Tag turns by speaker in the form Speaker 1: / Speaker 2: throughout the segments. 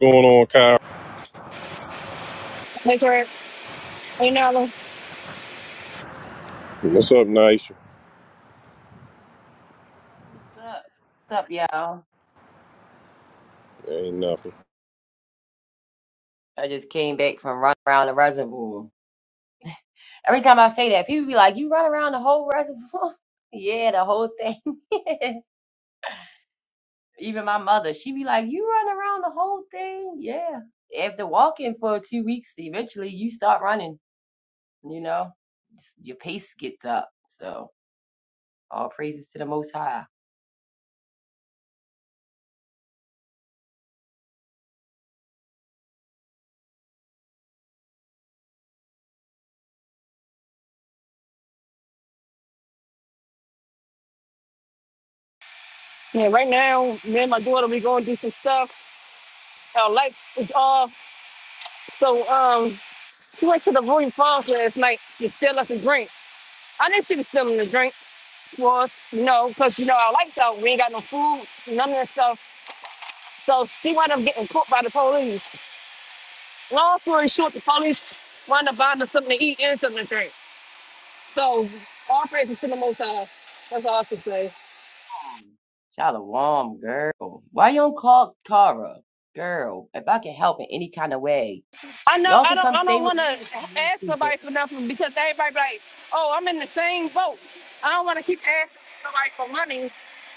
Speaker 1: going on, Kyle?
Speaker 2: Like right, right now, like,
Speaker 1: What's up, Nice?
Speaker 3: What's up? What's up, y'all?
Speaker 1: Ain't nothing.
Speaker 3: I just came back from running around the reservoir. Every time I say that, people be like, "You run around the whole reservoir?" yeah, the whole thing. Even my mother, she be like, "You run around the whole thing?" Yeah. After walking for two weeks, eventually you start running. You know, It's- your pace gets up. So all praises to the Most High.
Speaker 2: yeah, right now, me and my daughter we going to do some stuff. Our lights is off, so um, she went to the Royal Falls last night to steal us a drink. I knew she was stealing the drink for us, you know, because you know our lights out, we ain't got no food, none of that stuff. So she wound up getting caught by the police. Long story short, the police wound up buying us something to eat and something to drink. So all praises to the Most High. That's all I can say.
Speaker 3: Shalom, girl. Why you don't call Tara, girl? If I can help in any kind of way.
Speaker 2: I know
Speaker 3: Y'all
Speaker 2: I
Speaker 3: can
Speaker 2: don't
Speaker 3: come
Speaker 2: I
Speaker 3: stay
Speaker 2: don't
Speaker 3: with
Speaker 2: want
Speaker 3: me if
Speaker 2: to
Speaker 3: you need
Speaker 2: ask
Speaker 3: to,
Speaker 2: nobody
Speaker 3: girl.
Speaker 2: for nothing because everybody be like, oh, I'm in the same boat. I don't want to keep asking somebody for money,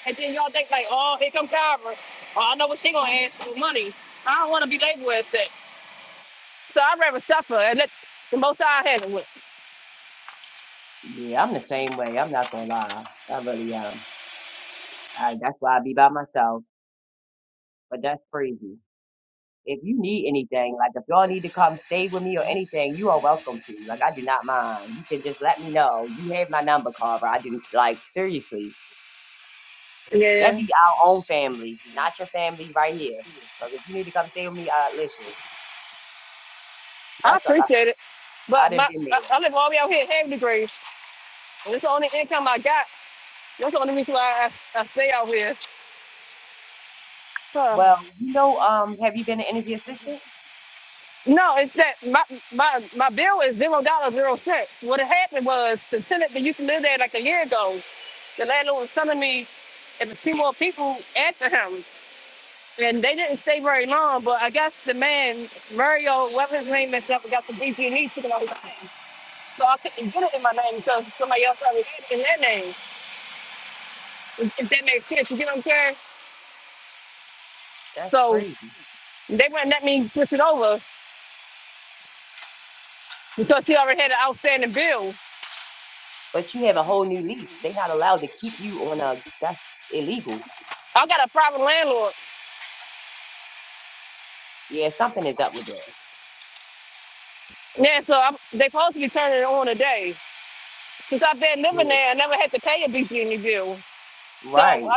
Speaker 2: and then y'all think like, oh, here come Kyra. Oh, I know what she gonna ask for money. I don't want to be labeled as that. So I'd rather suffer and let the most I handle it.
Speaker 3: Yeah, I'm the same way. I'm not gonna lie. I really am. I, that's why I be by myself. But that's crazy. If you need anything, like if y'all need to come stay with me or anything, you are welcome to. Like I do not mind. You can just let me know. You have my number, Carver. I do like seriously. That
Speaker 2: Yeah,
Speaker 3: be our own family, not your family right here. Cause if you need to come stay with me, I listen.
Speaker 2: I
Speaker 3: That's a lot.
Speaker 2: appreciate it,
Speaker 3: I
Speaker 2: but
Speaker 3: done
Speaker 2: my
Speaker 3: been
Speaker 2: I,
Speaker 3: there.
Speaker 2: I live all the way out here in Hagley Grade, and it's the only income I got. That's the only reason why I, I stay out here.
Speaker 3: Well, you know, um, have you been an energy assistant?
Speaker 2: No, it's that my my my bill is zero dollars zero cents. What had happened was the tenant that used to live there like a year ago, the landlord was telling me if a few more people after him, and they didn't stay very long. But I guess the man Mario, whatever his name is, up and got the BG&E took it out his name, so I couldn't get it in my name because somebody else already had it in their name. If if that makes sense, you get what I'm saying?
Speaker 3: That's
Speaker 2: So
Speaker 3: crazy.
Speaker 2: they wouldn't let me switch it over because he already had an outstanding bill.
Speaker 3: but you have a whole new lease. They're not allowed to keep you on a that's illegal.
Speaker 2: I got a private landlord.
Speaker 3: Yeah, something is up with that.
Speaker 2: Yeah, so I'm, they supposed to be turning it on today. Since I've been living
Speaker 3: Yeah.
Speaker 2: there, I never had to pay a BG bill. So
Speaker 3: Right.
Speaker 2: I,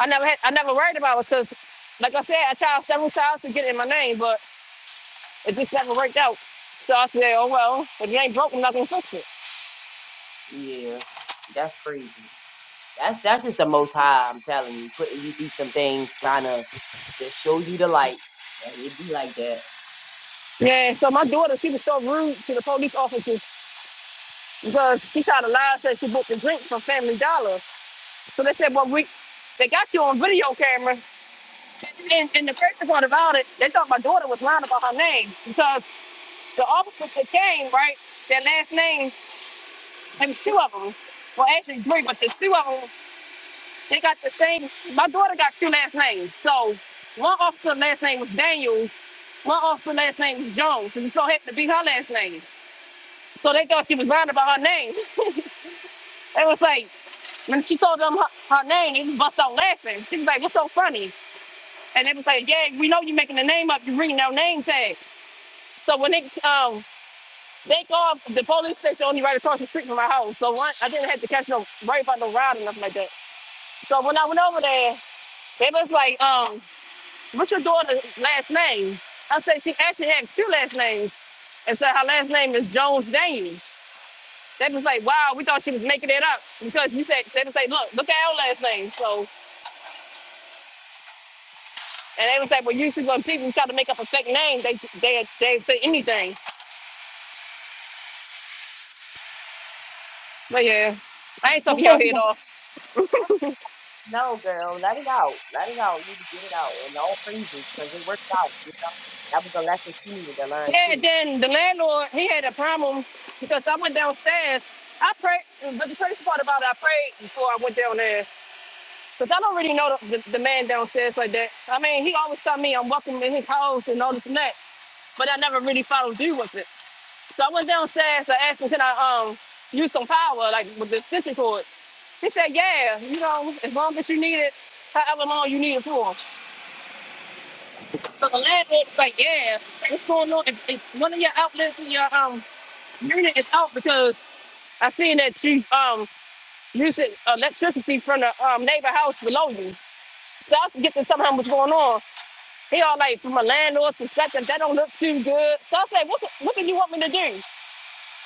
Speaker 2: I never had, I never worried about it because, like I said, I tried several times to get it in my name, but it just never worked out. So I said, oh well, if you ain't broke, I'm not gonna fix it.
Speaker 3: Yeah. That's crazy. That's that's just the most high, I'm telling you, putting you through some things, trying to just show you the light. And It be like that.
Speaker 2: Yeah, so my daughter, she was so rude to the police officers because she tried to lie, and said she bought the drink from Family Dollar. So they said, well, we, they got you on video camera. And, and the crazy part about it, they thought my daughter was lying about her name because The officers that came, right? Their last name, and two of them, well, actually three, but the two of them, they got the same. My daughter got two last names. So one officer last name was Daniels, one officer last name was Jones, and it so happened to be her last name. So they thought she was lying about her name. It was like, when she told them her, her name, they just bust out laughing. She was like, what's so funny? And they was like, yeah, we know you're making the name up. You're reading our name tag. So when they um, They called the police station only right across the street from my house. So one, I didn't have to catch no right by no ride or nothing like that. So when I went over there, they was like, um, what's your daughter's last name? I said, she actually had two last names. And said her last name is Jones Daniels. They was like, wow, we thought she was making it up because you said, they was like, look, look at our last name. So, and they was like, well, usually when people try to make up a fake name, they, they, they say anything. But yeah,
Speaker 3: Crazy.
Speaker 2: I ain't talking your head off.
Speaker 3: no, girl, let it out. Let it out. You need to get it out. And all freezes, because it works out. You know? That was a lesson she needed to learn,
Speaker 2: Yeah,
Speaker 3: too.
Speaker 2: then the landlord, he had a problem because I went downstairs. I prayed, but the crazy part about it, I prayed before I went downstairs. Because I don't really know the, the, the man downstairs like that. I mean, he always tell me I'm welcome in his house and all this and that, but I never really followed through with it. So I went downstairs, I asked him, can I um use some power, like with the extension cord? He said, yeah, you know, as long as you need it, however long you need it for. So the landlord's like, yeah, what's going on? If, if one of your outlets in your um unit is out because I seen that she's um using electricity from the um neighbor house below you. So I was getting somehow what's going on. He all like from a landlord's perspective, that don't look too good. So I say, what what do you want me to do?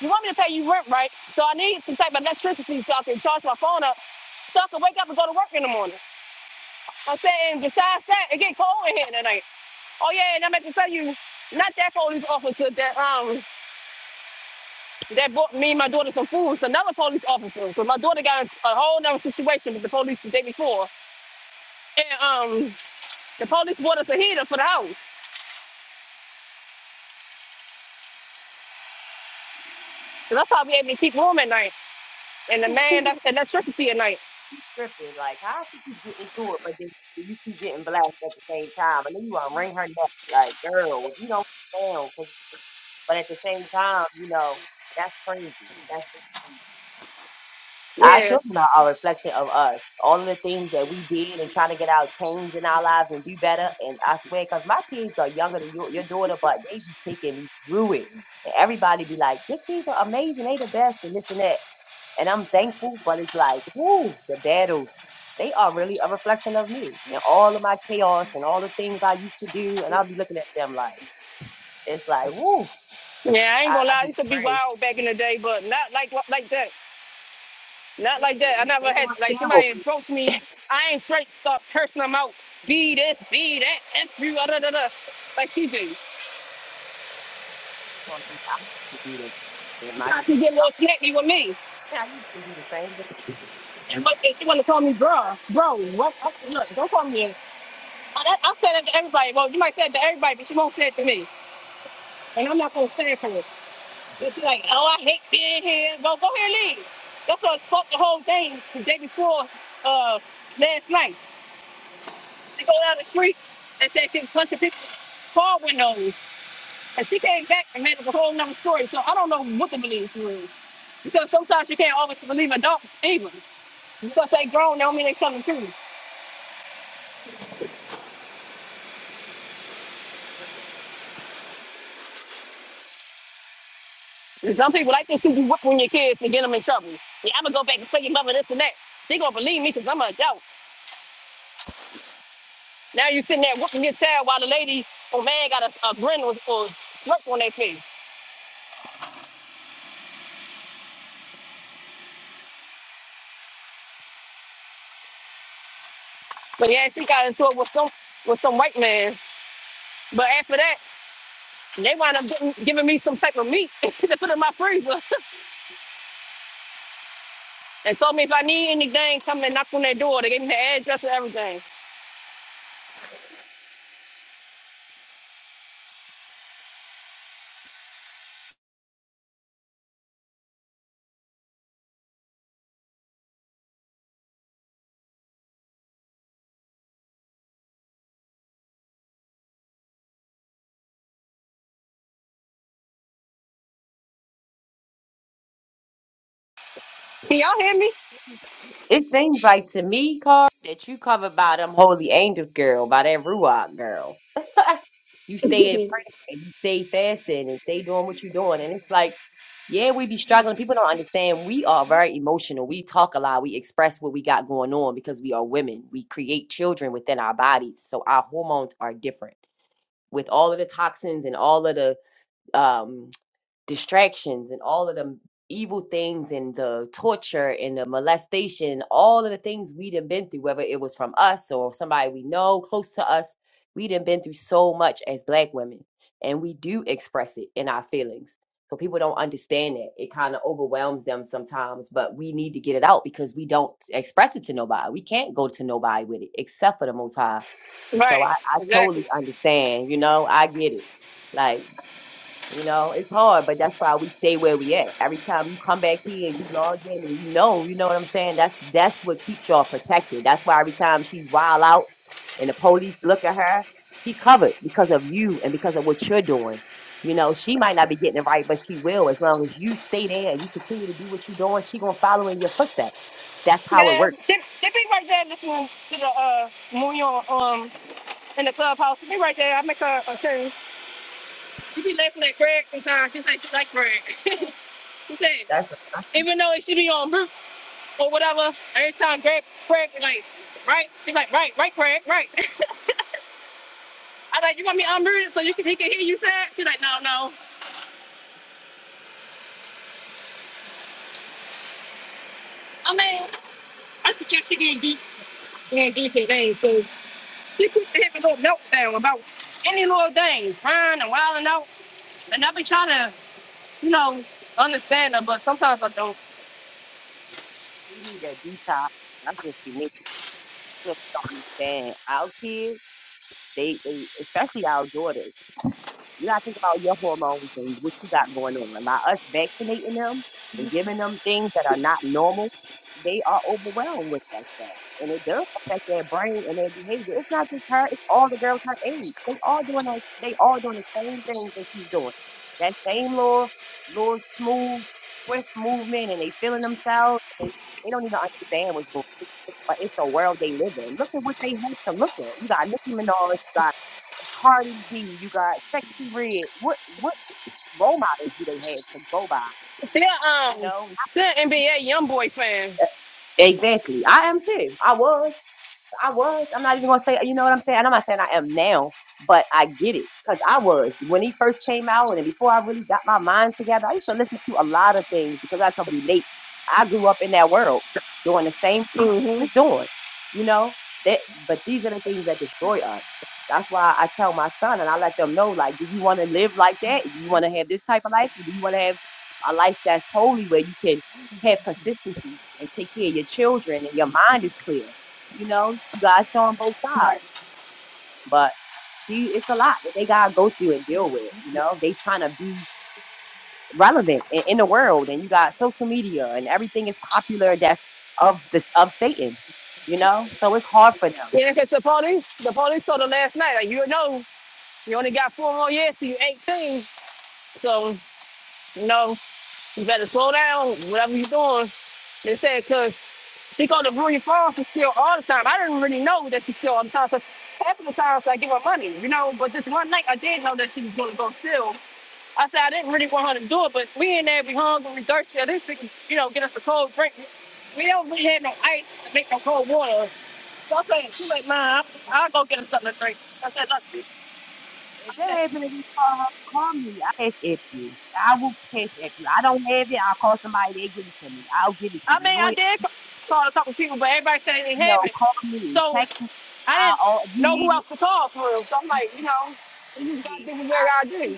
Speaker 2: You want me to pay you rent, right? So I need some type of electricity so I can charge my phone up so I can wake up and go to work in the morning. I'm saying besides that, it get cold in here tonight. Oh yeah, and I meant to tell you, not that police officer, that um that bought me and my daughter some food. It's another police officer, So my daughter got in a whole other situation with the police the day before, and um, the police bought us a heater for the house. So that's how we able to keep warm at night. And the man, that's electricity at night.
Speaker 3: tripping. Like, how she keep getting to it, but then you keep getting blasted at the same time. And then you want to ring her neck. Like, girl, you don't down. 'cause- But at the same time, you know, that's crazy. That's really crazy. Our
Speaker 2: Yeah,
Speaker 3: children are a reflection of us. All of the things that we did and trying to get out change in our lives and do better. And I swear, because my kids are younger than your, your daughter, but they be taking me through it. And everybody be like, your kids are amazing. They the best and this and that. And I'm thankful, but it's like, whoo, the battles, they are really a reflection of me and all of my chaos and all the things I used to do. And I'll be looking at them like, it's like, whoo,
Speaker 2: yeah. I
Speaker 3: I,
Speaker 2: ain't gonna
Speaker 3: I
Speaker 2: lie, I
Speaker 3: just
Speaker 2: used to be
Speaker 3: pray.
Speaker 2: wild back in the day, but not like like that. Not
Speaker 3: Yeah,
Speaker 2: like that. I
Speaker 3: they
Speaker 2: never had
Speaker 3: on
Speaker 2: like somebody
Speaker 3: steroids.
Speaker 2: approached me. I ain't straight start cursing them out. Be this, be that, F you, da da da. da, Like she do.
Speaker 3: People used to do this. And my,
Speaker 2: Sometimes she get a little snappy with me.
Speaker 3: yeah, I used to do the same thing.
Speaker 2: But then she wanna call me bro, bro. What? I, look, don't call me. I, that, I said that to everybody. Well, you might say it to everybody, but she won't say it to me, and I'm not gonna stand for it. But she's like, oh, I hate being here. Well, go ahead, and leave. That's what fucked the whole thing the day before uh, last night. She go down the street and said she was punching people's car windows, and she came back and made up a whole nother story. So I don't know what to believe through. Because sometimes you can't always believe adults either. Because they grown, they don't mean they something too. And some people like to see you whipping your kids and get them in trouble. Yeah, I'm gonna go back and tell your mother this and that. She gonna believe me because I'm an adult. Now you sitting there whooping your child while the lady or man got a, a grin or, or smirk on their face. But yeah, she got into it with some with some white man. But after that, they wound up getting, giving me some type of meat to put in my freezer and told me if I need anything, come and knock on their door. They gave me the address and everything. Can y'all hear me?
Speaker 3: It seems like to me, Carl, that you covered by them holy angels, girl, by that Ruach girl. You stay in prayer and you stay fasting and stay doing what you're doing. And it's like, Yeah, we be struggling. People don't understand. We are very emotional. We talk a lot. We express what we got going on because we are women. We create children within our bodies. So our hormones are different. With all of the toxins and all of the um distractions and all of the evil things and the torture and the molestation, all of the things we done been through, whether it was from us or somebody we know close to us, we done been through so much as black women. And we do express it in our feelings. So people don't understand that. It kind of overwhelms them sometimes, but we need to get it out because we don't express it to nobody. We can't go to nobody with it except for the most high. So I,
Speaker 2: Right,
Speaker 3: I totally
Speaker 2: exactly.
Speaker 3: understand, you know, I get it. Like you know, it's hard, but that's why we stay where we at. Every time you come back here and you log in and you know, you know what I'm saying? That's that's what keeps y'all protected. That's why every time she's wild out and the police look at her, she covered because of you and because of what you're doing. You know, she might not be getting it right, but she will as long as you stay there and you continue to do what you're doing. She gonna follow in your footsteps. That's how it
Speaker 2: Yeah,
Speaker 3: works.
Speaker 2: they, they be right there listening to the uh, Moon in the clubhouse. She right there. I make her a thing. She be laughing at Greg sometimes. She say she like Greg. she said,
Speaker 3: That's what
Speaker 2: even though she be on roof or whatever, every time Greg, Greg be like, right? She like, right, right, Greg, right. I like, you want me unmuted so you can, he can hear you say She like, no, no. I mean, I suggest she getting deep, getting decent things. So she put the heavy little meltdown about any little thing, crying and wilding out. And I be trying to, you know, understand her, but sometimes I don't.
Speaker 3: she need that detox. That's what she needs to understand. Out here, they, they especially our daughters. You gotta think about your hormones and what you got going on. By us vaccinating them and giving them things that are not normal, they are overwhelmed with that stuff. And it does affect their brain and their behavior. It's not just her, it's all the girls her age. They all doing that they all doing the same things that she's doing. That same little little smooth, swift movement and they feeling themselves. They, they don't even understand what's going on. But it's the world they live in. Look at what they have to look at. You got Nicki Minaj, you got Cardi B, you got Sexy Red. What what role models do they have to go by?
Speaker 2: Still,
Speaker 3: You
Speaker 2: um,
Speaker 3: know?
Speaker 2: still NBA YoungBoy fan.
Speaker 3: Exactly. I am too. I was. I was. I'm not even gonna say. You know what I'm saying? And I'm not saying I am now, but I get it because I was when he first came out, and before I really got my mind together, I used to listen to a lot of things because I could relate. I grew up in that world doing the same thing he
Speaker 2: hmm
Speaker 3: was doing. You know that, but these are the things that destroy us. That's why I tell my son and I let them know, like, do you want to live like that? Do you want to have this type of life? Or do you want to have a life that's holy where you can have consistency and take care of your children and your mind is clear? You know, you guys showing both
Speaker 2: Right.
Speaker 3: sides, but see, it's a lot that they gotta go through and deal with. You know, they trying to be relevant in, in the world, and you got social media and everything is popular that's of this of Satan. You know, so it's hard for them.
Speaker 2: Yeah, because the police, the police told her last night, like, you know, you only got four more years till you 18. So, you know, you better slow down, whatever you're doing. They said, because she go to Rudy Falls and steal all the time. I didn't really know that she steal all the time. So half of the times I give her money, you know, but this one night I did know that she was going to go steal. I said I didn't really want her to do it, but we in there, we hungry, we thirsty. At least we can, you know, get us a cold drink. We don't really have no ice to make no cold water. So I said, she like, Mom, I'll, go get us something to drink. I said, look, bitch. I
Speaker 3: If they
Speaker 2: said,
Speaker 3: happen to call, call me, I catch at you. I will catch at you. I don't have it. I'll call somebody. They give it to me. I'll give it to
Speaker 2: I
Speaker 3: you. You
Speaker 2: mean,
Speaker 3: know,
Speaker 2: I did ca- call a couple people, but everybody said they didn't
Speaker 3: you know,
Speaker 2: have it.
Speaker 3: call me,
Speaker 2: So
Speaker 3: text me.
Speaker 2: I didn't
Speaker 3: I'll. oh, If you
Speaker 2: know who
Speaker 3: need
Speaker 2: else to call for real. So I'm like, you know, you just gotta
Speaker 3: it,
Speaker 2: do what you gotta
Speaker 3: me.
Speaker 2: do.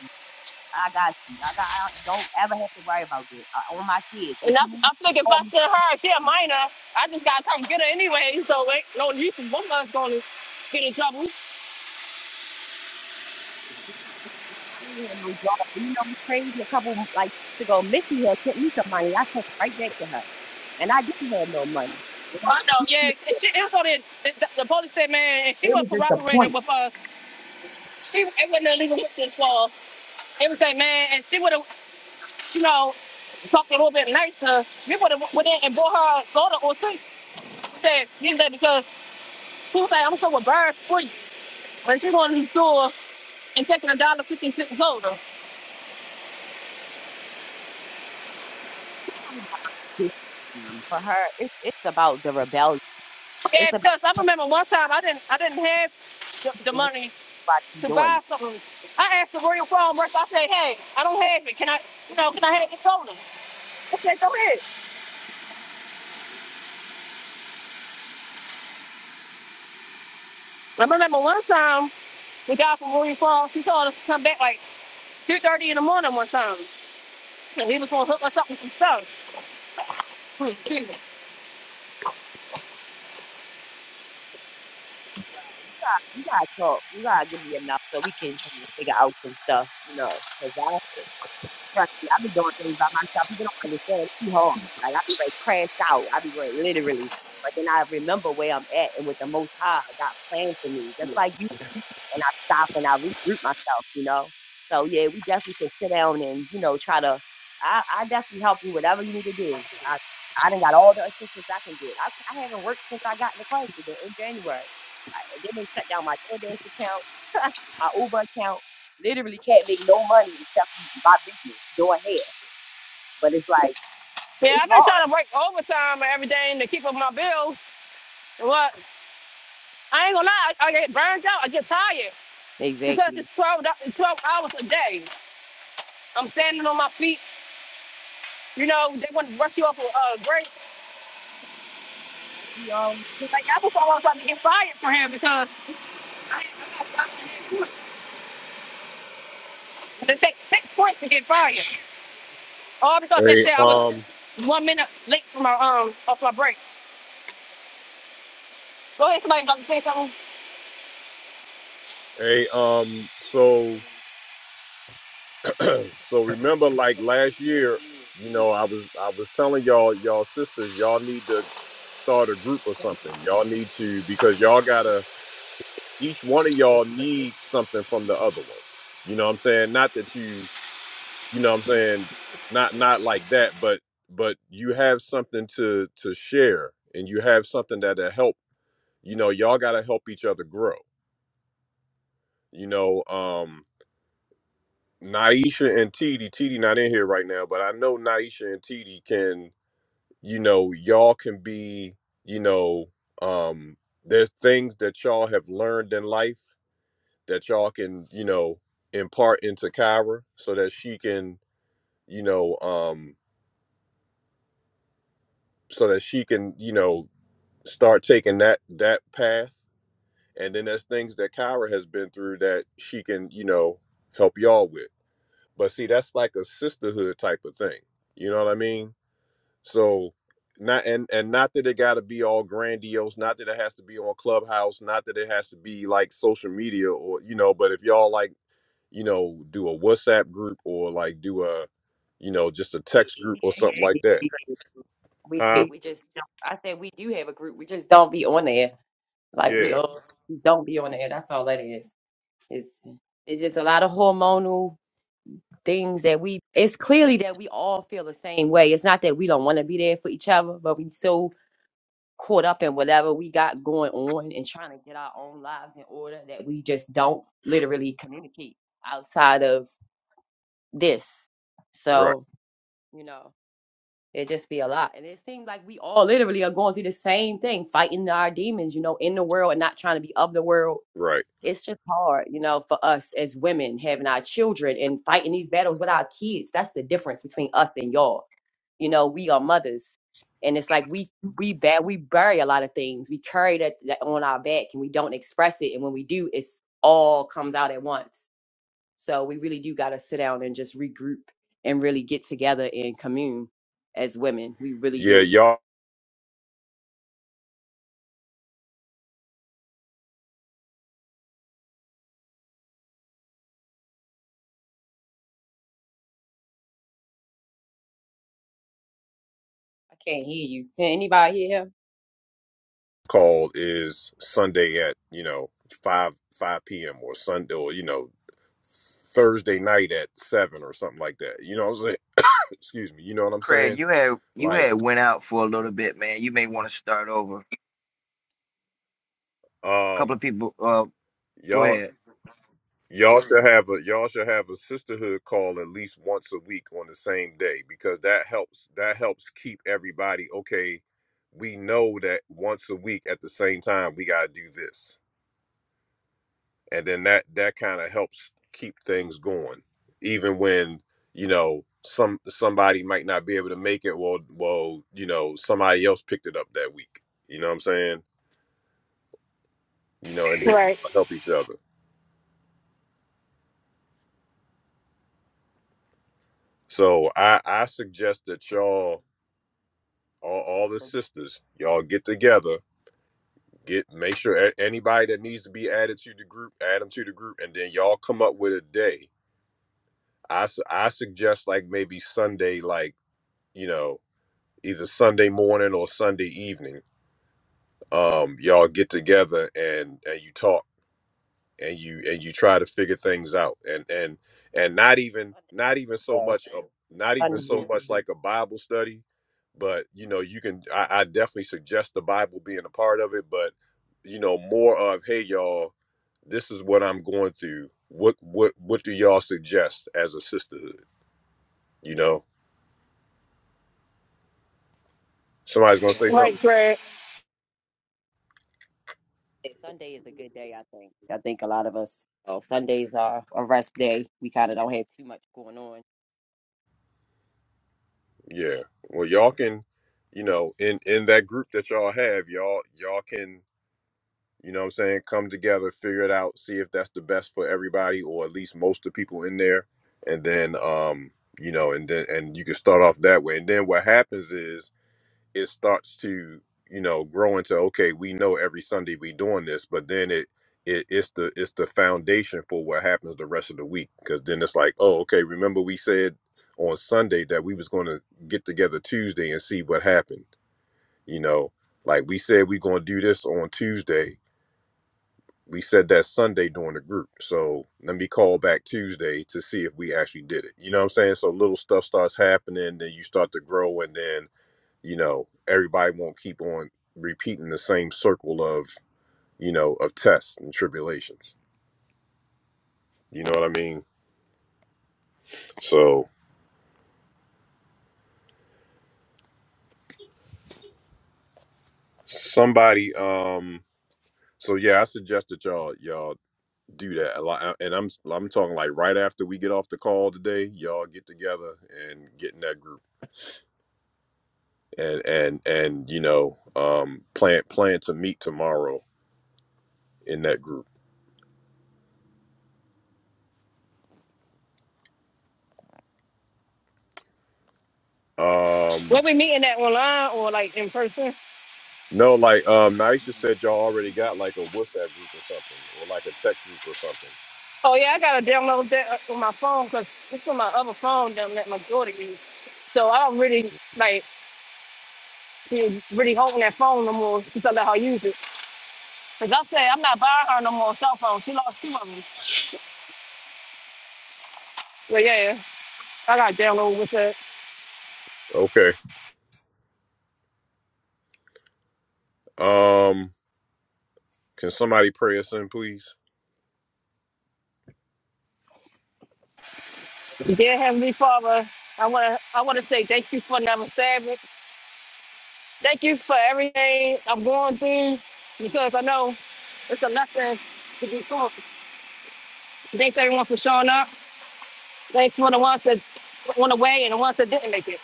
Speaker 3: I got you. I got. I don't ever have to worry about that. Uh, on my kids, if
Speaker 2: And I,
Speaker 3: you need,
Speaker 2: I figured if I send her, she a minor, I just gotta come get her anyway. So ain't no use for both of us going to get in trouble.
Speaker 3: I don't have no job. You know, it's crazy. A couple like weeks ago, Missy had sent me some money. I sent it right back to her, and I didn't have no money. And I
Speaker 2: I know, yeah.
Speaker 3: think
Speaker 2: And she, it was on it. The, the, the police said, man, and she
Speaker 3: It
Speaker 2: was
Speaker 3: was just a
Speaker 2: cooperating
Speaker 3: point. It's
Speaker 2: with us. she it wasn't illegal with this illegal It was like, man. And she would have, you know, talked a little bit nicer. We would have went in and bought her soda or something. Said, give that because she was like, I'm so with birds for you. When she going to the store and taking a dollar fifty cent soda.
Speaker 3: not about this, Um, For her, it's it's about the rebellion.
Speaker 2: Yeah,
Speaker 3: It's about
Speaker 2: because I remember one time I didn't I didn't have the, the money
Speaker 3: everybody
Speaker 2: to
Speaker 3: doing
Speaker 2: buy
Speaker 3: it.
Speaker 2: something. I asked the real farm worker, I said, hey, I don't have it. Can I, you know, can I have your soda? They said, go ahead. I remember one time we got from William Falls, he told us to come back like 2.30 in the morning one time. And he was going to hook us up with some stuff. Hmm, excuse me.
Speaker 3: Well, you gotta talk. You gotta give me enough so we can try to figure out some stuff. You know, know, 'cause Trust me, I be doing things by myself. People don't understand. It's hard. Like I be ready to crash out. I be ready, literally. But then I remember where I'm at and with the Most High got planned for me. Just like you and I stop and I regroup myself, you know. So yeah, we definitely can sit down and, you know, try to I, I definitely help you whatever you need to do. I I done got all the assistance I can get. I, I haven't worked since I got in the crisis in, in January. I and then they shut down my DoorDash account, my Uber account. Literally can't make no money except for my business doing hair. But it's like
Speaker 2: Yeah,
Speaker 3: it's
Speaker 2: I've been trying
Speaker 3: hard.
Speaker 2: to work overtime and everything to keep up my bills. And what? I ain't going to lie, I, I get burned out. I get tired because
Speaker 3: Exactly.
Speaker 2: it's 12, do- it's 12 hours a day. I'm standing on my feet. You know, they want to rush you off a uh, break.
Speaker 3: We um
Speaker 2: Like, I was almost about to get fired for him because I, I got fired.
Speaker 3: we
Speaker 2: They take six points to get fired. Oh, because they
Speaker 1: Hey,
Speaker 2: said I was
Speaker 1: um,
Speaker 2: one minute late for my um off my break. Go ahead, somebody about to say something.
Speaker 1: hey, um, so, so remember, like last year, you know, I was, I was telling y'all, y'all sisters, y'all need to start a group or something. Y'all need to because y'all gotta. Each one of y'all needs something from the other one. You know what I'm saying? Not that you, you know what I'm saying? Not, not like that, but, but you have something to to share, and you have something that'll help. You know, y'all gotta help each other grow You know, um, Naisha and TD, TD not in here right now, but I know Naisha and TD can, you know, y'all can be, you know, um, there's things that y'all have learned in life that y'all can, you know, impart into Kyra so that she can, you know, um, so that she can, you know, start taking that that path. And then there's things that Kyra has been through that she can, you know, help y'all with. But see, that's like a sisterhood type of thing. You know what I mean? So not and and not that it got to be all grandiose, not that it has to be on Clubhouse, not that it has to be like social media or you know. But if y'all like you know do a WhatsApp group or like do a you know just a
Speaker 3: did-
Speaker 1: text
Speaker 3: we
Speaker 1: group or something
Speaker 3: actually did.
Speaker 1: like that,
Speaker 3: great. We
Speaker 1: huh?
Speaker 3: did. We just don't- I said we do have a group. We just don't be on there. Like we
Speaker 1: Yeah,
Speaker 3: all don't be on the air. That's all that is. It's it's just a lot of hormonal things that we. It's clearly that we all feel the same way. It's not that we don't want to be there for each other, but we so caught up in whatever we got going on and trying to get our own lives in order that we just don't literally communicate outside of this.
Speaker 1: right,
Speaker 3: So you know. It just be a lot, and it seems like we all literally are going through the same thing, fighting our demons, you know, in the world and not trying to be of the world
Speaker 1: right.
Speaker 3: It's just hard, you know, for us as women having our children and fighting these battles with our kids. That's the difference between us and y'all. You know, we are mothers, and it's like we we bad we bury a lot of things. We carry that, that on our back, and we don't express it. And when we do, it's all comes out at once. So we really do got to sit down and just regroup and really get together and commune as women. We really
Speaker 1: Yeah,
Speaker 3: do.
Speaker 1: y'all
Speaker 3: I can't hear you. Can anybody hear him?
Speaker 1: call is Sunday at you know five five p.m. or Sunday or you know Thursday night at seven or something like that. You know what I'm saying? Excuse me. You know what I'm
Speaker 4: Craig,
Speaker 1: saying?
Speaker 4: you had you
Speaker 1: Like,
Speaker 4: had went out for a little bit, man. You may want to start over. A couple
Speaker 1: um,
Speaker 4: of people. Uh, go
Speaker 1: y'all
Speaker 4: ahead.
Speaker 1: y'all should have a y'all should have a sisterhood call at least once a week on the same day because that helps that helps keep everybody okay. We know that once a week at the same time we gotta do this and then that that kind of helps keep things going even when you know some somebody might not be able to make it well well you know somebody else picked it up that week you know what i'm saying you know and then
Speaker 2: Right,
Speaker 1: help each other so i i suggest that y'all all, all the sisters y'all get together get make sure a- anybody that needs to be added to the group add them to the group and then y'all come up with a day i su- i suggest like maybe sunday like you know either Sunday morning or Sunday evening. Um, y'all get together and and you talk and you and you try to figure things out and and and not even not even so much a, not even so much like a Bible study, but you know you can I, I definitely suggest the Bible being a part of it, but you know more of hey y'all, this is what I'm going through. What what what do y'all suggest as a sisterhood? You know somebody's gonna say something.
Speaker 2: right, Greg.
Speaker 3: Sunday is a good day, I think. I think a lot of us, oh, Sundays are a rest day. We kind of don't have too much going on.
Speaker 1: Yeah. Well, y'all can, you know, in in that group that y'all have, y'all y'all can, you know what I'm saying, come together, figure it out, see if that's the best for everybody or at least most of the people in there. And then um, you know, and then and you can start off that way. And then what happens is it starts to you know grow into okay we know every sunday we doing this but then it, it it's the it's the foundation for what happens the rest of the week because then it's like oh okay remember we said on sunday that we was going to get together tuesday and see what happened you know like we said we going to do this on tuesday we said that sunday during the group so let me call back tuesday to see if we actually did it you know what i'm saying so little stuff starts happening then you start to grow and then you know everybody won't keep on repeating the same circle of you know of tests and tribulations you know what i mean so somebody um so yeah i suggest that y'all y'all do that a lot and i'm i'm talking like right after we get off the call today y'all get together and get in that group and and and you know um plan plan to meet tomorrow in that group um
Speaker 2: When we meeting at online or like in person?
Speaker 1: No, like um, Naisha said, y'all already got like a WhatsApp group or something, or like a text group or something.
Speaker 2: Oh yeah, I gotta download that uh, on my phone because it's on my other phone that let my daughter use. So I don't really like be really holding that phone no more since I let her use it. Cause I said I'm not buying her no more cell phone. She lost two of them. But yeah, I gotta download with her.
Speaker 1: Okay. Um, can somebody pray us in, please?
Speaker 2: Dear Heavenly Father, I wanna I wanna say thank you for never saving. Thank you for everything I'm going through because I know it's a lesson to be taught. Thanks everyone for showing up. Thanks for the ones that went away and the ones that didn't make it.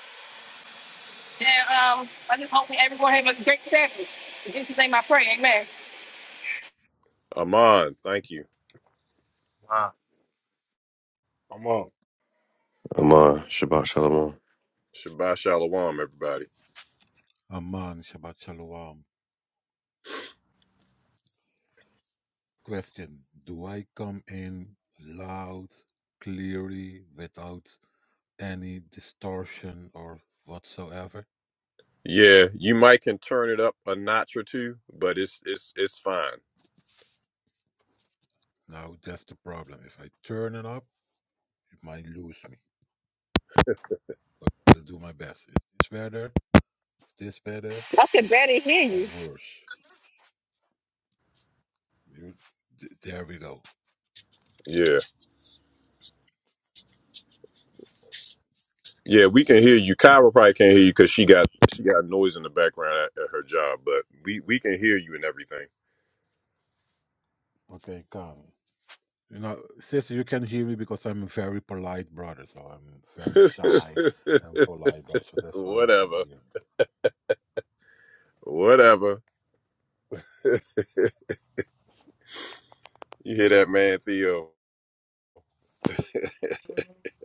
Speaker 2: And um, I just hope that everyone have a great Saturday. In Jesus' name I pray. Amen.
Speaker 1: Aman, thank you.
Speaker 4: Wow.
Speaker 5: Come on.
Speaker 6: Amar, Shabbat Shalom.
Speaker 1: Shabbat shalom, everybody.
Speaker 7: Aman Shabbat Shalom. Question Do I come in loud, clearly, without any distortion or whatsoever?
Speaker 1: Yeah, you might can turn it up a notch or two, but it's it's it's fine.
Speaker 7: Now that's the problem. If I turn it up, it might lose me, but I'll do my best. Is this better? Is this better
Speaker 2: I can barely hear
Speaker 7: or
Speaker 2: you.
Speaker 7: worse? You, th- there we go.
Speaker 1: Yeah, yeah, we can hear you. Kyra probably can't hear you because she got she got noise in the background at, at her job, but we we can hear you and
Speaker 7: Okay, come. You know, sister, you can hear me because I'm a very polite brother, so I'm very shy
Speaker 1: everything.
Speaker 7: and polite, bro. So that's why you can
Speaker 1: Whatever.
Speaker 7: hear me.
Speaker 1: Whatever. You hear that man, Theo?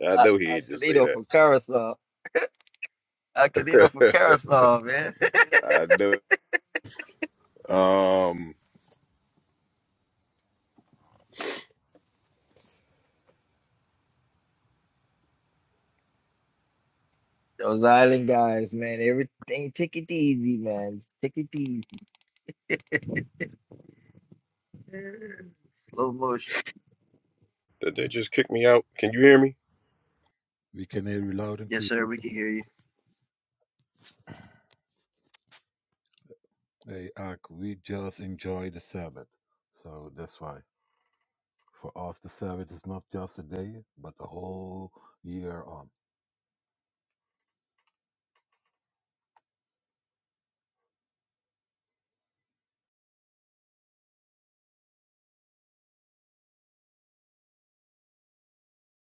Speaker 1: I
Speaker 4: Uh,
Speaker 1: know he
Speaker 4: uh,
Speaker 1: ain't just say
Speaker 4: Canito
Speaker 1: that.
Speaker 4: from Carousel. Uh, Canito from Carousel, man.
Speaker 1: I know. Um,
Speaker 4: Those island guys, man. Everything, take it easy, man. Take it easy. Slow motion.
Speaker 1: did they just kick me out? Can you hear me?
Speaker 7: We can hear you loud and
Speaker 4: Yes,
Speaker 7: clear.
Speaker 4: sir. We can hear you.
Speaker 7: Hey, Ak, we just enjoy the Sabbath. So that's why. For us, the Sabbath is not just a day, but a whole year on.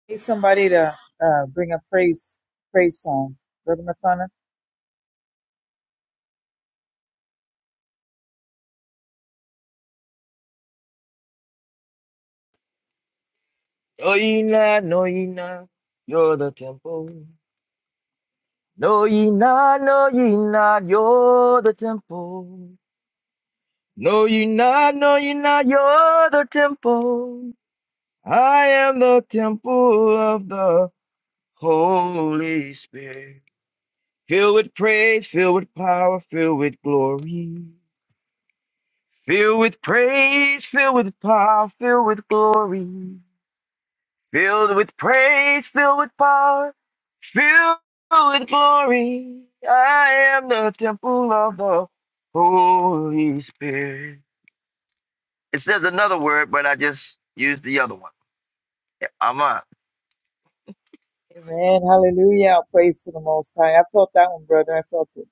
Speaker 8: Need somebody to uh, bring a praise praise song, brother McConnell.
Speaker 4: No, ye not. No, ye not. You're the temple. No, ye not. No, ye not. You're the temple. No, you not. No, you not. You're the temple. I am the temple of the Holy Spirit. Filled with praise, filled with power, filled with glory. Filled with praise, filled with power, filled with glory. Filled with praise, filled with power, filled with glory. I am the temple of the Holy Spirit. It says another word, but I just used the other one. Yeah, Aman.
Speaker 8: Amen. Hallelujah. Praise to the Most High. I felt that one, brother. I felt it.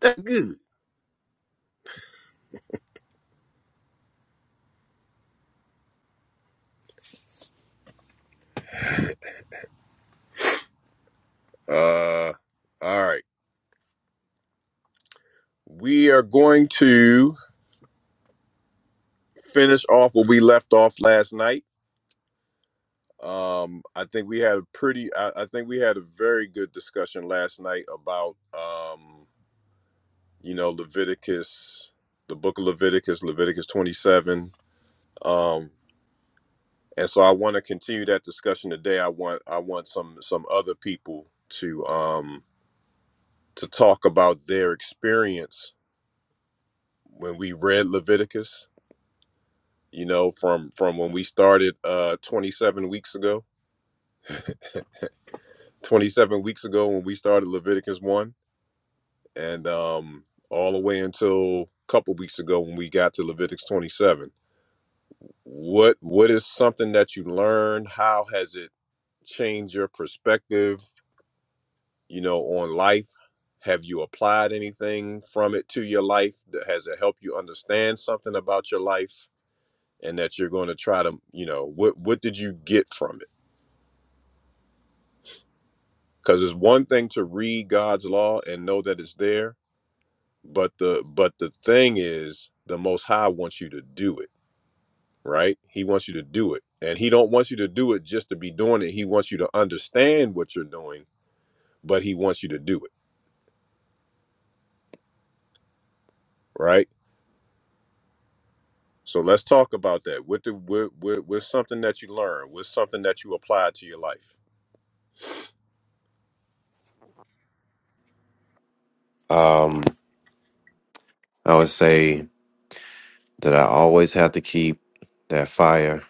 Speaker 1: That good. Uh, all right. We are going to finish off where we left off last night. Um, I think we had a pretty. I, I think we had a very good discussion last night about, um, you know, Leviticus, the book of Leviticus, Leviticus twenty-seven. Um. and so I want to continue that discussion today. I want I want some some other people to um to talk about their experience when we read Leviticus. You know, from from when we started uh 27 weeks ago, 27 weeks ago when we started Leviticus one, and um all the way until a couple weeks ago when we got to Leviticus 27. What what is something that you learned? How has it changed your perspective? you know, on life? Have you applied anything from it to your life? That- Has it helped you understand something about your life and that you're going to try to, you know, what what did you get from it? Cuz it's one thing to read God's law and know that it's there, but the but the thing is the most high wants you to do it, right? He wants you to do it. And he don't want you to do it just to be doing it. He wants you to understand what you're doing, but he wants you to do it, right? So let's talk about that. What the what, what what's something that you learn What's something that you apply to your life?
Speaker 6: Um, I would say that I always have to keep that fire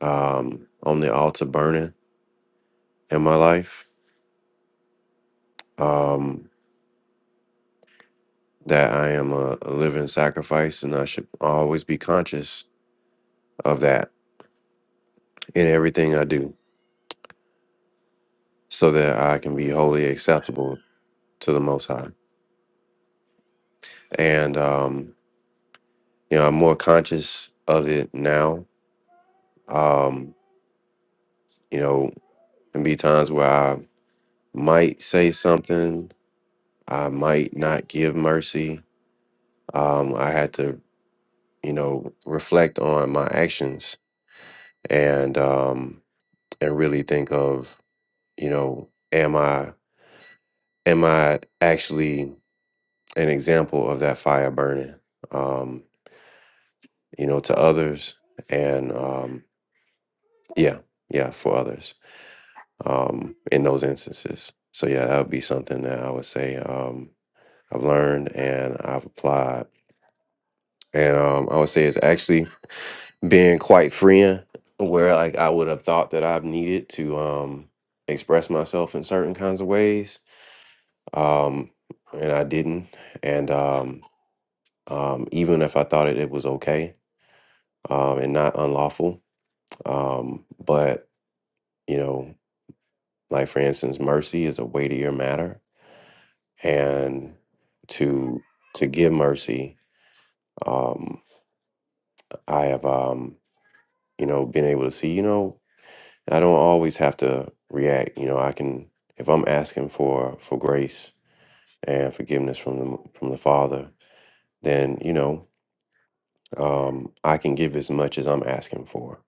Speaker 6: um, on the altar burning in my life. Um, that I am a, a living sacrifice, and I should always be conscious of that in everything I do, so that I can be wholly acceptable to the Most High. And um, you know, I'm more conscious of it now. Um, you know, can be times where I might say something I might not give mercy. Um, I had to, you know, reflect on my actions and um, and really think of, you know, am I am I actually an example of that fire burning, um, you know, to others and um, yeah, yeah, for others um, in those instances. So yeah, that would be something that I would say um, I've learned and I've applied, and um, I would say it's actually being quite freeing where like I would have thought that I've needed to um express myself in certain kinds of ways um and I didn't and um um even if I thought it, it was okay um and not unlawful um but you know like for instance mercy is a weightier matter and to to give mercy um I have um you know been able to see you know I don't always have to react. You know, I can if I'm asking for for grace and forgiveness from the from the Father, then you know um, I can give as much as I'm asking for.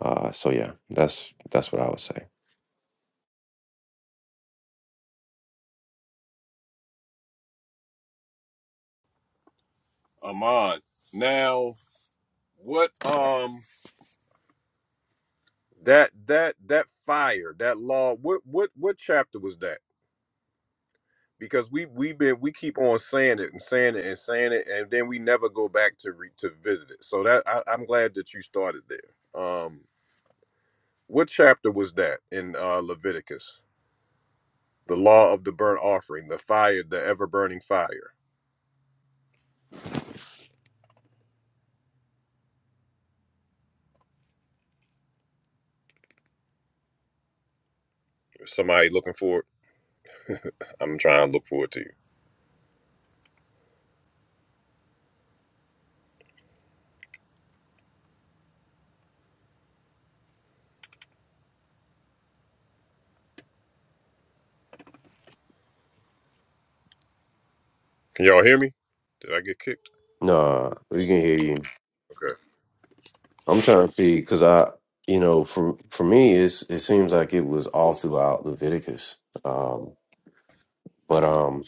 Speaker 6: Uh, so yeah, that's that's what I would say.
Speaker 1: Amon. Now, what um that that that fire, that law, what what what chapter was that? Because we we been we keep on saying it and saying it and saying it, and then we never go back to re, to visit it. So that I, I'm glad that you started there. Um, what chapter was that in uh, Leviticus? The law of the burnt offering, the fire, the ever burning fire. Somebody looking for it? I'm trying to look forward to you. Can y'all hear me? Did I get kicked?
Speaker 6: Nah, we can hear you.
Speaker 1: Okay.
Speaker 6: I'm trying to see because I, you know, for for me, it's it seems like it was all throughout Leviticus. Um, but um,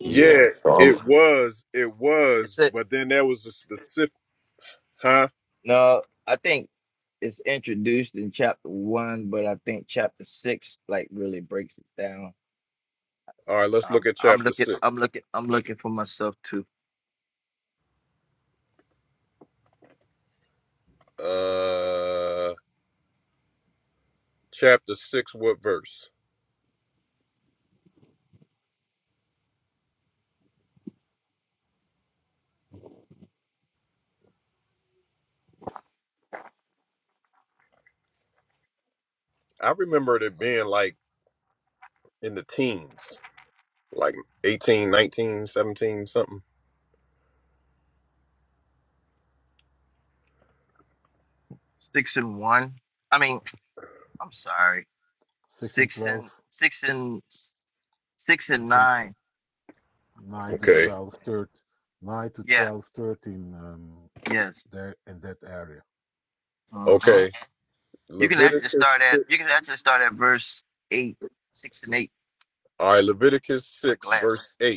Speaker 6: yeah.
Speaker 1: Yeah,
Speaker 6: So I'm.
Speaker 1: it was. It was.
Speaker 4: It's a
Speaker 1: But then there was the specific. Huh?
Speaker 4: No, I think it's introduced in chapter one, but I think chapter six like really breaks it down.
Speaker 1: All right, let's look
Speaker 4: Um,
Speaker 1: at
Speaker 4: I'm
Speaker 1: chapter
Speaker 4: looking,
Speaker 1: six.
Speaker 4: I'm looking, I'm looking for myself too.
Speaker 1: Uh, chapter six, what verse? I remember it being like in the teens, like eighteen, nineteen, seventeen, something.
Speaker 4: Six and one. I mean, I'm sorry.
Speaker 7: 6 and
Speaker 4: Six
Speaker 7: 12,
Speaker 4: and six and six and
Speaker 7: 6 and
Speaker 4: nine.
Speaker 7: 9 to
Speaker 1: Okay.
Speaker 7: 12, third, 9 to
Speaker 4: Yeah.
Speaker 7: 12, 13. um,
Speaker 4: Yes.
Speaker 7: there in that area.
Speaker 4: Mm-hmm.
Speaker 1: Okay.
Speaker 4: You can actually start
Speaker 1: Leviticus
Speaker 4: at. You can
Speaker 1: 6.
Speaker 4: actually start at verse eight, six and eight.
Speaker 1: All right, Leviticus
Speaker 4: My
Speaker 1: 6, verse
Speaker 4: glasses.
Speaker 1: 8.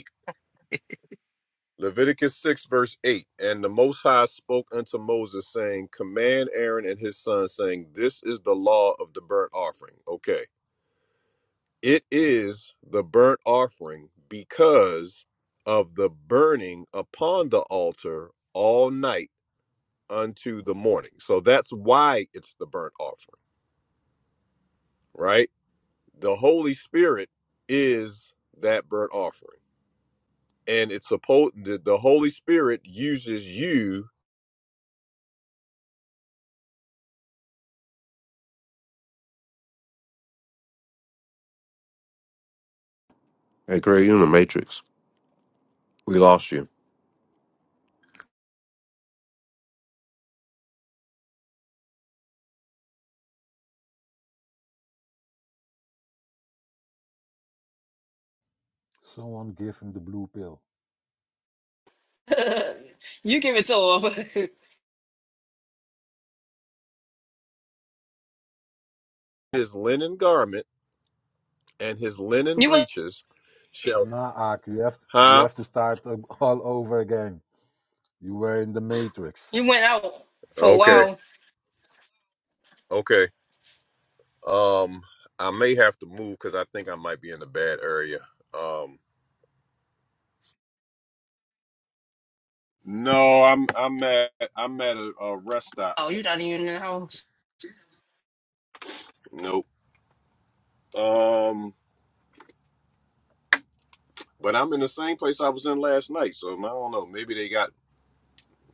Speaker 1: Leviticus 6, verse 8. And the Most High spoke unto Moses, saying, Command Aaron and his sons, saying, This is the law of the burnt offering. Okay. It is the burnt offering because of the burning upon the altar all night unto the morning. So that's why it's the burnt offering, right? The Holy Spirit is that burnt offering. And it's supposed the, the Holy Spirit uses you,
Speaker 6: Hey, Greg, you're in the Matrix. We lost you,
Speaker 7: Someone give him the blue pill.
Speaker 2: you give it to her.
Speaker 1: his linen garment and his linen
Speaker 2: you went
Speaker 1: breeches shall
Speaker 7: Nah, Ak, you have to, you
Speaker 1: huh
Speaker 7: have to start um, all over again. You were in the matrix.
Speaker 2: you went out for a
Speaker 1: okay
Speaker 2: while.
Speaker 1: okay um i may have to move because i think i might be in a bad area um no i'm i'm at i'm at a, a rest stop
Speaker 2: Oh, you're not even in the house.
Speaker 1: nope um but i'm in the same place i was in last night so i don't know maybe they got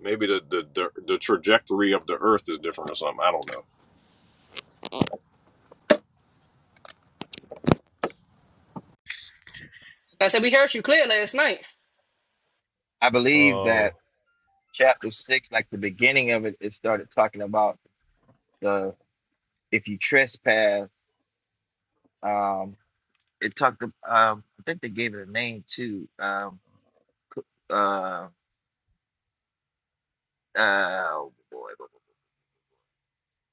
Speaker 1: maybe the the the, the trajectory of the earth is different or something i don't
Speaker 2: I said we heard you clear last night.
Speaker 4: I believe
Speaker 1: know um
Speaker 4: that chapter six, like the beginning of it, it started talking about. the. if you trespass, um, it talked. ab- Um, I think they gave it a name too. Um, c- uh, uh, oh boy,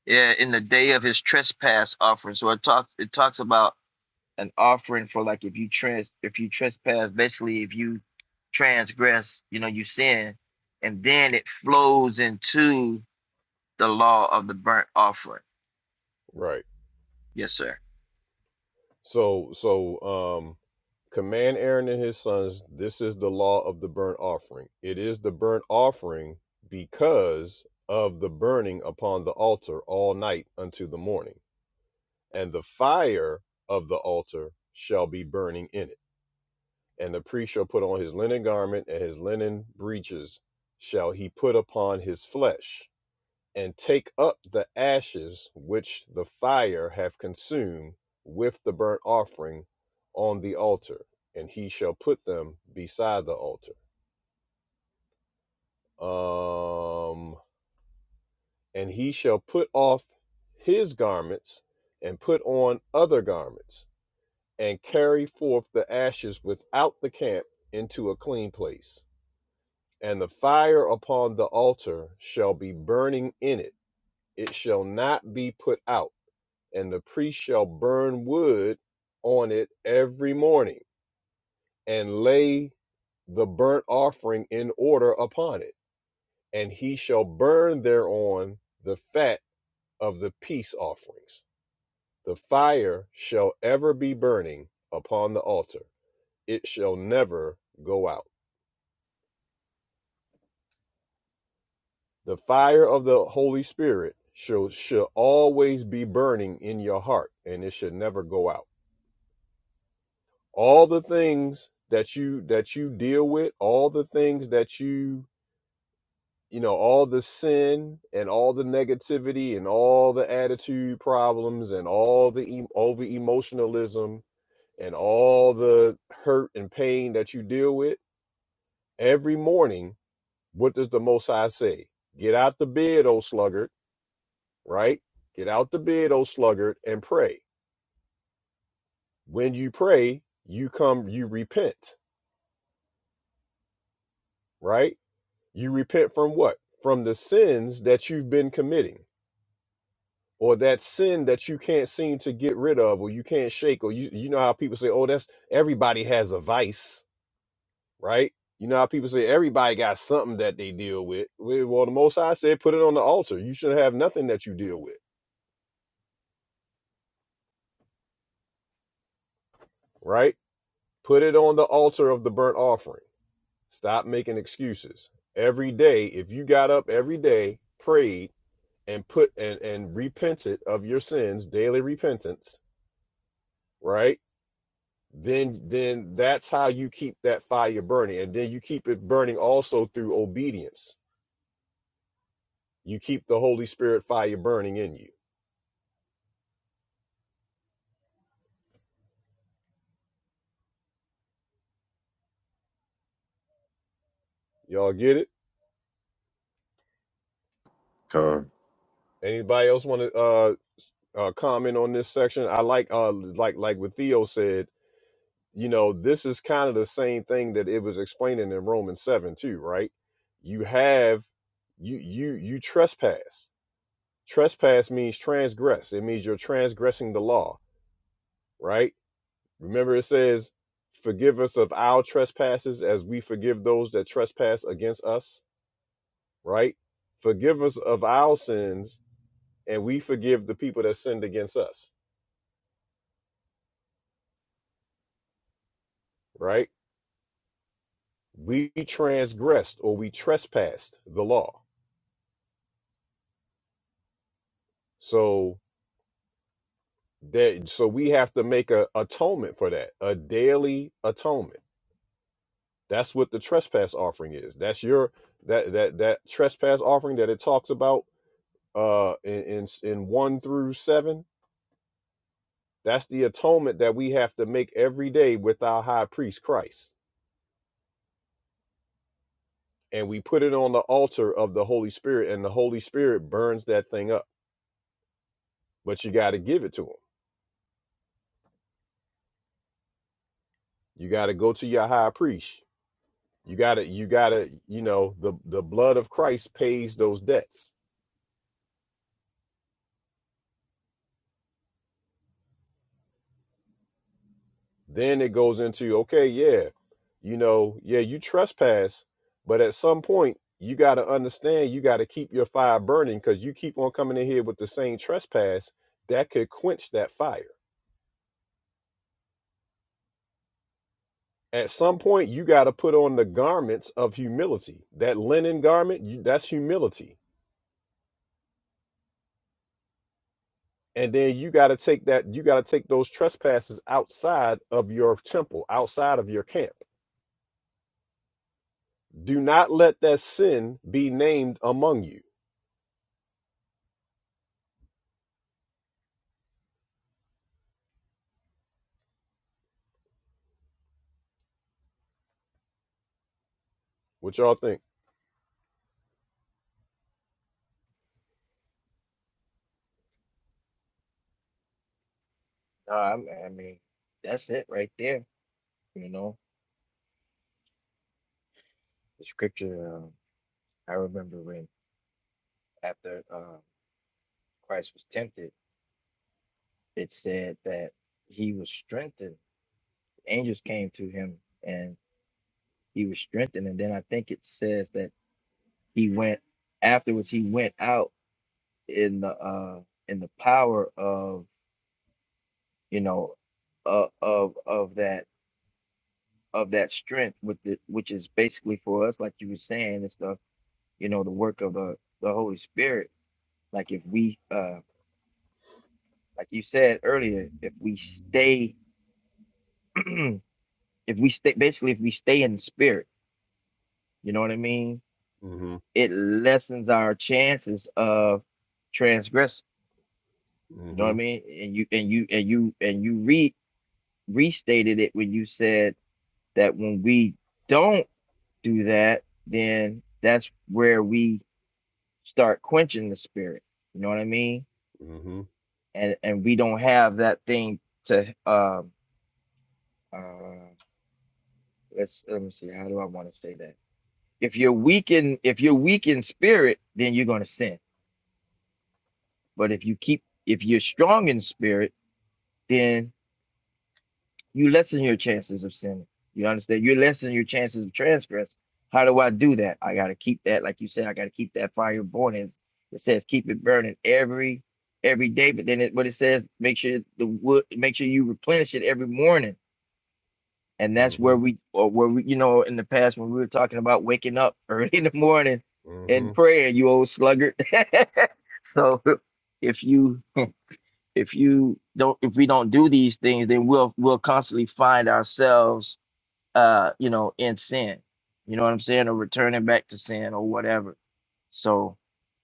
Speaker 4: yeah. In the day of his trespass offering, so it talks. It talks about an offering for like if you trans, if you trespass, basically if you transgress, you know, you sin, and then it flows into the law of the burnt offering.
Speaker 1: right
Speaker 4: Yes, sir.
Speaker 1: so so Command Aaron and his sons, this is the law of the burnt offering. It is the burnt offering because of the burning upon the altar all night unto the morning. And the fire of the altar shall be burning in it. And the priest shall put on his linen garment, and his linen breeches shall he put upon his flesh and take up the ashes which the fire have consumed with the burnt offering on the altar, and he shall put them beside the altar. Um, and he shall put off his garments and put on other garments, and carry forth the ashes without the camp into a clean place. And the fire upon the altar shall be burning in it, it shall not be put out and the priest shall burn wood on it every morning and lay the burnt offering in order upon it, and he shall burn thereon the fat of the peace offerings. The fire shall ever be burning upon the altar, it shall never go out. The fire of the Holy Spirit shall, shall always be burning in your heart, and it should never go out. all the things that you that you deal with all the things that you you know all the sin and all the negativity and all the attitude problems and all the em- over emotionalism and all the hurt and pain that you deal with every morning what does the most high say get out the bed o sluggard right get out the bed o sluggard and pray when you pray you come you repent right You repent from what? From the sins that you've been committing, or that sin that you can't seem to get rid of, or you can't shake, or you you know how people say, "Oh, that's everybody has a vice," right? You know how people say everybody got something that they deal with. Well, the Most High said, "Put it on the altar." You should have nothing that you deal with, right? Put it on the altar of the burnt offering. Stop making excuses. Every day, if you got up every day, prayed, and put and and repented of your sins, daily repentance right then then that's how you keep that fire burning and then you keep it burning also through obedience you keep the holy spirit fire burning in you y'all get it
Speaker 6: Con.
Speaker 1: anybody else want to uh, uh comment on this section i like uh like like what theo said you know this is kind of the same thing that it was explaining in romans 7 too right you have you you you trespass trespass means transgress it means you're transgressing the law right Remember, it says, Forgive us of our trespasses as we forgive those that trespass against us, right? Forgive us of our sins and we forgive the people that sinned against us, right? We transgressed or we trespassed the law. So that so we have to make a atonement for that, a daily atonement. That's what the trespass offering is. That's your that that that trespass offering that it talks about uh in in, in 1 through 7 That's the atonement that we have to make every day with our high priest, Christ. And we put it on the altar of the Holy Spirit, and the Holy Spirit burns that thing up. But you got to give it to him. You got to go to your high priest. You got to, you got to, you know, the, the blood of Christ pays those debts. Then it goes into, okay, yeah, you know, yeah, you trespass, but at some point, you got to understand you got to keep your fire burning because you keep on coming in here with the same trespass that could quench that fire at some point you got to put on the garments of humility that linen garment you, that's humility and then you got to take that you got to take those trespasses outside of your temple outside of your camp do not let that sin be named among you what y'all think
Speaker 4: No, I I mean, that's it right there. You know, the scripture. Uh, I remember when. after um, Christ was tempted, it said that he was strengthened. Angels came to him and he was strengthened. And then I think it says that he went afterwards. He went out in the uh, in the power of you know uh, of of that of that strength with the which is basically for us, like you were saying, it's the you know the work of the the Holy Spirit. Like if we uh, like you said earlier, if we stay if we stay basically if we stay in the spirit you know what i mean
Speaker 1: mm-hmm
Speaker 4: it lessens our chances of transgressing you know what i
Speaker 1: mm-hmm
Speaker 4: mean and you and you and you and you re restated it when you said that when we don't do that then that's where we start quenching the spirit you know what i mean
Speaker 1: mm-hmm
Speaker 4: and and we don't have that thing to um uh let's let me see how do i want to say that if you're weak in if you're weak in spirit then you're going to sin But if you keep, if you're strong in spirit, then you lessen your chances of sinning. You understand? You lessen your chances of transgress. How do I do that? I gotta keep that, like you said, I gotta keep that fire burning. It's- It says keep it burning every every day, but then it, what it says, make sure the wood, make sure you replenish it every morning. And that's where we, or where we, you know, in the past when we were talking about waking up early in the morning
Speaker 1: mm-hmm mm-hmm
Speaker 4: and prayer, you old sluggard. so if you if you don't if we don't do these things then we'll we'll constantly find ourselves uh you know in sin you know what i'm saying or returning back to sin or whatever so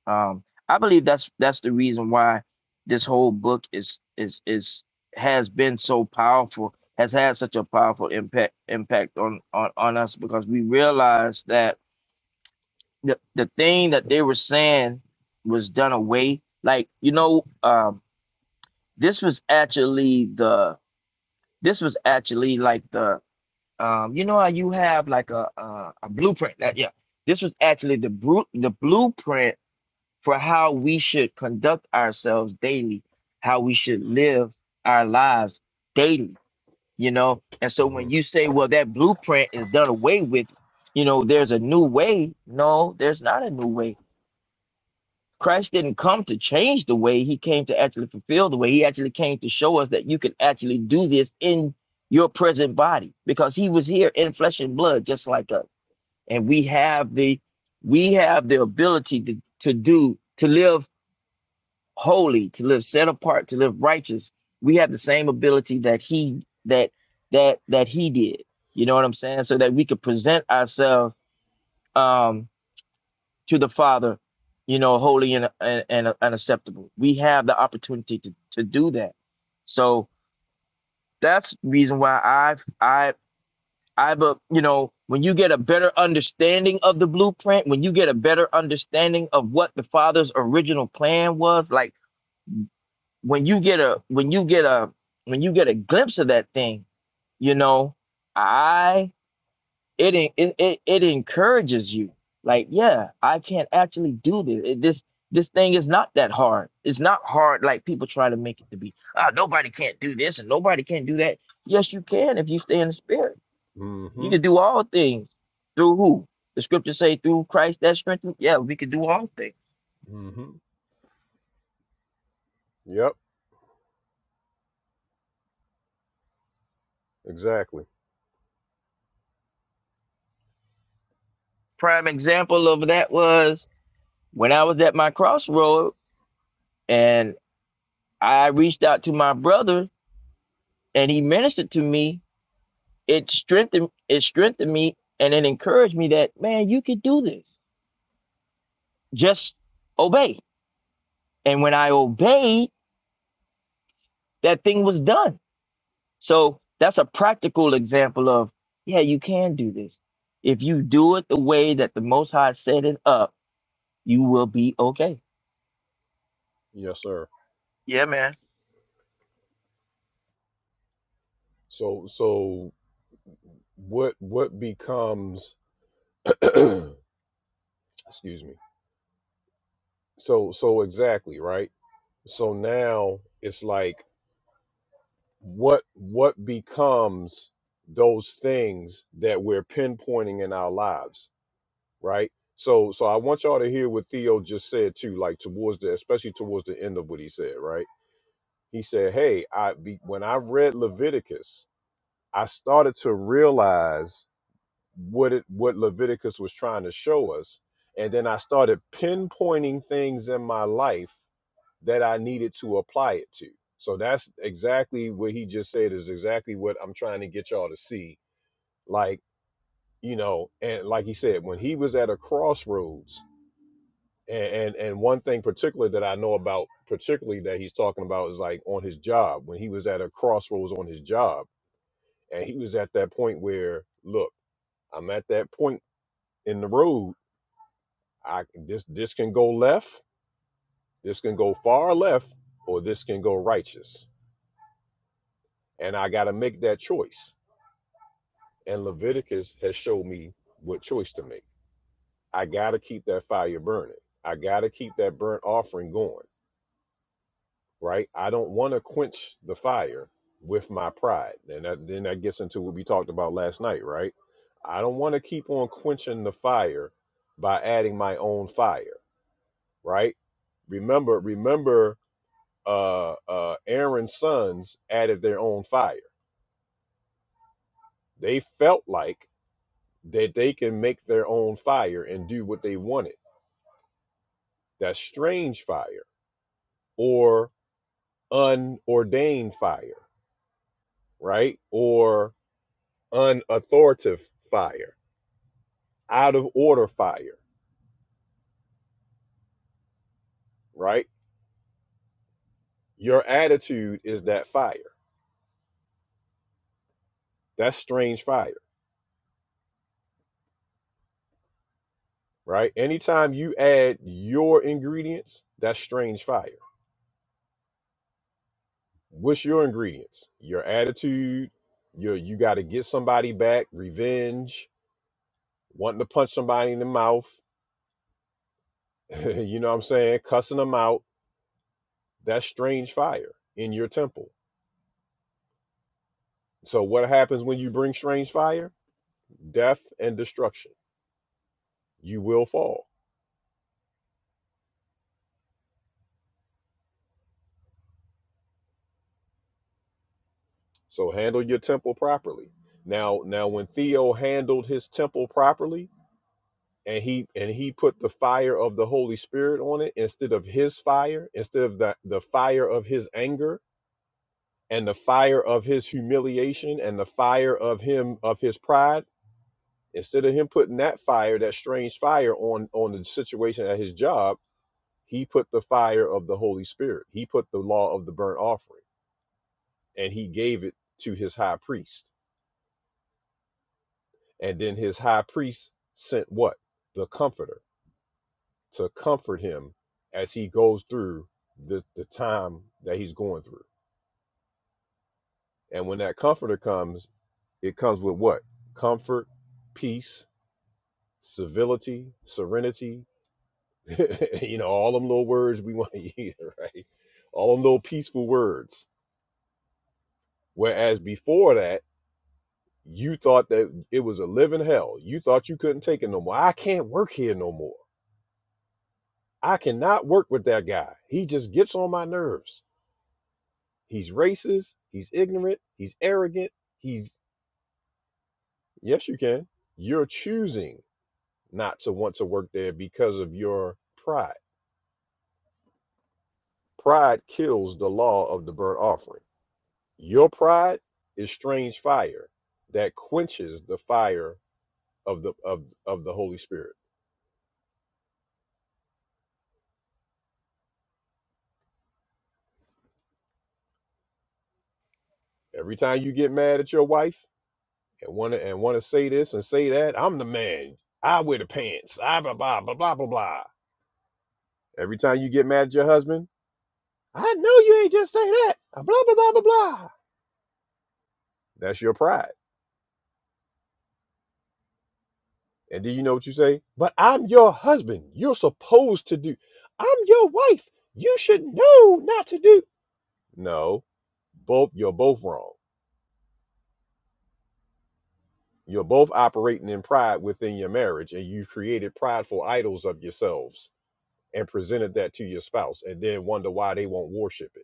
Speaker 4: um i believe that's that's the reason why this whole book is is is has been so powerful has had such a powerful impact impact on on, on us because we realized that the, the thing that they were saying was done away like you know um this was actually the This was actually like the um, you know how you have like a a, a blueprint. That, yeah, this was actually the bru- the blueprint for how we should conduct ourselves daily, how we should live our lives daily. You know, and so when
Speaker 1: mm-hmm
Speaker 4: you say, well, that blueprint is done away with, you know, there's a new way. No, there's not a new way Christ didn't come to change the way. He came to actually fulfill the way. He actually came to show us that you can actually do this in your present body because he was here in flesh and blood, just like us. And we have the we have the ability to, to do to live holy, to live set apart, to live righteous. We have the same ability that he that that that he did. You know what I'm saying? So that we could present ourselves um to the Father, you know, holy and and, and unacceptable. We have the opportunity to, to do that. So that's the reason why I've I I've a you know when you get a better understanding of the blueprint, when you get a better understanding of what the Father's original plan was, like when you get a when you get a when you get a glimpse of that thing, you know, I. it en- it it, it encourages you like yeah i can actually do this It- this this thing is not that hard it's not hard like people try to make it to be ah nobody can't do this and nobody can not do that yes you can if you stay in the spirit you
Speaker 1: mm-hmm
Speaker 4: can do all things through who the scriptures say through christ that strengthens yeah we can do all things
Speaker 1: Mm-hmm. yep exactly
Speaker 4: prime example of that was when i was at my crossroad and i reached out to my brother and he ministered to me it strengthened it strengthened me and it encouraged me that man you could do this just obey and when i obeyed that thing was done so that's a practical example of yeah you can do this if you do it the way that the most high set it up you will be okay
Speaker 1: yes sir
Speaker 4: yeah man
Speaker 1: so so what what becomes excuse me so so exactly right so now it's like what what becomes those things that we're pinpointing in our lives right so so i want y'all to hear what theo just said too like towards the especially towards the end of what he said right he said hey i be, when i read leviticus i started to realize what it what leviticus was trying to show us and then i started pinpointing things in my life that I needed to apply it to. So that's exactly what he just said is exactly what I'm trying to get y'all to see. Like, you know, and like he said, when he was at a crossroads, and and, and one thing particular that I know about, particularly that he's talking about is like on his job, when he was at a crossroads on his job, and he was at that point where, look, I'm at that point in the road. I this this can go left, this can go far left, or this can go righteous. And I gotta make that choice And Leviticus has showed me what choice to make. I got to keep that fire burning. I got to keep that burnt offering going, right? I don't want to quench the fire with my pride. And that, then that gets into what we talked about last night, right? I don't want to keep on quenching the fire by adding my own fire, right? Remember, remember, uh, uh, Aaron's sons added their own fire. They felt like that they can make their own fire and do what they wanted That's strange fire or unordained fire, right? Or unauthoritative fire, out of order fire, right? Your attitude is that fire. That's strange fire, right? Anytime you add your ingredients, that's strange fire. What's your ingredients? Your attitude, Your you got to get somebody back, revenge, wanting to punch somebody in the mouth, you know what I'm saying? Cussing them out That's strange fire in your temple. So what happens when you bring strange fire? Death and destruction. You will fall. So handle your temple properly. Now now when Theo handled his temple properly and he and he put the fire of the Holy Spirit on it instead of his fire, instead of the, the fire of his anger and the fire of his humiliation and the fire of him of his pride, instead of him putting that fire, that strange fire on on the situation at his job He put the fire of the Holy Spirit. He put the law of the burnt offering and he gave it to his high priest. And then his high priest sent what? The comforter to comfort him as he goes through the, the time that he's going through. And when that comforter comes, it comes with what? Comfort, peace, civility, serenity, you know, all them little words we want to hear, right? All them little peaceful words. Whereas before that, you thought that it was a living hell. You thought you couldn't take it no more. I can't work here no more. I cannot work with that guy. He just gets on my nerves. He's racist. He's ignorant. He's arrogant. He's, yes, you can. You're choosing not to want to work there because of your pride. Pride kills the law of the burnt offering. Your pride is strange fire that quenches the fire of the of, of the Holy Spirit. Every time you get mad at your wife, and want to and want to say this and say that. I'm the man. I wear the pants. I blah blah blah blah blah blah. Every time you get mad at your husband, I know you ain't just say that. Blah blah blah blah blah. That's your pride. And do you know what you say? But I'm your husband. You're supposed to do. I'm your wife. You should know not to do. No, both you're both wrong. You're both operating in pride within your marriage, and you've created prideful idols of yourselves and presented that to your spouse, and then wonder why they won't worship it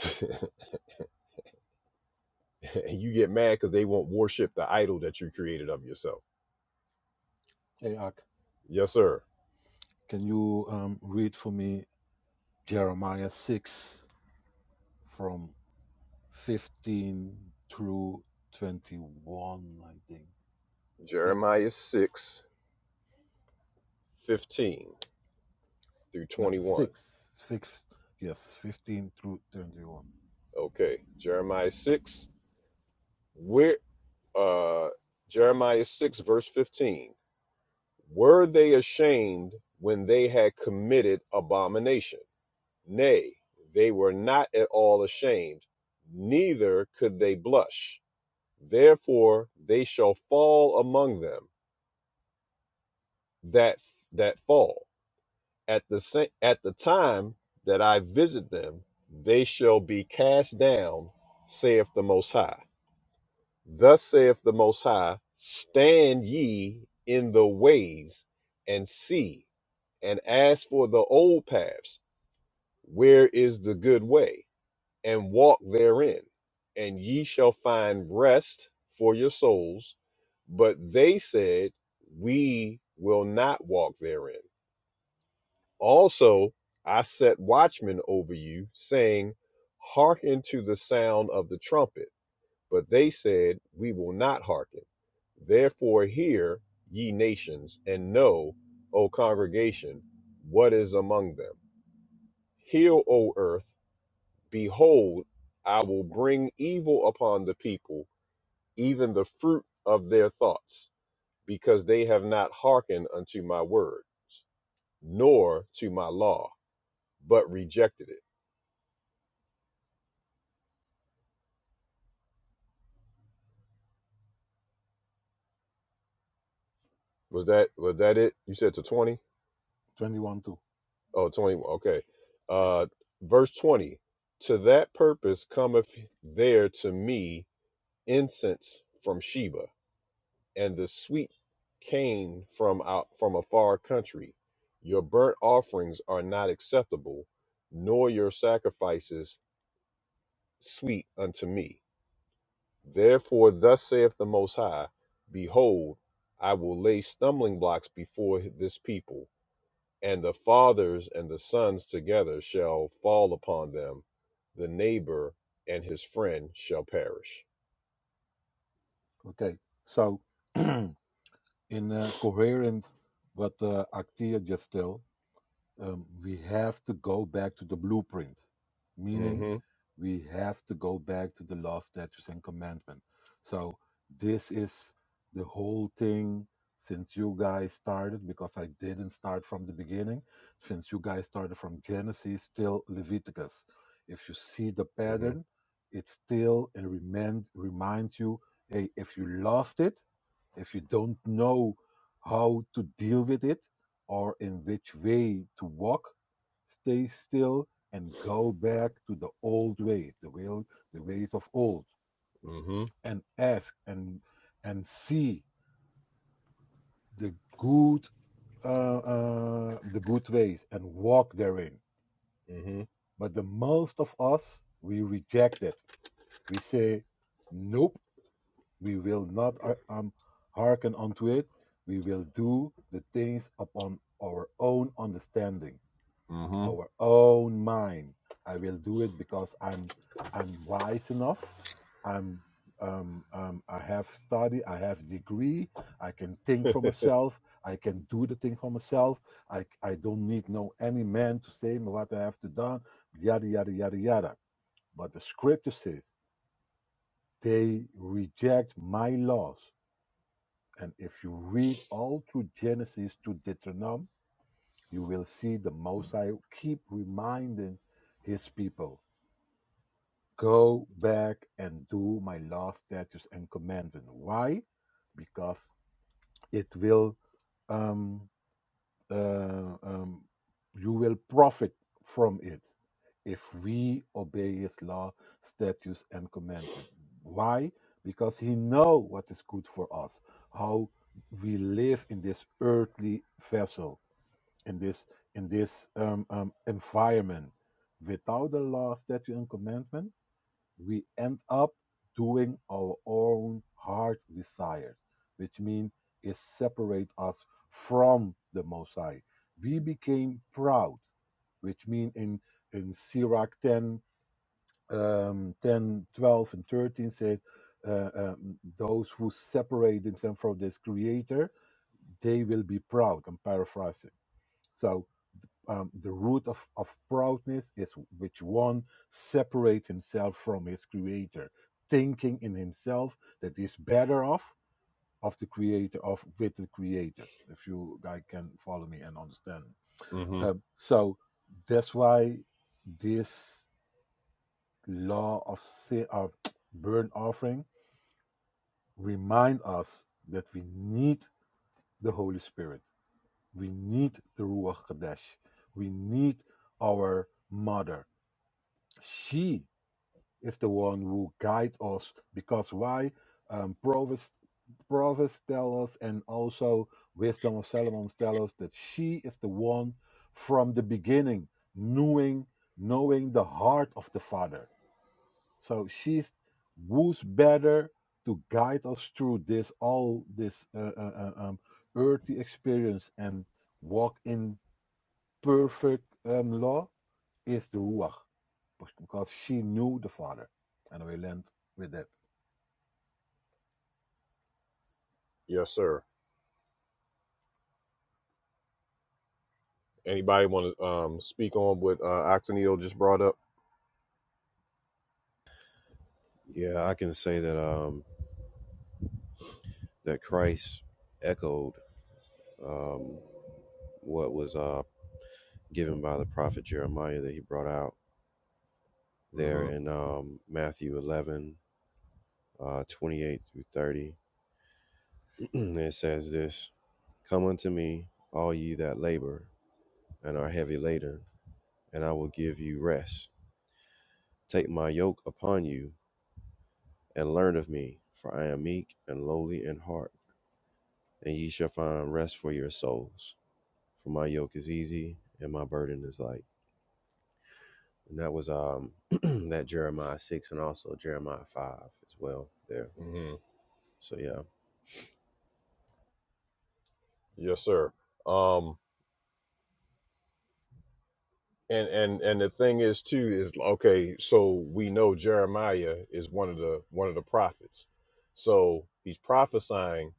Speaker 1: and you get mad because they won't worship the idol that you created of yourself.
Speaker 7: Hey, Ak,
Speaker 1: Yes, sir.
Speaker 7: can you um, read for me Jeremiah 6 from 15 through 21, I think. Yeah,
Speaker 1: Jeremiah six fifteen through
Speaker 7: no,
Speaker 1: 21.
Speaker 7: 6, 6, yes, 15 through 21.
Speaker 1: Okay. Jeremiah 6, where uh Jeremiah 6, verse 15. Were they ashamed when they had committed abomination? Nay, they were not at all ashamed, neither could they blush. Therefore they shall fall among them that that fall at the sa- at the time that I visit them, they shall be cast down, saith the Most High. Thus saith the Most High: Stand ye in the ways and see, and ask for the old paths, where is the good way, and walk therein, and ye shall find rest for your souls. But they said, We will not walk therein. Also, I set watchmen over you, saying, Hearken to the sound of the trumpet. But they said, We will not hearken. Therefore, hear, ye nations, and know, O congregation, what is among them. Hear, O earth, behold, I will bring evil upon the people, even the fruit of their thoughts, because they have not hearkened unto my word, nor to my law, but rejected it. Was that was that it? You said to 20?
Speaker 7: 21 too,
Speaker 1: Oh, twenty. Okay.
Speaker 7: yes,
Speaker 1: Uh
Speaker 7: sir.
Speaker 1: verse 20. To that purpose cometh there to me incense from Sheba and the sweet cane from out from a far country. Your burnt offerings are not acceptable, nor your sacrifices sweet unto me. Therefore thus saith the most high, behold, I will lay stumbling blocks before this people and the fathers and the sons together shall fall upon them. The neighbor and his friend shall perish.
Speaker 7: Okay, so in uh, coherent what uh, Actia just tell, um, we have to go back to the blueprint, meaning
Speaker 1: Mm-hmm.
Speaker 7: we have to go back to the law, statutes, and commandment. So this is the whole thing since you guys started, because I didn't start from the beginning, since you guys started from Genesis till Leviticus. If you see the pattern,
Speaker 1: Mm-hmm.
Speaker 7: it still and remind remind you, hey, if you lost it, if you don't know how to deal with it, or in which way to walk, stay still, and go back to the old ways, the will, the ways of old,
Speaker 1: Mm-hmm.
Speaker 7: and ask and and see the good, uh, uh, the good ways, and walk therein.
Speaker 1: Mm-hmm.
Speaker 7: But the most of us, we reject it. We say, nope, we will not uh, um, hearken unto it. We will do the things upon our own understanding
Speaker 1: Mm-hmm.
Speaker 7: our own mind. I will do it because I'm I'm wise enough. I'm um, um, I have study. I have degree. I can think for myself. I can do the thing for myself. I I don't need no any man to say me what I have to done. Yada yada yada yada. But the scripture says they reject my laws. And if you read all through Genesis to Deuteronomy, you will see the Most High keep reminding his people go back and do my law, statutes, and commandment. Why? Because it will, um, uh, um, you will profit from it if we obey His law, statutes, and commandment. Why? Because He knows what is good for us, how we live in this earthly vessel, in this in this um, um, environment. Without the law, statute, and commandment we end up doing our own heart desires, which means it separates us from the Most High. We became proud, which means in, in Sirach 10, um, 10, twelve, and 13 said, uh, um, those who separate themselves from this creator, they will be proud. I'm paraphrasing. So um, the root of, of proudness is which one separates himself from his creator, thinking in himself that he's better off of the creator of with the creator. If you guys can follow me and understand,
Speaker 1: Mm-hmm.
Speaker 7: um, so that's why this law of sin, of burnt offering remind us that we need the Holy Spirit, we need the Ruach Kodesh, we need our mother she is the one who guides us because why um, Proverbs prophets tell us and also wisdom of solomon tell us that she is the one from the beginning knowing knowing the heart of the father so she's who's better to guide us through this all this uh, uh, uh, um, earthy experience and walk in perfect um, law is the Ruach because she knew the Father. And we land with that.
Speaker 1: Yes, sir. Anybody want to um, speak on what uh, Octanil just brought up?
Speaker 6: Yeah, I can say that. Um, that Christ echoed um, what was uh, given by the prophet Jeremiah that he brought out there
Speaker 1: Mm-hmm.
Speaker 6: in um, Matthew 11, uh, 28 through 30. it says this Come unto me, all ye that labor and are heavy laden, and I will give you rest. Take my yoke upon you and learn of me, for I am meek and lowly in heart, and ye shall find rest for your souls. For my yoke is easy and my burden is light. And that was um that Jeremiah six and also Jeremiah five as well there.
Speaker 1: Mm-hmm.
Speaker 6: So yeah.
Speaker 1: Yes, sir. Um, and and and the thing is too is okay. So we know Jeremiah is one of the one of the prophets. So he's prophesying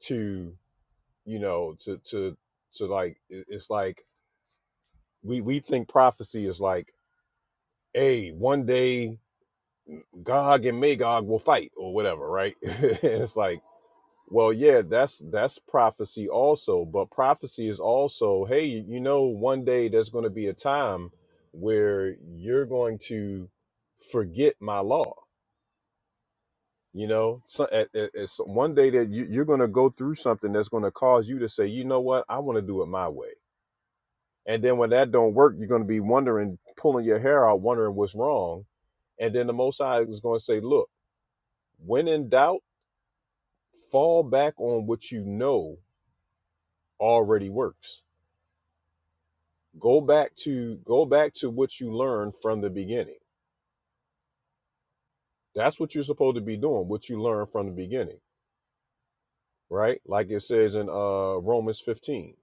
Speaker 1: to you know to to to like it's like we we think prophecy is like hey one day gog and magog will fight or whatever right and it's like well yeah that's that's prophecy also but prophecy is also hey you know one day there's going to be a time where you're going to forget my law you know so, at, at, at some- one day that you, you're going to go through something that's going to cause you to say you know what i want to do it my way And then when that don't work, you're going to be wondering, pulling your hair out, wondering what's wrong. And then the Most High is going to say, look, when in doubt, fall back on what you know already works. Go back to go back to what you learned from the beginning. That's what you're supposed to be doing, what you learned from the beginning, right? Like it says in uh Romans 15,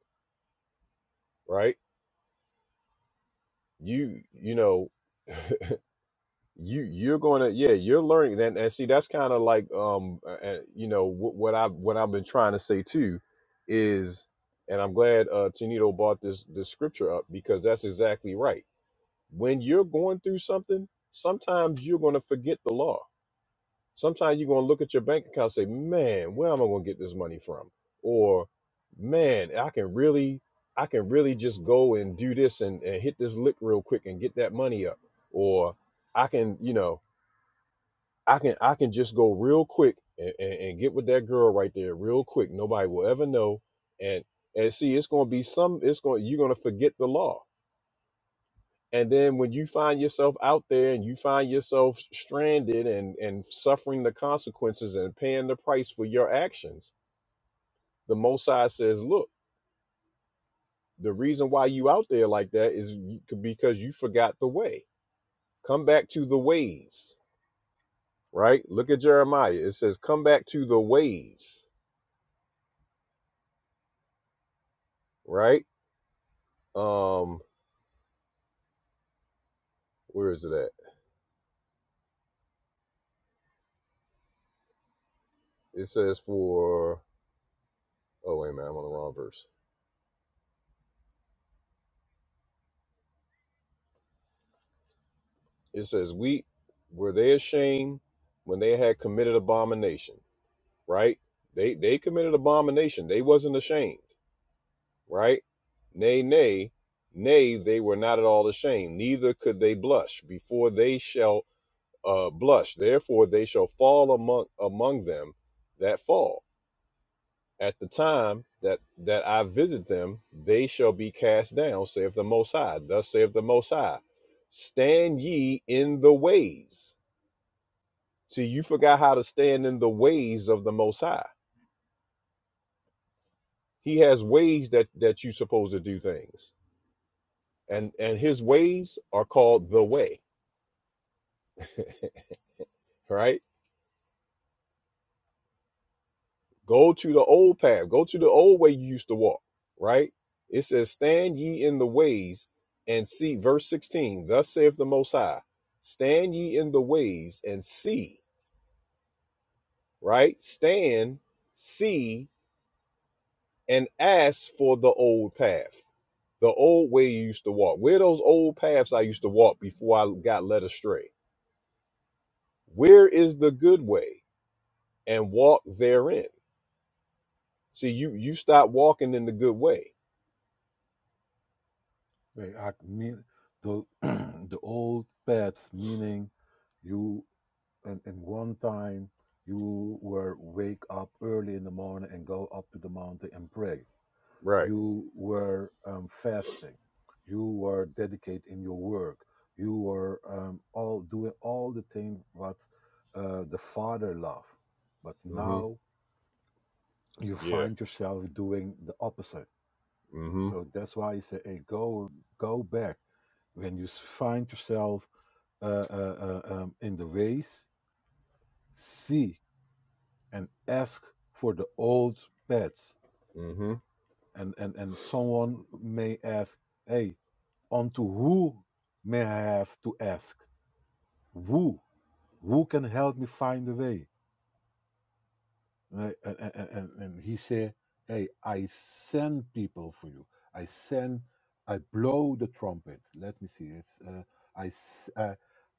Speaker 1: right? You you know, you you're gonna yeah you're learning and, and see that's kind of like um uh, uh, you know what, what i what i've been trying to say too is and i'm glad uh Tenito brought this this scripture up because that's exactly right when you're going through something sometimes you're gonna forget the law sometimes you're gonna look at your bank account and say man where am i gonna get this money from or man i can really i can really just go and do this and, and hit this lick real quick and get that money up or i can you know I can I can just go real quick and, and, and get with that girl right there real quick. Nobody will ever know. And and see, it's gonna be some. It's going you're gonna forget the law. And then when you find yourself out there and you find yourself stranded and and suffering the consequences and paying the price for your actions, the Most High says, look, the reason why you out there like that is because you forgot the way. Come back to the ways, right? Look at Jeremiah. It says, come back to the ways, right? Um, where is it at? It says for oh wait a minute, I'm on the wrong verse. It says we were they ashamed when they had committed abomination, right? They they committed abomination. They wasn't ashamed, right? Nay, nay, nay, they were not at all ashamed, neither could they blush before they shall uh blush. Therefore they shall fall among among them that fall. at the time that that I visit them, they shall be cast down, saith the Most High. Thus saith the Most High, stand ye in the ways. See, you forgot how to stand in the ways of the Most High. He has ways that that you supposed to do things, and and His ways are called the way, right? Go to the old path. Go to the old way you used to walk, right? It says, Stand ye in the ways and see. Verse 16, thus saith the Most High, Stand ye in the ways and see, right? Stand, see, and ask for the old path, the old way you used to walk. Where are those old paths I used to walk before I got led astray? Where is the good way? And walk therein. See, you you stop walking in the good way.
Speaker 7: We are mean, the, the old path, meaning you, in, in one time, you were wake up early in the morning and go up to the mountain and pray.
Speaker 1: Right.
Speaker 7: You were um, fasting. You were dedicated in your work. You were um, all doing all the things what uh, the Father loved. But
Speaker 1: Mm-hmm.
Speaker 7: now you
Speaker 1: Yeah.
Speaker 7: find yourself doing the opposite.
Speaker 1: Mm-hmm.
Speaker 7: So that's why you say, "Hey, go go back." When you s- find yourself uh, uh, uh, um, in the ways, see and ask for the old paths.
Speaker 1: Mm-hmm.
Speaker 7: And and and someone may ask, "Hey, unto who may I have to ask? Who who can help me find the way?" Right? And, I- and, and, and and he said, Hey, I send people for you. I send, I blow the trumpet. Let me see. It's uh, I, s- uh,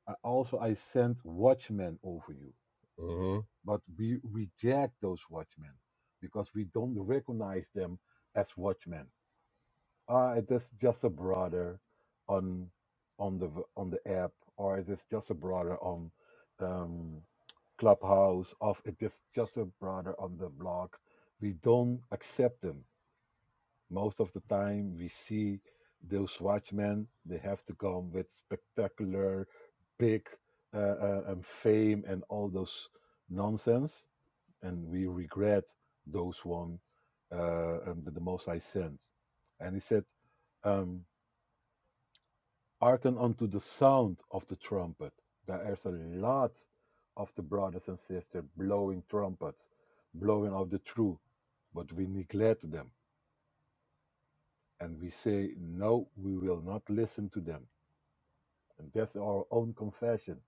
Speaker 7: I also I send watchmen over you,
Speaker 1: Mm-hmm.
Speaker 7: but we reject those watchmen because we don't recognize them as watchmen. Uh, is this just a broader on on the v- on the app, or is this just a broader on um, Clubhouse? Of it is just a broader on the blog. We don't accept them most of the time. We see those watchmen. They have to come with spectacular, big uh, uh, um, fame and all those nonsense and we regret those one uh, um, that the Most High sent. And he said, um, hearken unto the sound of the trumpet. There is a lot of the brothers and sisters blowing trumpets, blowing of the truth, but we neglect them. And we say, no, we will not listen to them. And that's our own confession.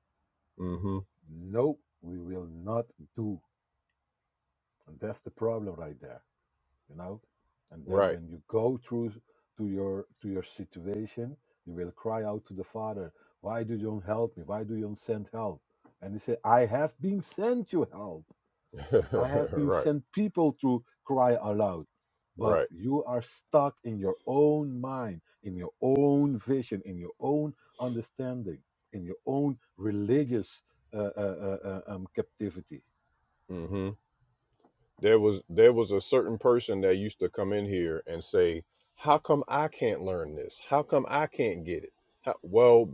Speaker 1: Mm-hmm.
Speaker 7: No, we will not do. And that's the problem right there you know and then
Speaker 1: Right.
Speaker 7: when you go through to your to your situation you will cry out to the father why do you don't help me why do you don't send help and he said i have been sent you help i have been
Speaker 1: right.
Speaker 7: sent people to cry aloud but
Speaker 1: Right.
Speaker 7: you are stuck in your own mind in your own vision in your own understanding in your own religious uh, uh, uh, uh, um, captivity
Speaker 1: Mm-hmm. There was there was a certain person that used to come in here and say, How come I can't learn this? How come I can't get it? How, well,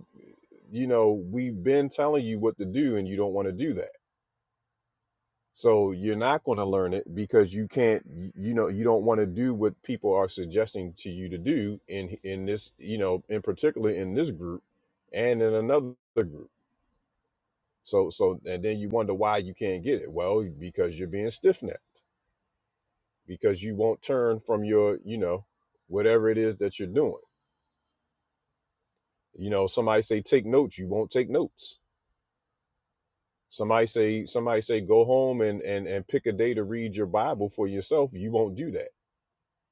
Speaker 1: you know, we've been telling you what to do and you don't want to do that. So you're not going to learn it because you can't y- you know, you don't want to do what people are suggesting to you to do in in this, you know, in particular in this group and in another group So so and then you wonder why you can't get it. Well, because you're being stiff necked. Because you won't turn from your, you know, whatever it is that you're doing. You know, somebody say take notes, you won't take notes. Somebody say somebody say go home and and and pick a day to read your Bible for yourself, you won't do that.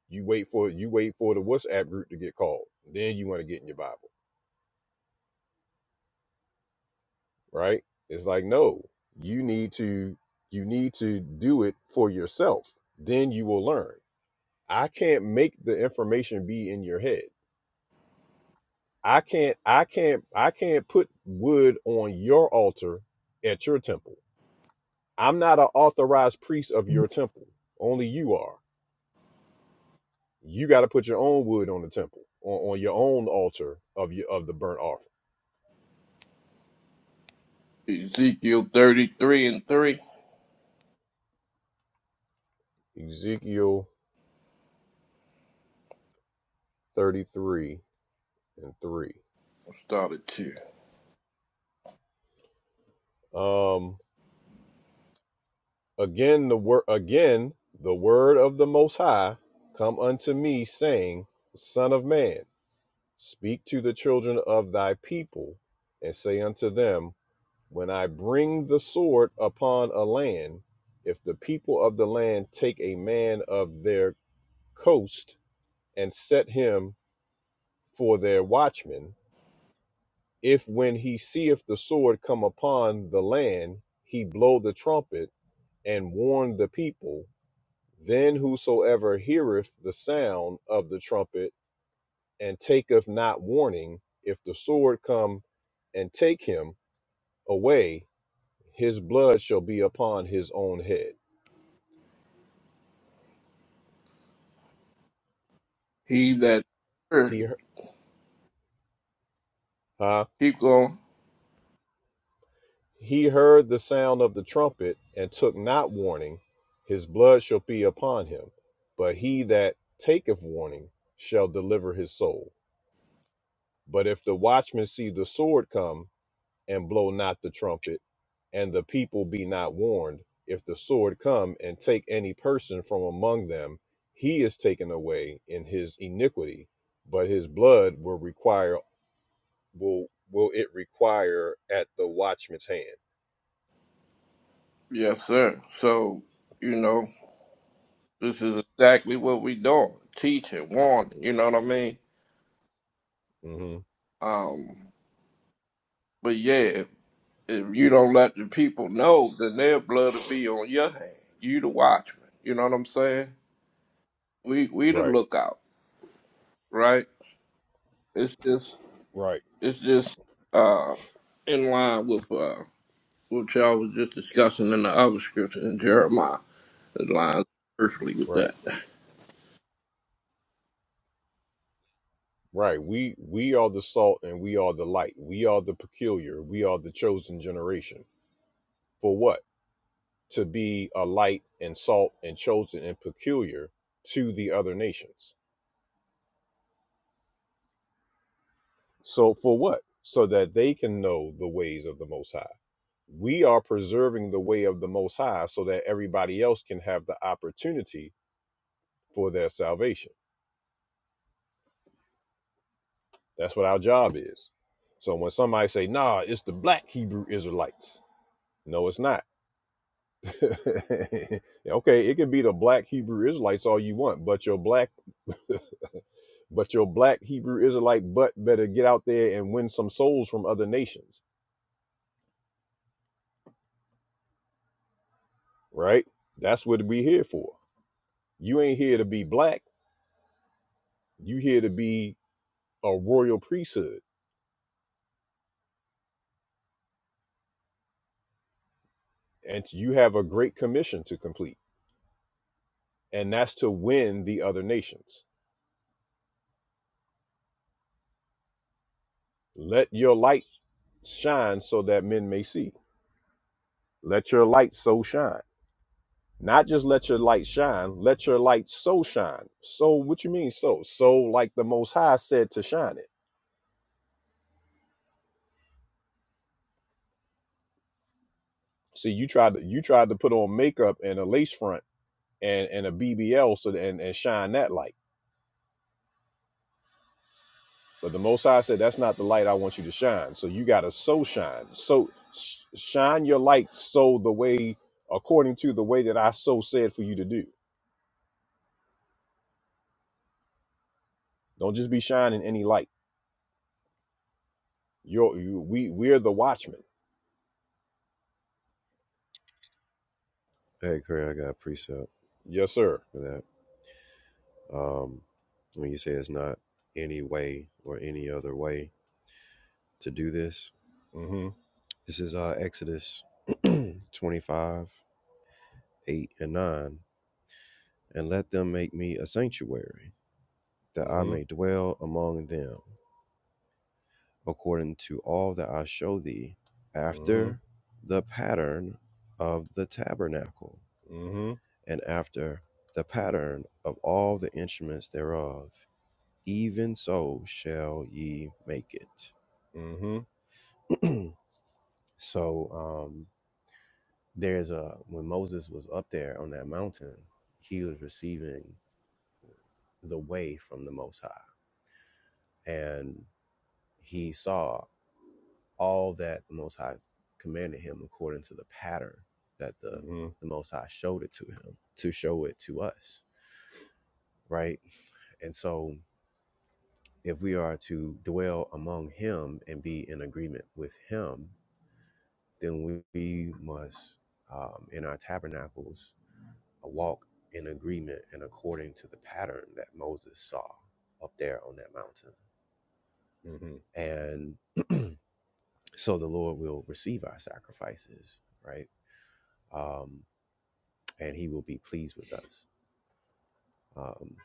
Speaker 1: You wait for you wait for the WhatsApp group to get called. Then you want to get in your Bible, right? It's like no, you need to you need to do it for yourself. Then you will learn I can't make the information be in your head. I can't I can't I can't put wood on your altar at your temple. I'm not an authorized priest of your temple. Only you are. You got to put your own wood on the temple on, on your own altar of your of the burnt offering.
Speaker 9: Ezekiel 33 and 3,
Speaker 1: Ezekiel 33 and 3.
Speaker 9: started two.
Speaker 1: Um again the word again the word of the most high come unto me saying, son of man, Speak to the children of thy people, and say unto them, When I bring the sword upon a land, if the people of the land take a man of their coast and set him for their watchman, if when he seeth the sword come upon the land, he blow the trumpet and warn the people, then whosoever heareth the sound of the trumpet and taketh not warning, if the sword come and take him, away, his blood shall be upon his own head.
Speaker 9: He that
Speaker 1: He,
Speaker 9: heard,
Speaker 1: he- huh?
Speaker 9: keep going.
Speaker 1: He heard the sound of the trumpet and took not warning. His blood shall be upon him. But he that taketh warning shall deliver his soul. But if the watchman see the sword come and blow not the trumpet, and the people be not warned, if the sword come and take any person from among them, he is taken away in his iniquity, but his blood will require will will it require at the watchman's hand?
Speaker 9: Yes, sir. So, you know, this is exactly what we doing. Teaching, warning, you know what I mean?
Speaker 1: hmm
Speaker 9: Um, but yeah, if, if you don't let the people know, then their blood will be on your hand. You the watchman. You know what I'm saying? We we the
Speaker 1: Right,
Speaker 9: lookout, right? It's just
Speaker 1: right,
Speaker 9: it's just uh in line with uh what y'all was just discussing in the other scripture in Jeremiah. It lines perfectly with
Speaker 1: right,
Speaker 9: that.
Speaker 1: right. We we are the salt and we are the light. We are the peculiar. We are the chosen generation. For what? To be a light and salt and chosen and peculiar to the other nations. So for what? So that they can know the ways of the Most High. We are preserving the way of the Most High so that everybody else can have the opportunity for their salvation That's what our job is. So when somebody say, "Nah, it's the black Hebrew Israelites," no, it's not. okay, it can be the black Hebrew Israelites all you want, but your black, but your black Hebrew Israelite butt better get out there and win some souls from other nations, right? That's what we here for. You ain't here to be black. You here to be a royal priesthood, and you have a great commission to complete, and that's to win the other nations. Let your light shine so that men may see. Let your light so shine. Not just let your light shine, let your light so shine. So what you mean so? So like the most high said to shine it. See, you tried to you tried to put on makeup and a lace front and, and a BBL so that- and, and shine that light. But the most high said that's not the light I want you to shine. So you gotta so shine. So sh- shine your light so the way according to the way that I so said for you to do. Don't just be shining any light. You're you, we we're the watchmen
Speaker 6: Hey Craig, I got a precept
Speaker 1: Yes, sir.
Speaker 6: for that. Um when you say it's not any way or any other way to do this.
Speaker 1: Mm-hmm.
Speaker 6: This is uh Exodus twenty five, eight and nine. And let them make me a sanctuary, that I
Speaker 1: Mm-hmm.
Speaker 6: may dwell among them. according to all that I show thee,
Speaker 1: Mm-hmm.
Speaker 6: after the pattern of the tabernacle,
Speaker 1: Mm-hmm.
Speaker 6: and after the pattern of all the instruments thereof, even so shall ye make it.
Speaker 1: Mm-hmm.
Speaker 6: so um, there's a when Moses was up there on that mountain, he was receiving the way from the Most High, and he saw. all that the Most High commanded him according to the pattern that the,
Speaker 1: Mm-hmm.
Speaker 6: the Most High showed it to him, to show it to us, right? And so if we are to dwell among him and be in agreement with him, then we, we must, um, in our tabernacles, uh, walk in agreement and according to the pattern that Moses saw up there on that mountain.
Speaker 1: Mm-hmm.
Speaker 6: And so the Lord will receive our sacrifices, right? Um, and he will be pleased with us. Um,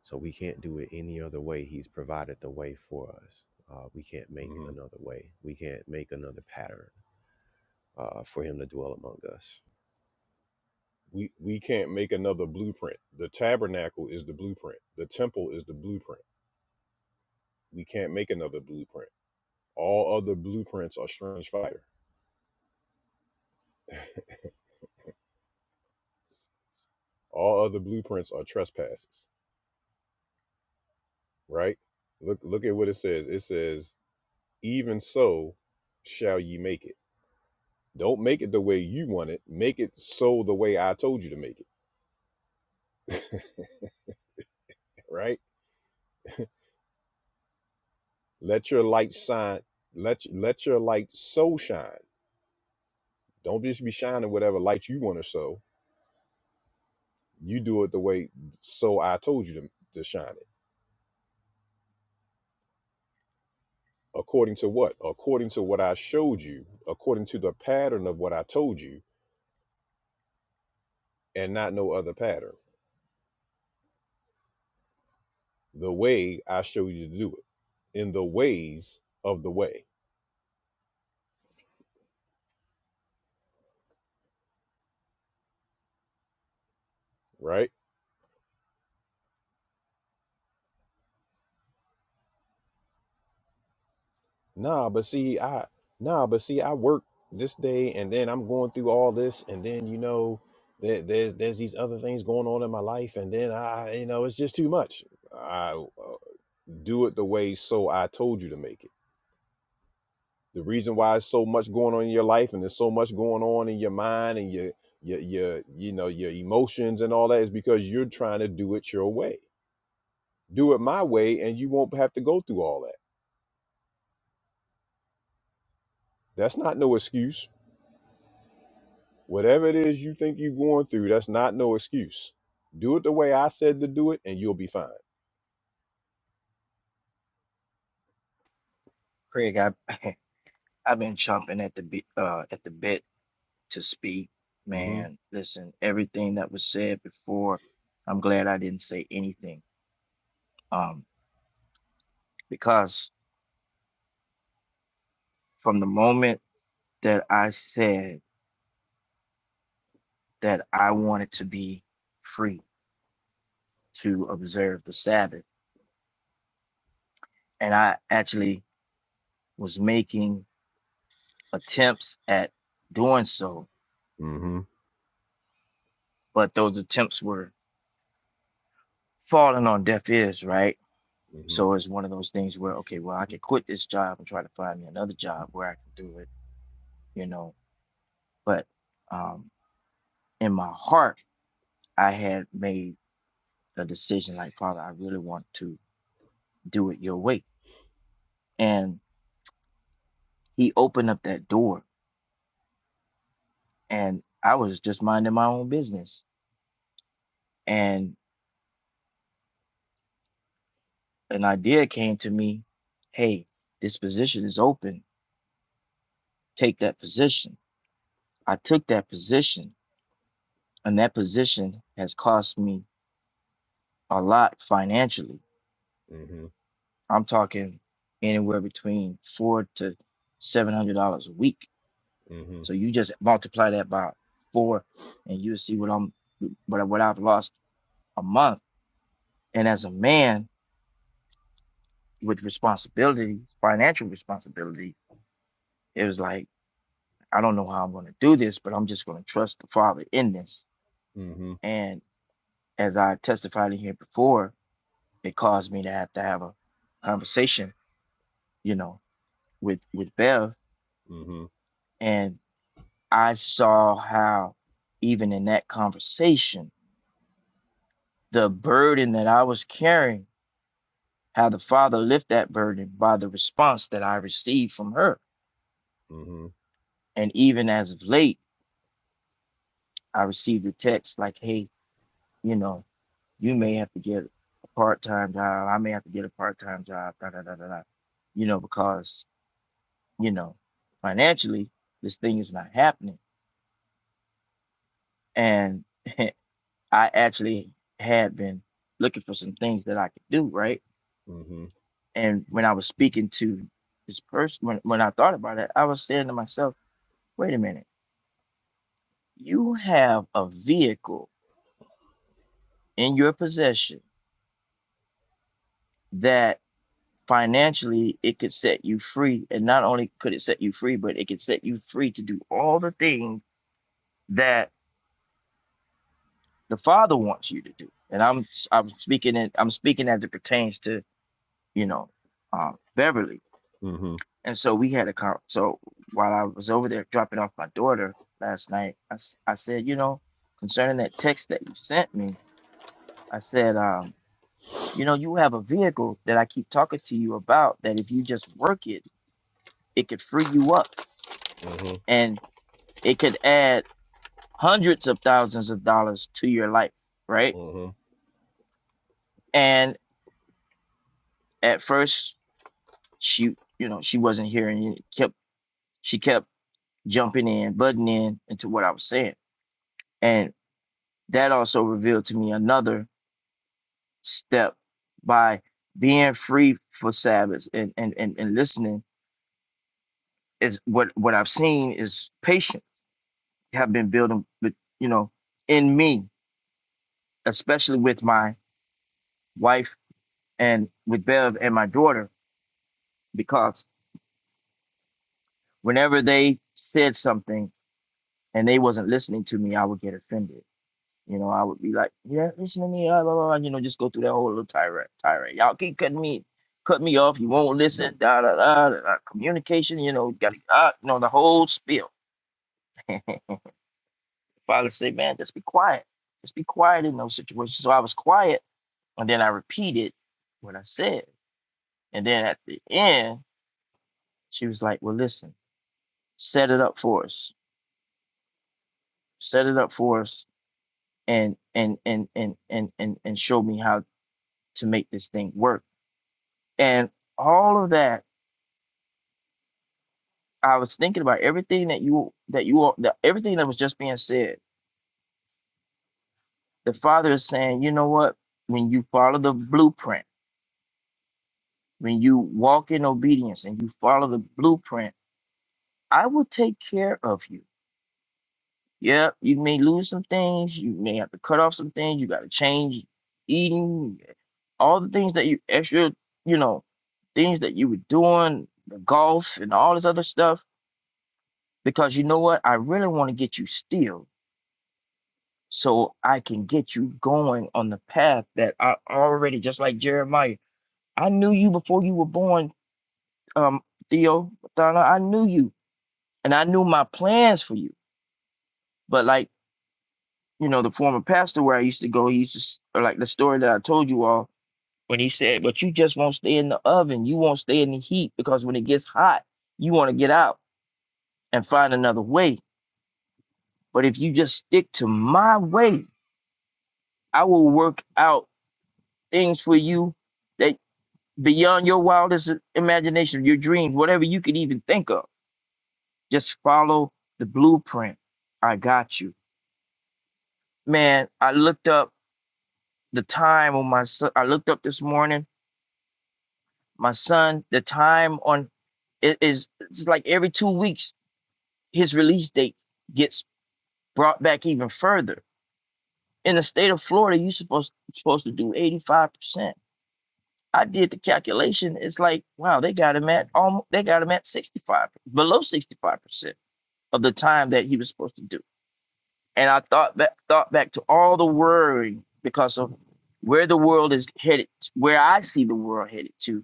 Speaker 6: so we can't do it any other way. He's provided the way for us. Uh, we can't make
Speaker 1: Mm-hmm.
Speaker 6: another way. We can't make another pattern uh, for him to dwell among us.
Speaker 1: We we can't make another blueprint. The tabernacle is the blueprint. The temple is the blueprint. We can't make another blueprint. All other blueprints are strange fire. All other blueprints are trespasses. Right? Look look at what it says. It says, even so shall ye make it. Don't make it the way you want it. Make it so the way I told you to make it. Right? Let your light shine. Let let your light so shine. Don't just be shining whatever light you want to sow. You do it the way so I told you to, to shine it. According to what? According to what I showed you, according to the pattern of what I told you, and not no other pattern. The way I show you to do it. In the ways of the way, right? Nah, but see, I nah, but see, I work this day, and then I'm going through all this, and then you know, there, there's there's these other things going on in my life, and then I, you know, it's just too much. I uh, do it the way so I told you to make it. The reason why it's so much going on in your life, and there's so much going on in your mind and your your your you know your emotions and all that is because you're trying to do it your way. Do it my way, and you won't have to go through all that. That's not no excuse Whatever it is you think you're going through, that's not no excuse. Do it the way I said to do it, and you'll be fine.
Speaker 4: Craig, I I've been chomping at the bit uh at the bit to speak.
Speaker 1: Mm-hmm.
Speaker 4: Man, listen, everything that was said before, I'm glad I didn't say anything. Um, because. from the moment that I said that I wanted to be free to observe the Sabbath, and I actually was making attempts at doing so,
Speaker 1: Mm-hmm.
Speaker 4: but those attempts were falling on deaf ears, right?
Speaker 1: Mm-hmm.
Speaker 4: So it's one of those things where, okay, well, I can quit this job and try to find me another job where I can do it, you know. But um, in my heart, I had made a decision like, Father, I really want to do it your way. And he opened up that door and I was just minding my own business. And an idea came to me, hey, this position is open. Take that position. I took that position and that position has cost me a lot financially.
Speaker 1: Mm-hmm.
Speaker 4: I'm talking anywhere between four to seven hundred dollars a week. So
Speaker 1: Mm-hmm.
Speaker 4: you just multiply that by four and you see what I'm what, I- what I've lost a month. And as a man, with responsibility, financial responsibility, it was like, I don't know how I'm going to do this, but I'm just going to trust the Father in this.
Speaker 1: Mm-hmm.
Speaker 4: And as I testified in here before, it caused me to have to have a conversation, you know, with with Bev,
Speaker 1: Mm-hmm. Mm-hmm.
Speaker 4: and I saw how even in that conversation, the burden that I was carrying, how the Father lift that burden by the response that I received from her. And even as of late, I received a text like, "Hey, you know, You may have to get a part time job. I may have to get a part time job. Da da da da da. You know, because you know, financially, this thing is not happening. And I actually had been looking for some things that I could do, right?
Speaker 1: Mm-hmm.
Speaker 4: And when I was speaking to this person, when when I thought about it, I was saying to myself, "Wait a minute. You have a vehicle in your possession." that." financially it could set you free and not only could it set you free but it could set you free to do all the things that the father wants you to do and i'm i'm speaking it i'm speaking as it pertains to you know um beverly
Speaker 1: Mm-hmm.
Speaker 4: and so we had a con so while i was over there dropping off my daughter last night i, s- I said you know concerning that text that you sent me i said um you know you have a vehicle that i keep talking to you about that if you just work it it could free you up
Speaker 1: Mm-hmm.
Speaker 4: it could add hundreds of thousands of dollars to your life, right?
Speaker 1: Mm-hmm.
Speaker 4: And at first, she, you know, she wasn't hearing it. Kept she kept jumping in, butting in into what I was saying, and that also revealed to me another step by being free for Sabbath and and and, and listening is what what I've seen is patience have been building, with, you know, in me, especially with my wife and with Bev and my daughter, because whenever they said something and they wasn't listening to me, I would get offended. You know, I would be like, "Yeah, listen to me," blah, blah, blah, you know, just go through that whole little tirade. Tirade. Y'all keep cutting me, cut me off. You won't listen. Da da da. da, da. Communication. You know, got uh, you know the whole spiel. Father say, "Man, just be quiet. Just be quiet in those situations." So I was quiet, and then I repeated what I said, and then at the end, she was like, "Well, listen, set it up for us. Set it up for us and and and and and and and show me how to make this thing work. And all of that, I was thinking about everything that you that you all that everything that was just being said. The Father is saying, you know what? When you follow the blueprint, when you walk in obedience and you follow the blueprint, I will take care of you. Yeah, you may lose some things, you may have to cut off some things, you got to change eating, all the things that you extra, you know, things that you were doing, the golf and all this other stuff, because you know what? I really want to get you still so I can get you going on the path that I already, just like Jeremiah, I knew you before you were born, um, Theo, Thana, I knew you and I knew my plans for you. But like, you know, the former pastor where I used to go, he used to, s- or like the story that I told you all, When he said, But you just won't stay in the oven. You won't stay in the heat because when it gets hot, you want to get out and find another way. But if you just stick to my way, I will work out things for you that beyond your wildest imagination, your dreams, whatever you could even think of. Just follow the blueprint. I got you. Man, I looked up the time on my son. I looked up this morning, my son, the time on it is it's like every two weeks his release date gets brought back even further. In the state of Florida, you supposed supposed to do 85%. I did the calculation. It's like, wow, they got him at almost they got him at 65, below 65% of the time that he was supposed to do. And I thought back thought back to all the worry because of where the world is headed, where I see the world headed to.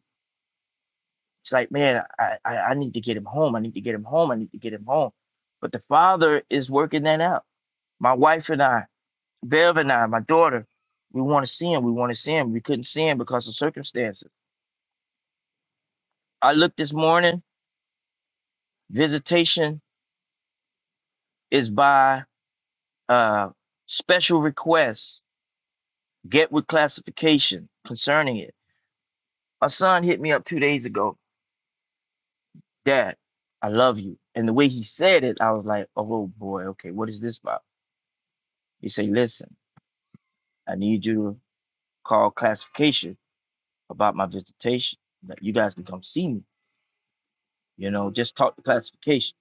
Speaker 4: It's like, man, I, I, I need to get him home. I need to get him home. I need to get him home. But the father is working that out. My wife and I, Bev and I, my daughter, we want to see him. We want to see him. We couldn't see him because of circumstances. I looked this morning. Visitation is by uh, special request. Get with classification concerning it. My son hit me up two days ago. Dad, I love you. And the way he said it, I was like, oh boy, okay, what is this about? He said, listen, I need you to call classification about my visitation. That you guys can come see me. you know, just taught the classification.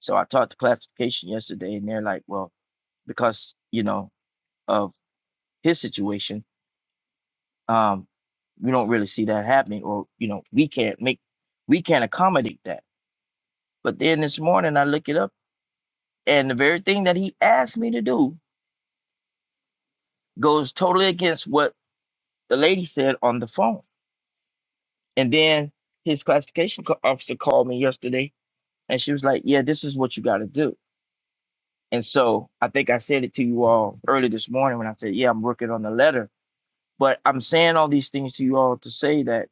Speaker 4: So I taught the classification yesterday, and they're like, well, because, you know, of his situation, um, we don't really see that happening, or, you know, we can't make, we can't accommodate that. But then this morning I look it up, and the very thing that he asked me to do goes totally against what the lady said on the phone. And then his classification co- officer called me yesterday, and she was like, yeah, this is what you got to do And so I think I said it to you all early this morning when I said, yeah, I'm working on the letter. But I'm saying all these things to you all to say that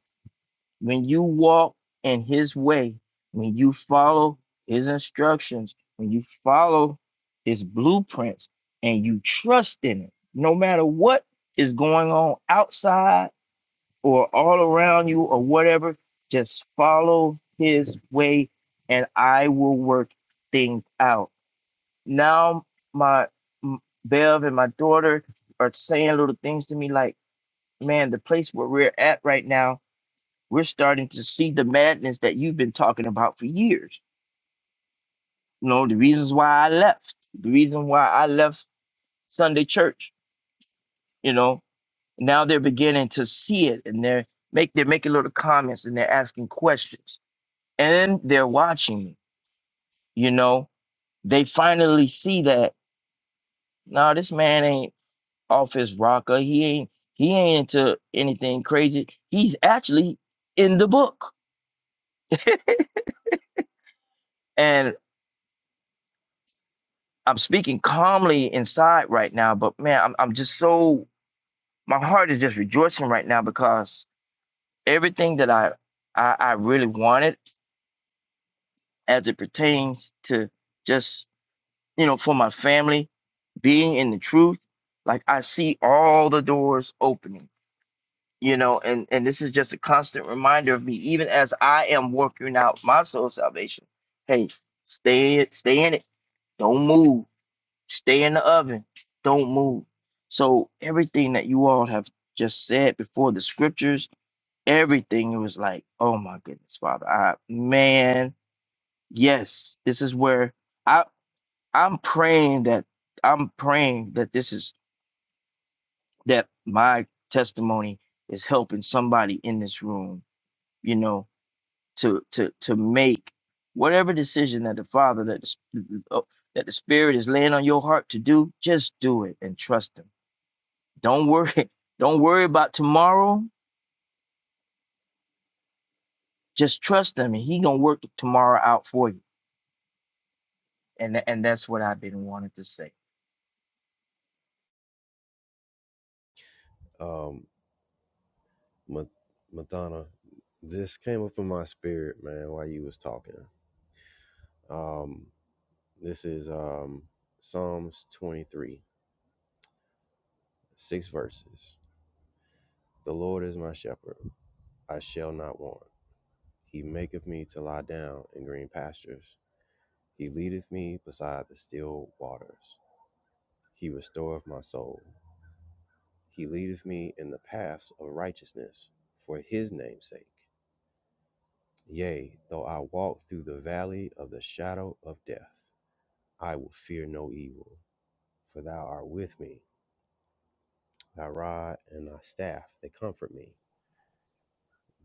Speaker 4: when you walk in his way, when you follow his instructions, when you follow his blueprints and you trust in it, no matter what is going on outside or all around you or whatever, just follow his way and I will work things out now my m- Bev and my daughter are saying little things to me like, man, the place where we're at right now, we're starting to see the madness that you've been talking about for years. You know, the reasons why I left, the reason why I left Sunday church, you know, now they're beginning to see it and they're make they're making little comments and they're asking questions. And they're watching me, you know. They finally see that, no, this man ain't off his rocker. He ain't he ain't into anything crazy. He's actually in the book. And I'm speaking calmly inside right now, but man, I'm I'm just so my heart is just rejoicing right now because everything that I I, I really wanted as it pertains to just you know for my family being in the truth, like I see all the doors opening you know and and this is just a constant reminder of me even as i am working out my soul salvation hey stay it stay in it don't move stay in the oven don't move so everything that you all have just said before the scriptures everything it was like oh my goodness father i man yes this is where i i'm praying that i'm praying that this is that my testimony is helping somebody in this room you know to to to make whatever decision that the father that the, Sp- oh, that the spirit is laying on your heart to do just do it and trust him don't worry don't worry about tomorrow just trust him and he gonna work tomorrow out for you and tha- and that's what i've been wanting to say
Speaker 6: Um, Madonna, this came up in my spirit, man, while you was talking. Um, this is um, Psalms 23, six verses. The Lord is my shepherd. I shall not want. He maketh me to lie down in green pastures. He leadeth me beside the still waters. He restoreth my soul. He leadeth me in the paths of righteousness for his name's sake. Yea, though I walk through the valley of the shadow of death, I will fear no evil, for thou art with me. Thy rod and thy staff, they comfort me.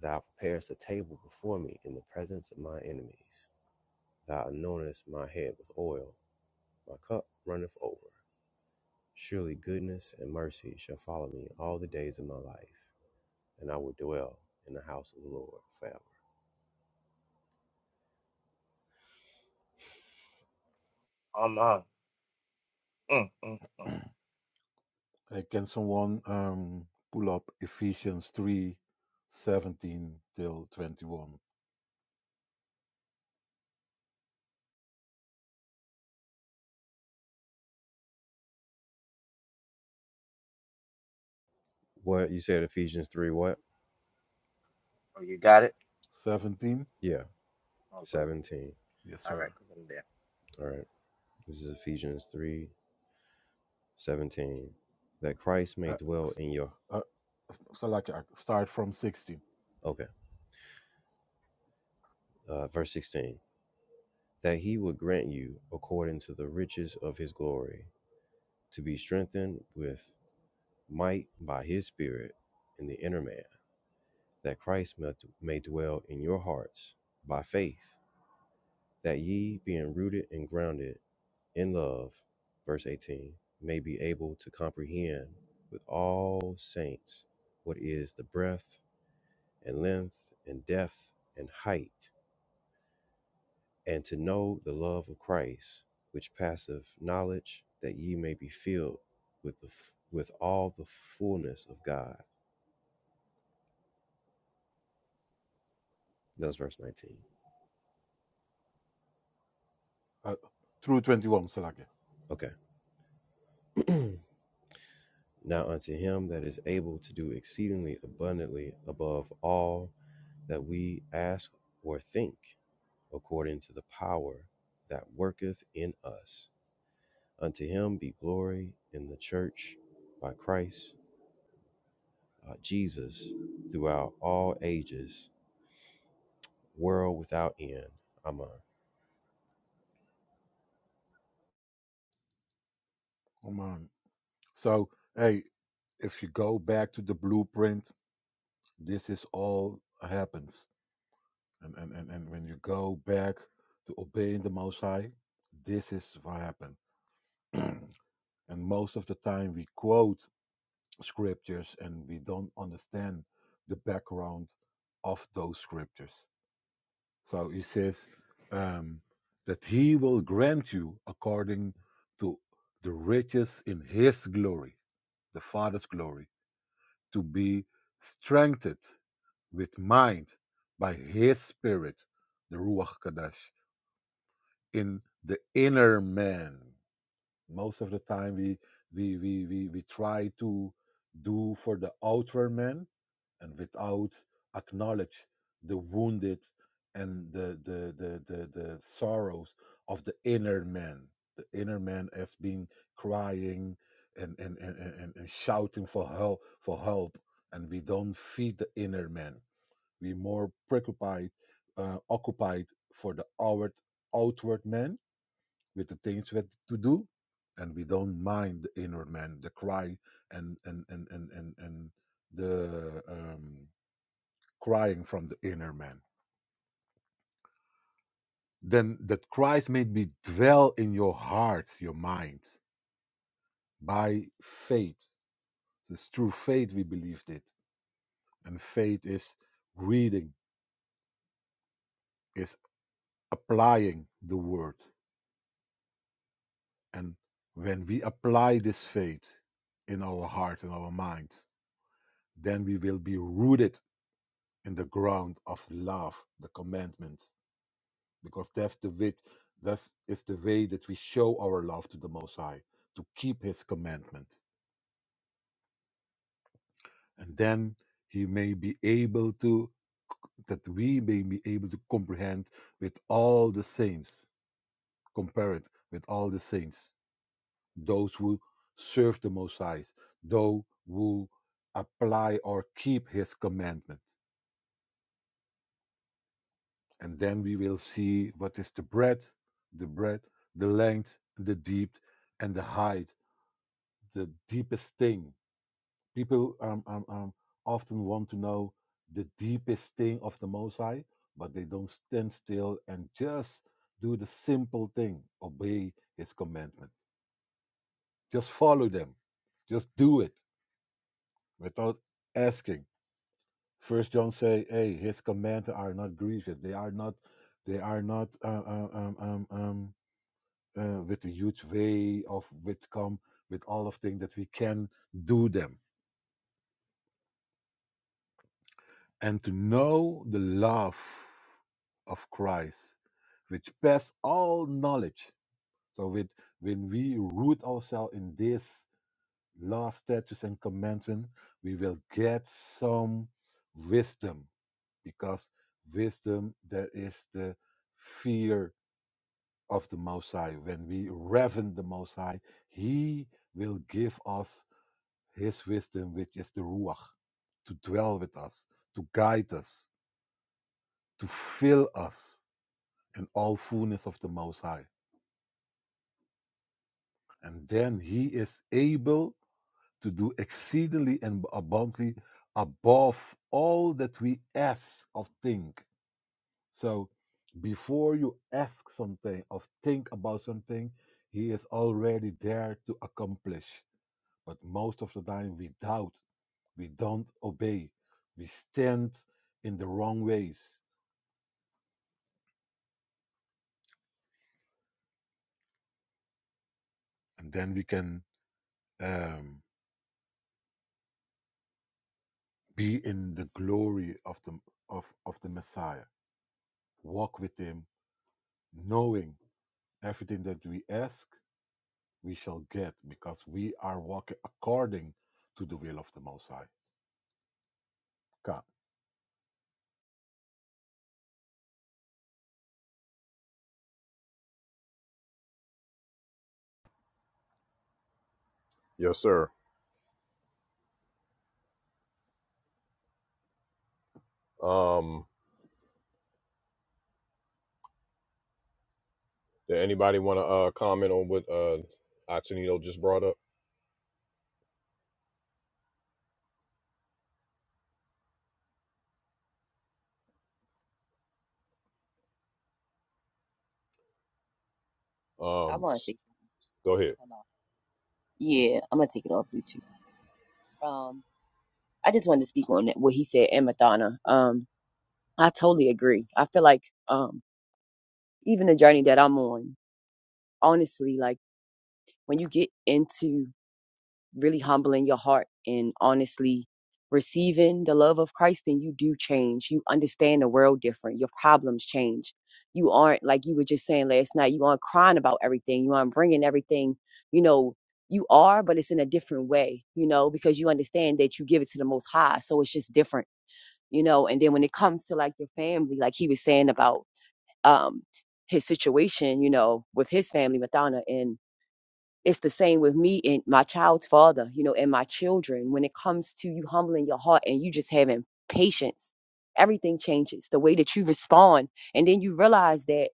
Speaker 6: Thou preparest a table before me in the presence of my enemies. Thou anointest my head with oil, my cup runneth over. Surely goodness and mercy shall follow me all the days of my life, and I will dwell in the house of the Lord forever.
Speaker 4: i'm on mm, mm.
Speaker 7: Uh, can someone um, pull up Ephesians 3, 17 till 21?
Speaker 6: What you said, Ephesians 3, what?
Speaker 4: oh you got it
Speaker 7: 17?
Speaker 6: Yeah,
Speaker 4: oh good
Speaker 6: 17.
Speaker 7: Yes,
Speaker 4: all
Speaker 7: sir.
Speaker 4: right 'cause i'm there
Speaker 6: All right. This is Ephesians 3, 17, That Christ may
Speaker 7: Uh,
Speaker 6: dwell
Speaker 7: s-
Speaker 6: in your.
Speaker 7: uh, Salakia, start from 16
Speaker 6: Okay. Uh, verse 16. That he would grant you, according to the riches of his glory, to be strengthened with might by his Spirit in the inner man, that Christ may may dwell in your hearts by faith that ye, being rooted and grounded in love, verse 18, may be able to comprehend with all saints what is the breadth and length and depth and height, and to know the love of Christ, which passeth knowledge, that ye may be filled with the f- with all the fullness of God. That's verse 19.
Speaker 7: uh, through 21, Salakia.
Speaker 6: Okay. now unto him that is able to do exceedingly abundantly above all that we ask or think according to the power that worketh in us. Unto him be glory in the church by Christ uh, Jesus throughout all ages, world without end. Amen.
Speaker 7: Come on. So, hey, if you go back to the blueprint, this is all happens. And, and, and, and when you go back to obeying the Most High, this is what happened. and most of the time we quote scriptures and we don't understand the background of those scriptures. So he says um, that he will grant you according to the riches in his glory, the Father's glory, to be strengthened with mind by his spirit, the Ruach Kadosh, in the inner man most of the time we we we we, we try to do for the outer man and without acknowledge the wounded and the the the the, the sorrows of the inner man the inner man has been crying and and, and, and, and shouting for help for help and we don't feed the inner man we more preoccupied uh, occupied for the outward outward man with the things that to do and we don't mind the inner man the cry and and and and and, and the um, crying from the inner man then that christ may be dwell in your heart your mind by faith it's through faith we believed it and faith is reading is applying the word and when we apply this faith in our heart and our mind then we will be rooted in the ground of love, the commandment, because that's the way, that is the way that we show our love to the Most High, to keep His commandment, and then He may be able to, that we may be able to comprehend with all the saints, compare it with all the saints, those who serve the Most High, those who apply or keep His commandment. and then we will see what is the breadth, the breadth, the length, the depth, and the height, the deepest thing. People um, um, um, often want to know the deepest thing of the Most High, but they don't stand still and just do the simple thing obey His commandment. Just follow them. Just do it without asking. First John say, "Hey, His commandments are not grievous. They are not. They are not. Uh, um, um, um, um, uh, with a huge way of with come with all of things that we can do them and to know the love of Christ which pass all knowledge so with when we root ourselves in this law statutes and commandment we will get some wisdom because wisdom there is the fear of the most high when we reverend the most high he will give us His wisdom, which is the Ruach, to dwell with us, to guide us, to fill us in all fullness of the Most High. And then He is able to do exceedingly and abundantly above all that we ask or think. So before you ask something or think about something, He is already there to accomplish. But most of the time we doubt we don't obey, we stand in the wrong ways, and then we can um, be in the glory of the of, of the Messiah. Walk with him, knowing everything that we ask, we shall get, because we are walking according to the will of the Most High. God.
Speaker 1: Yes, sir. Um, did anybody want to uh comment on what uh Atenito just brought up?
Speaker 3: I
Speaker 1: Um
Speaker 3: want to
Speaker 1: s-
Speaker 3: say,
Speaker 1: go ahead.
Speaker 3: hello. Yeah, I'm gonna take it off Bluetooth. Um, I just wanted to speak on that, what he said and Madonna. Um, I totally agree. I feel like um, even the journey that I'm on, honestly, like when you get into really humbling your heart and honestly receiving the love of Christ, then you do change. You understand the world different. Your problems change. You aren't, like you were just saying last night, you aren't crying about everything. You aren't bringing everything, you know, you are, but it's in a different way, you know, because you understand that you give it to the Most High. So it's just different, you know. And then when it comes to like your family, like he was saying about um his situation, you know, with his family, Madonna, it's the same with me and my child's father, you know, and my children. When it comes to you humbling your heart and you just having patience, everything changes. The way that you respond, and then you realize that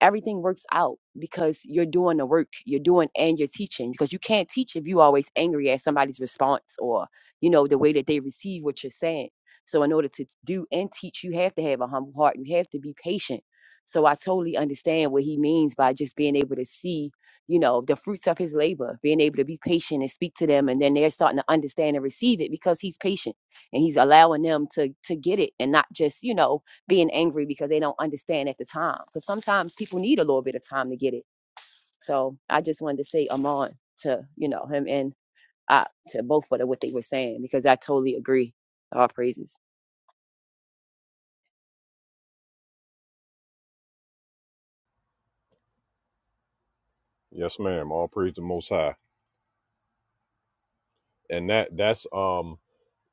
Speaker 3: everything works out because you're doing the work you're doing and you're teaching because you can't teach if you always angry at somebody's response or you know the way that they receive what you're saying so in order to t- do and teach you have to have a humble heart you have to be patient so i totally understand what he means by just being able to see you know the fruits of his labor being able to be patient and speak to them and then they're starting to understand and receive it because he's patient and he's allowing them to to get it and not just you know being angry because they don't understand at the time. Because sometimes people need a little bit of time to get it. So I just wanted to say Amon to you know him and I to both of the, what they were saying because I totally agree. All praises.
Speaker 1: Yes, ma'am. All praise the most high. And that that's um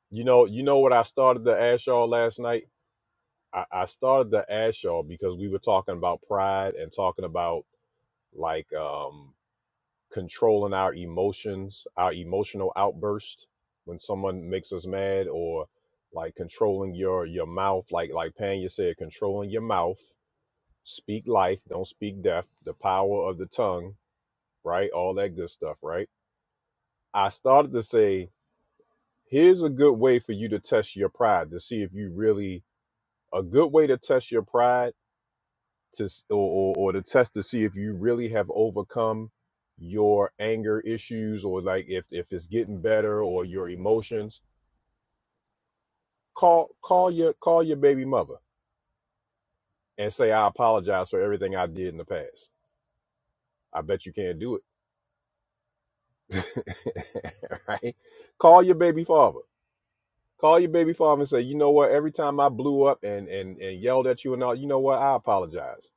Speaker 1: you know, you know what I started to ask y'all last night? I, I started to ask y'all because we were talking about pride and talking about like um, controlling our emotions, our emotional outburst when someone makes us mad, or like controlling your your mouth, like like Panya said, controlling your mouth. Speak life, don't speak death. The power of the tongue, right? All that good stuff, right? I started to say, here's a good way for you to test your pride to see if you really a good way to test your pride to s- or, or or to test to see if you really have overcome your anger issues or like if if it's getting better or your emotions call call your call your baby mother and say i apologize for everything i did in the past i bet you can't do it right call your baby father call your baby father and say you know what every time i blew up and and and yelled at you and all you know what i apologize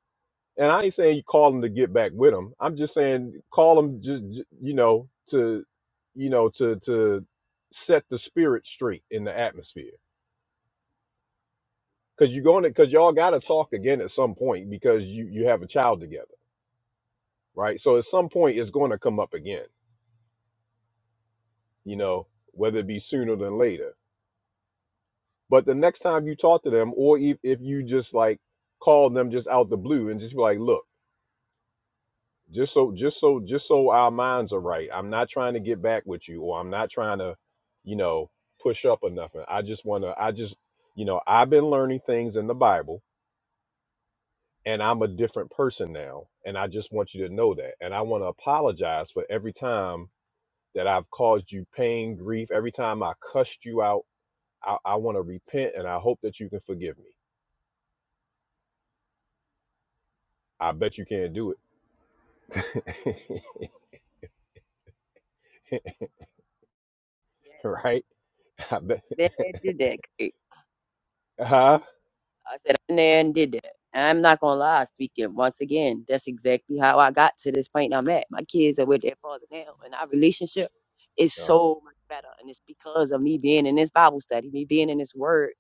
Speaker 1: And I ain't saying you call them to get back with them. I'm just saying call them just j- you know to you know to to set the spirit straight in the atmosphere because you're going to because y'all got to talk again at some point because you you have a child together, right? So at some point it's going to come up again, you know, whether it be sooner than later. But the next time you talk to them, or if, if you just like call them just out the blue and just be like, look. just so just so just so our minds are right i'm not trying to get back with you or i'm not trying to you know push up or nothing i just want to i just you know i've been learning things in the bible and i'm a different person now and i just want you to know that and i want to apologize for every time that i've caused you pain grief every time i cussed you out i, I want to repent and i hope that you can forgive me i bet you can't do it right i bet
Speaker 3: Benedict.
Speaker 1: huh
Speaker 3: I said, I've been there and did that. And I'm not gonna lie, speaking once again, that's exactly how I got to this point I'm at. My kids are with their father now, and our relationship is
Speaker 1: uh,
Speaker 3: so much better. And it's because of me being in this Bible study, me being in this word,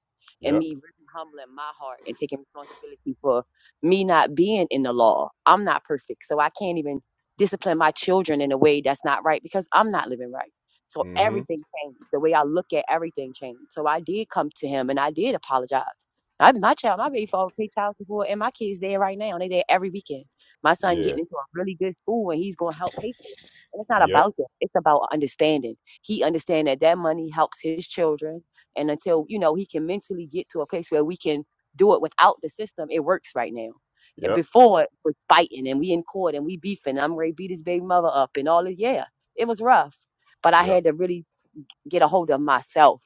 Speaker 3: and
Speaker 1: yep
Speaker 3: me really humbling my heart and taking responsibility for me not being in the law. I'm not perfect, so I can't even discipline my children in a way that's not right because I'm not living right. So
Speaker 1: mhm
Speaker 3: everything changed. The way I look at everything changed. So I did come to him and I did apologize I, my child, my baby father pay child support, and my kids there right now. They there every weekend. My son
Speaker 1: Yeah.
Speaker 3: getting into a really good school, and he's gonna help pay for it. And it's not
Speaker 1: Yep.
Speaker 3: about that. It's about understanding. He understand that that money helps his children, and until you know he can mentally get to a place where we can do it without the system, it works right now. And
Speaker 1: Yep.
Speaker 3: Before it was fighting, and we in court, and we beefing. I'm ready to beat his baby mother up, and all this. Yeah, it was rough, but I
Speaker 1: Yep.
Speaker 3: had to really get a hold of myself,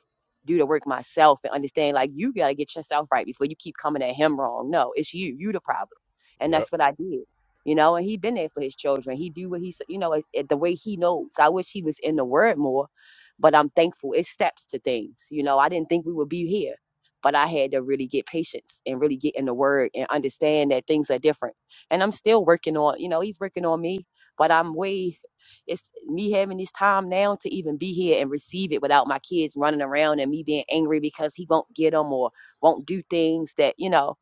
Speaker 3: do the work myself, and understand like you got to get yourself right before you keep coming at him wrong. No, it's you. You the problem, and
Speaker 1: Yep.
Speaker 3: that's what I did. You know, and he been there for his children. He do what he, s- you know, it, it- the way he knows. I wish he was in the word more, but I'm thankful. It steps to things. You know, I didn't think we would be here, but I had to really get patience and really get in the word and understand that things are different. And I'm still working on, you know, he's working on me, but I'm way it's me having this time now to even be here and receive it without my kids running around and me being angry because he won't get them or won't do things that, you know,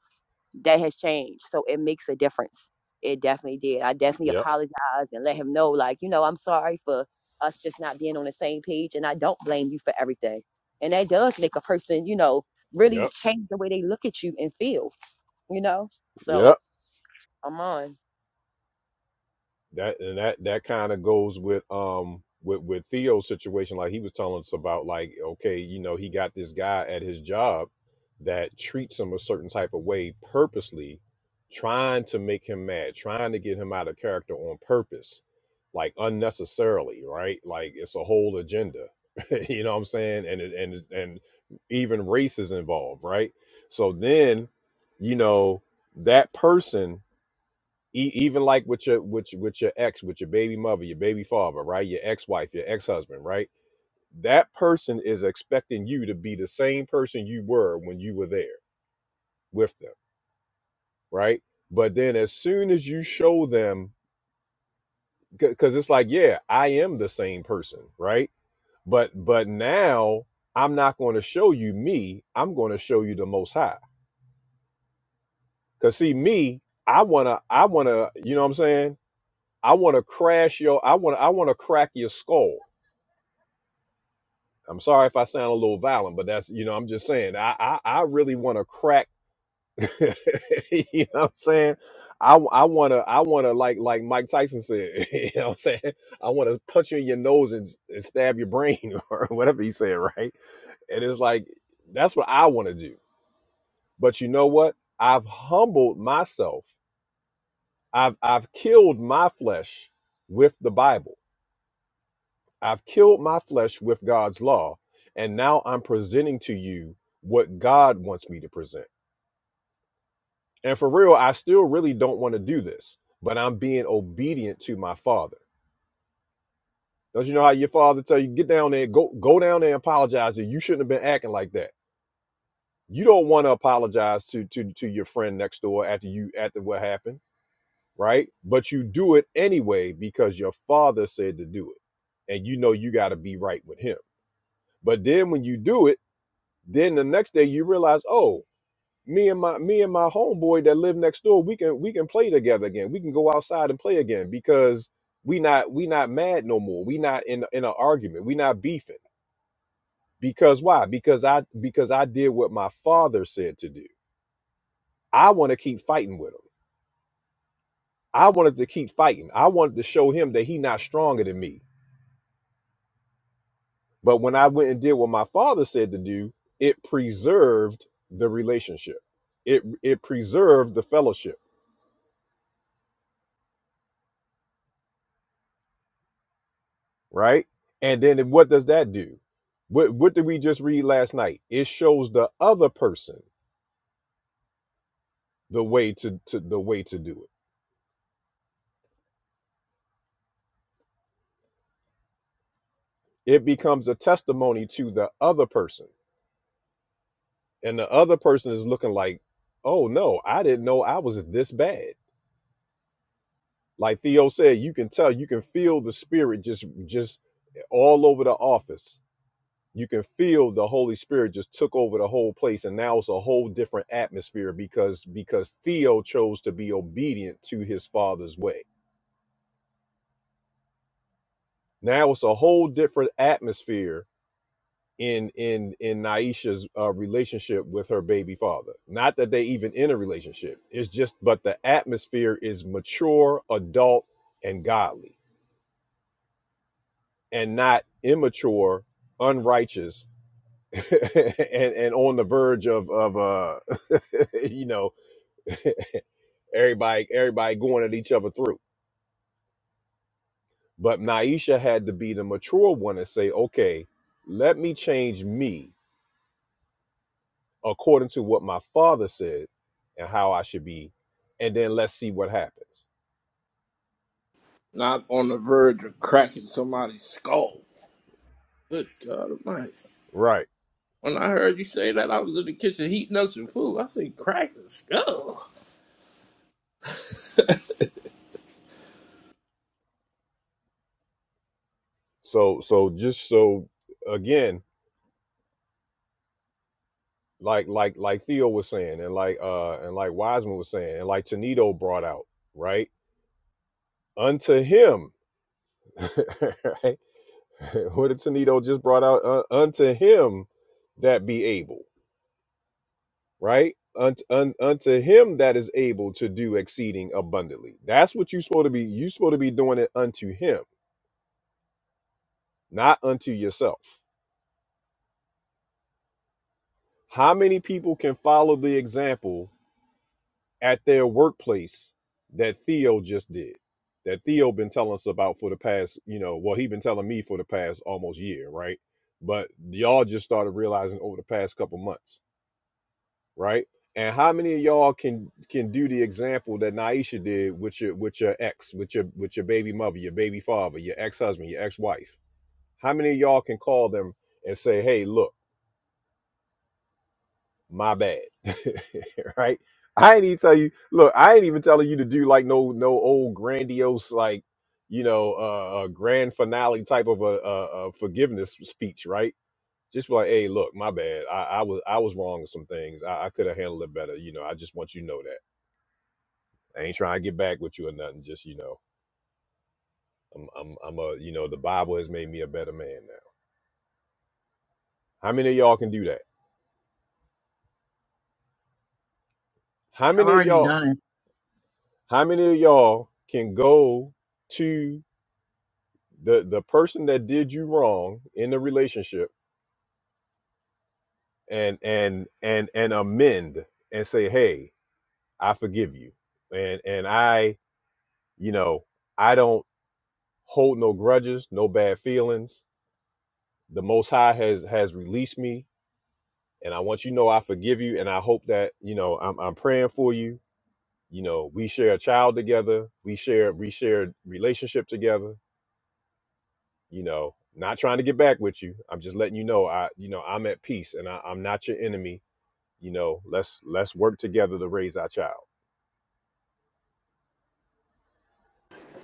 Speaker 3: that has changed. So it makes a difference. It definitely did. I definitely
Speaker 1: Yep.
Speaker 3: apologized and let him know, like, you know, I'm sorry for us just not being on the same page and I don't blame you for everything. And that does make a person, you know, really
Speaker 1: Yep.
Speaker 3: change the way they look at you and feel, you know? So
Speaker 1: Yep.
Speaker 3: I'm on.
Speaker 1: that and that that kind of goes with um with with Theo's situation like he was telling us about like okay you know he got this guy at his job that treats him a certain type of way purposely trying to make him mad trying to get him out of character on purpose like unnecessarily right like it's a whole agenda you know what I'm saying and it- and and even race is involved right so then you know that person e- even like with your with your, with your ex, with your baby mother, your baby father, right? Your ex-wife, your ex-husband, right? That person is expecting you to be the same person you were when you were there with them, right? But then as soon as you show them cuz it's like, yeah, I am the same person, right? But but now I'm not going to show you me, I'm going to show you the most high. Cuz see me, I want to I want to, you know what I'm saying? I want to crash your I want to I want to crack your skull I'm sorry if I sound a little violent, but that's you know I'm just saying I I, I really want to crack. you know what I'm saying? I I want to I want to like like Mike Tyson said. you know what I'm saying? I want to punch you in your nose and, and stab your brain or whatever he said, right? And it's like that's what I want to do. But you know what? I've humbled myself. I've I've killed my flesh with the Bible I've killed my flesh with God's law, and now I'm presenting to you what God wants me to present. And for real, I still really don't want to do this, but I'm being obedient to my father. Don't you know how your father tell you get down there, go go down there and apologize that you shouldn't have been acting like that. You don't want to apologize to to to your friend next door after you after what happened, right? But you do it anyway because your father said to do it. And you know you got to be right with him. But then when you do it, Then the next day you realize, oh, me and my me and my homeboy that live next door, we can we can play together again. We can go outside and play again because we not we not mad no more. We not in in an argument. We not beefing. Because why? Because I because I did what my father said to do. I want to keep fighting with him. I wanted to keep fighting. I wanted to show him that he not stronger than me. But when I went and did what my father said to do, it preserved the relationship. It it preserved the fellowship right? And then what does that do? What what did we just read last night? It shows the other person the way to, to the way to do it. It becomes a testimony to the other person. And the other person is looking like, oh no, I didn't know I was this bad. Like Theo said, you can tell, you can feel the spirit just just all over the office you can feel the Holy Spirit just took over the whole place, and now it's a whole different atmosphere because because Theo chose to be obedient to his father's way. Now it's a whole different atmosphere in in in Naisha's uh, relationship with her baby father. Not that they even in a relationship. It's just but the atmosphere is mature, adult, and godly, and not immature, unrighteous, and and on the verge of of uh you know everybody, everybody going at each other through. But Naisha had to be the mature one and say, okay, let me change me according to what my father said and how I should be, and then let's see what happens.
Speaker 9: Not on the verge of cracking somebody's skull. Good God Almighty.
Speaker 1: Right.
Speaker 9: When I heard you say that, I was in the kitchen heating up some food. I said, crack the skull.
Speaker 1: So so just so again, like like like Theo was saying, and like uh and like Wiseman was saying, and like Tonito brought out, right? Unto him, right? what did Tonito just brought out? Uh, unto him that be able, right? Unto, un, unto him that is able to do exceeding abundantly. That's what you're supposed to be. You're supposed to be doing it unto him, not unto yourself. How many people can follow the example at their workplace that Theo just did? That Theo been telling us about for the past, you know, well, he been telling me for the past almost year, right? But y'all just started realizing over the past couple months right? And how many of y'all can can do the example that Naisha did with your with your ex, with your with your baby mother, your baby father, your ex husband, your ex wife? How many of y'all can call them and say, "Hey, look, my bad," right? I ain't even tell you. Look, I ain't even telling you to do like no no old grandiose like you know uh, uh, grand finale type of a, a, a forgiveness speech, right? just be like, hey, look, my bad. I, I was I was wrong in some things. I, I could have handled it better. You know, I just want you to know that. I ain't trying to get back with you or nothing. Just you know, I'm I'm I'm a you know the Bible has made me a better man now. How many of y'all can do that? How
Speaker 8: I've
Speaker 1: many of
Speaker 8: already
Speaker 1: y'all?
Speaker 8: done it.
Speaker 1: How many of y'all can go to the the person that did you wrong in the relationship and and and and amend and say, hey, I forgive you, and and I you know I don't hold no grudges, no bad feelings. The Most High has has released me and I want you to know I forgive you, and I hope that you know I'm I'm praying for you. You know, we share a child together, we share we share relationship together. You know, not trying to get back with you. I'm just letting you know I you know I'm at peace, and I, I'm not your enemy. You know, let's let's work together to raise our child.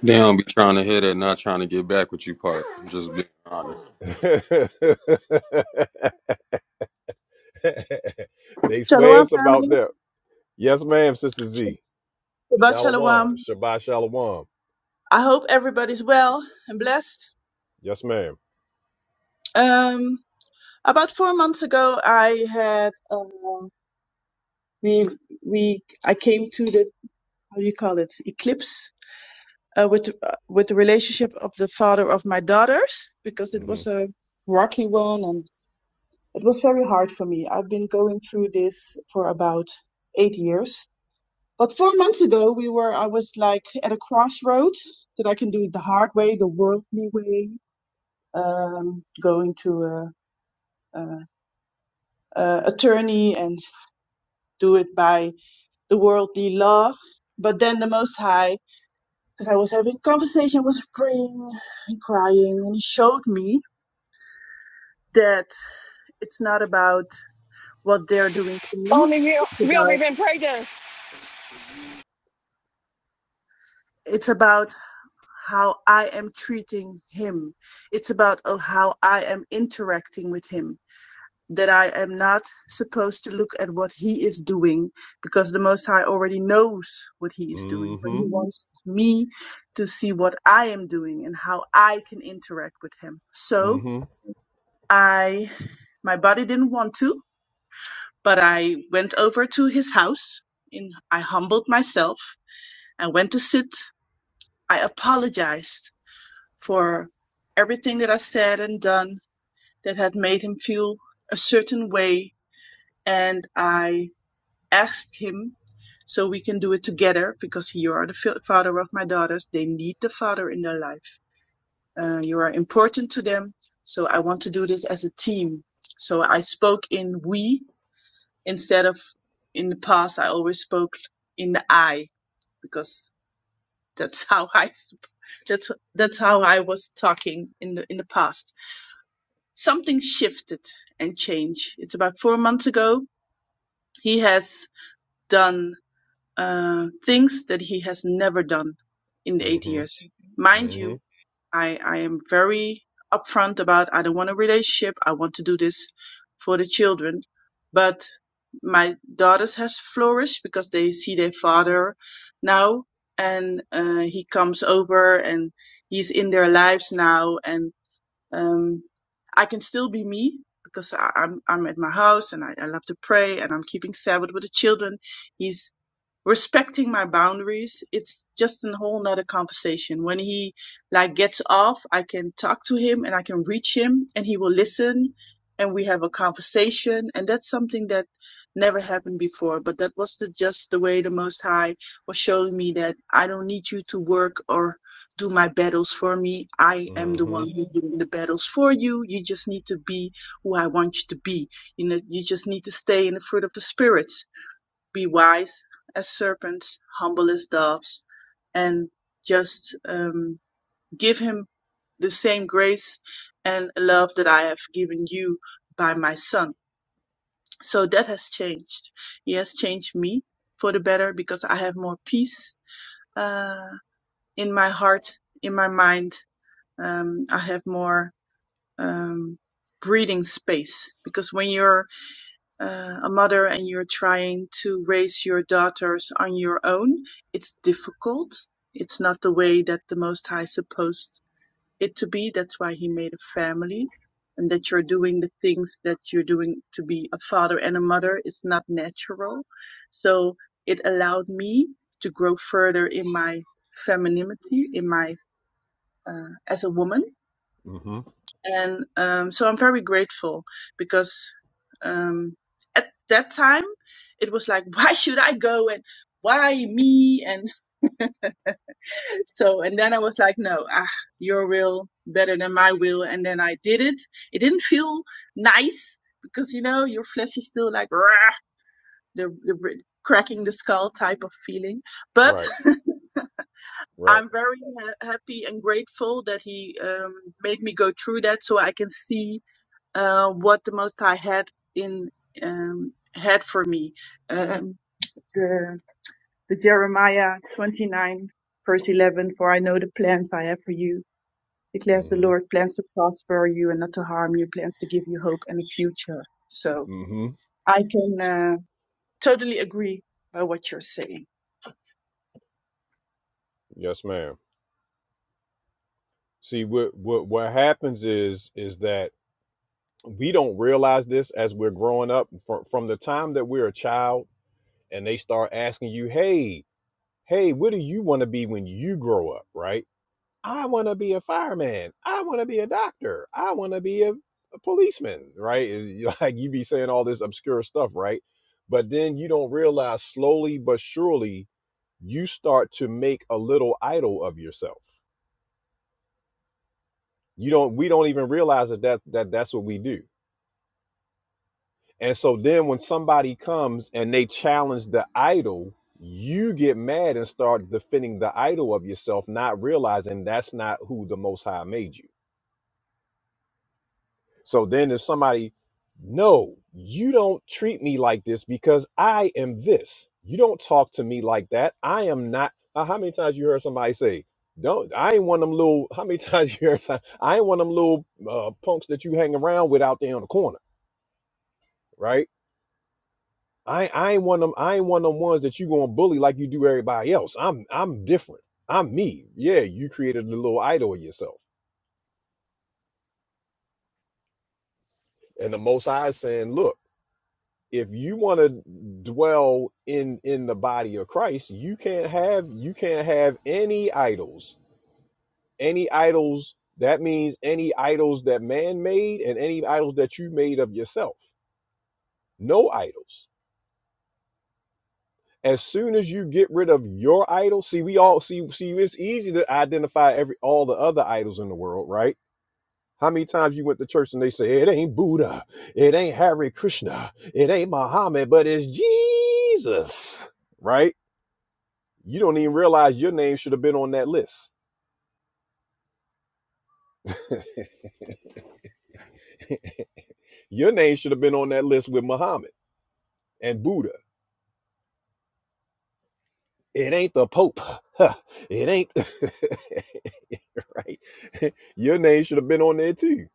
Speaker 10: They don't be trying to hit it, not
Speaker 1: That's
Speaker 10: trying to get back with you part. just being honest.
Speaker 1: they swear
Speaker 11: Shalom,
Speaker 1: it's about
Speaker 11: family.
Speaker 1: them. Yes, ma'am, Sister Z.
Speaker 11: Shabbat
Speaker 1: Shalom,
Speaker 11: shalom.
Speaker 1: Shabbat Shalom.
Speaker 11: I hope everybody's well and blessed.
Speaker 1: Yes, ma'am.
Speaker 11: Um, about four months ago, I had uh, we we I came to the how do you call it eclipse uh, with uh, with the relationship of the father of my daughters because it
Speaker 1: Mm-hmm.
Speaker 11: was a rocky one and it was very hard for me. I've been going through this for about eight years. But four months ago, we were I was like at a crossroad that I can do it the hard way, the worldly way, um, going to a, a, a attorney and do it by the worldly law. But then the Most High, because I was having conversation, was praying and crying, and He showed me that it's not about what they're doing to me.
Speaker 2: Only we,
Speaker 11: It's
Speaker 2: we only
Speaker 11: about
Speaker 2: been praying.
Speaker 11: it's about how I am treating Him. It's about oh, how I am interacting with Him that I am not supposed to look at what he is doing because the Most High already knows what he is doing, but
Speaker 1: Mm-hmm.
Speaker 11: he Mhm. wants me to see what I am doing and how I can interact with him. So
Speaker 1: Mm-hmm.
Speaker 11: I, my body didn't want to, but I went over to his house and I humbled myself. I went to sit. I apologized for everything that I said and done that had made him feel a certain way. And I asked him so we can do it together because you are the father of my daughters. They need the father in their life. Uh, you are important to them. So I want to do this as a team. So I spoke in we instead of in the past. I always spoke in the I because that's how I that's that's how I was talking in the in the past. Something shifted and changed. It's about four months ago. He has done uh, things that he has never done in the eight
Speaker 1: Mm-hmm.
Speaker 11: years. Mind you,
Speaker 1: Mm-hmm.
Speaker 11: I, I am very upfront about I don't want a relationship. I want to do this for the children. But my daughters have flourished because they see their father now and uh, he comes over and he's in their lives now and um, I can still be me because I, I'm I'm at my house and I, I love to pray and I'm keeping Sabbath with the children. He's respecting my boundaries it's just a whole nother conversation when he like gets off i can talk to him and i can reach him and he will listen and we have a conversation and that's something that never happened before but that was the, just the way the most high was showing me that i don't need you to work or do my battles for me i am the
Speaker 1: Mm-hmm.
Speaker 11: one who's doing the battles for you you just need to be who i want you to be you know you just need to stay in the fruit of the spirits be wise as serpents, humble as doves, and just um, give him the same grace and love that I have given you by my son. So that has changed. He has changed me for the better because I have more peace uh, in my heart, in my mind. Um, I have more um, breathing space because when you're uh, a mother and you're trying to raise your daughters on your own, it's difficult. It's not the way that the Most High supposed it to be. That's why He made a family. And that you're doing the things that you're doing to be a father and a mother is not natural. So it allowed me to grow further in my femininity, in my, uh, as a woman
Speaker 1: Mm-hmm.
Speaker 11: and um, so I'm very grateful because um, at that time it was like, why should I go and why me? And so, and then I was like, no, ah, your will better than my will. And then I did it. It didn't feel nice because you know your flesh is still like "Rah," the, the r- cracking the skull type of feeling, but.
Speaker 1: Right. Right.
Speaker 11: I'm very ha- happy and grateful that he um, made me go through that so I can see uh, what the Most High had in um, had for me. Um, the, the Jeremiah 29 verse 11, for I know the plans I have for you, declares the
Speaker 1: Mm-hmm.
Speaker 11: Lord, plans to prosper you and not to harm you, plans to give you hope and a future. So
Speaker 1: Mm-hmm.
Speaker 11: I can uh, totally agree by what you're saying.
Speaker 1: Yes, ma'am. See what what what happens is is that we don't realize this as we're growing up from, from the time that we're a child and they start asking you, hey, hey, what do you want to be when you grow up, right? I want to be a fireman. I want to be a doctor. I want to be a, a policeman, right? Is- Like you be saying all this obscure stuff, right? But then you don't realize slowly but surely you start to make a little idol of yourself. You don't we don't even realize that, that that that's what we do. And so then when somebody comes and they challenge the idol, you get mad and start defending the idol of yourself, not realizing that's not who the most high made you. So then if somebody, no, you don't treat me like this because I am this. You don't talk to me like that. I am not. Uh, how many times you heard somebody say, don't, I ain't one of them little, how many times you heard, some- I ain't one of them little uh, punks that you hang around with out there on the corner, right? I, I ain't one of them, I ain't one of them ones that you gonna bully like you do everybody else. I'm, I'm different. I'm me. Yeah, you created a little idol of yourself. And the most high is saying, look, if you want to dwell in in the body of Christ, you can't have you can't have any idols. Any idols that means any idols that man made and any idols that you made of yourself. No idols. As soon as you get rid of your idol, see we all see see it's easy to identify every all the other idols in the world, right? How many times you went to church and they say it ain't Buddha, it ain't Hare Krishna, it ain't Muhammad, but it's Jesus, right? You don't even realize your name should have been on that list. Your name should have been on that list with Muhammad and Buddha. It ain't the Pope. Huh. It ain't right. Your name should have been on there too.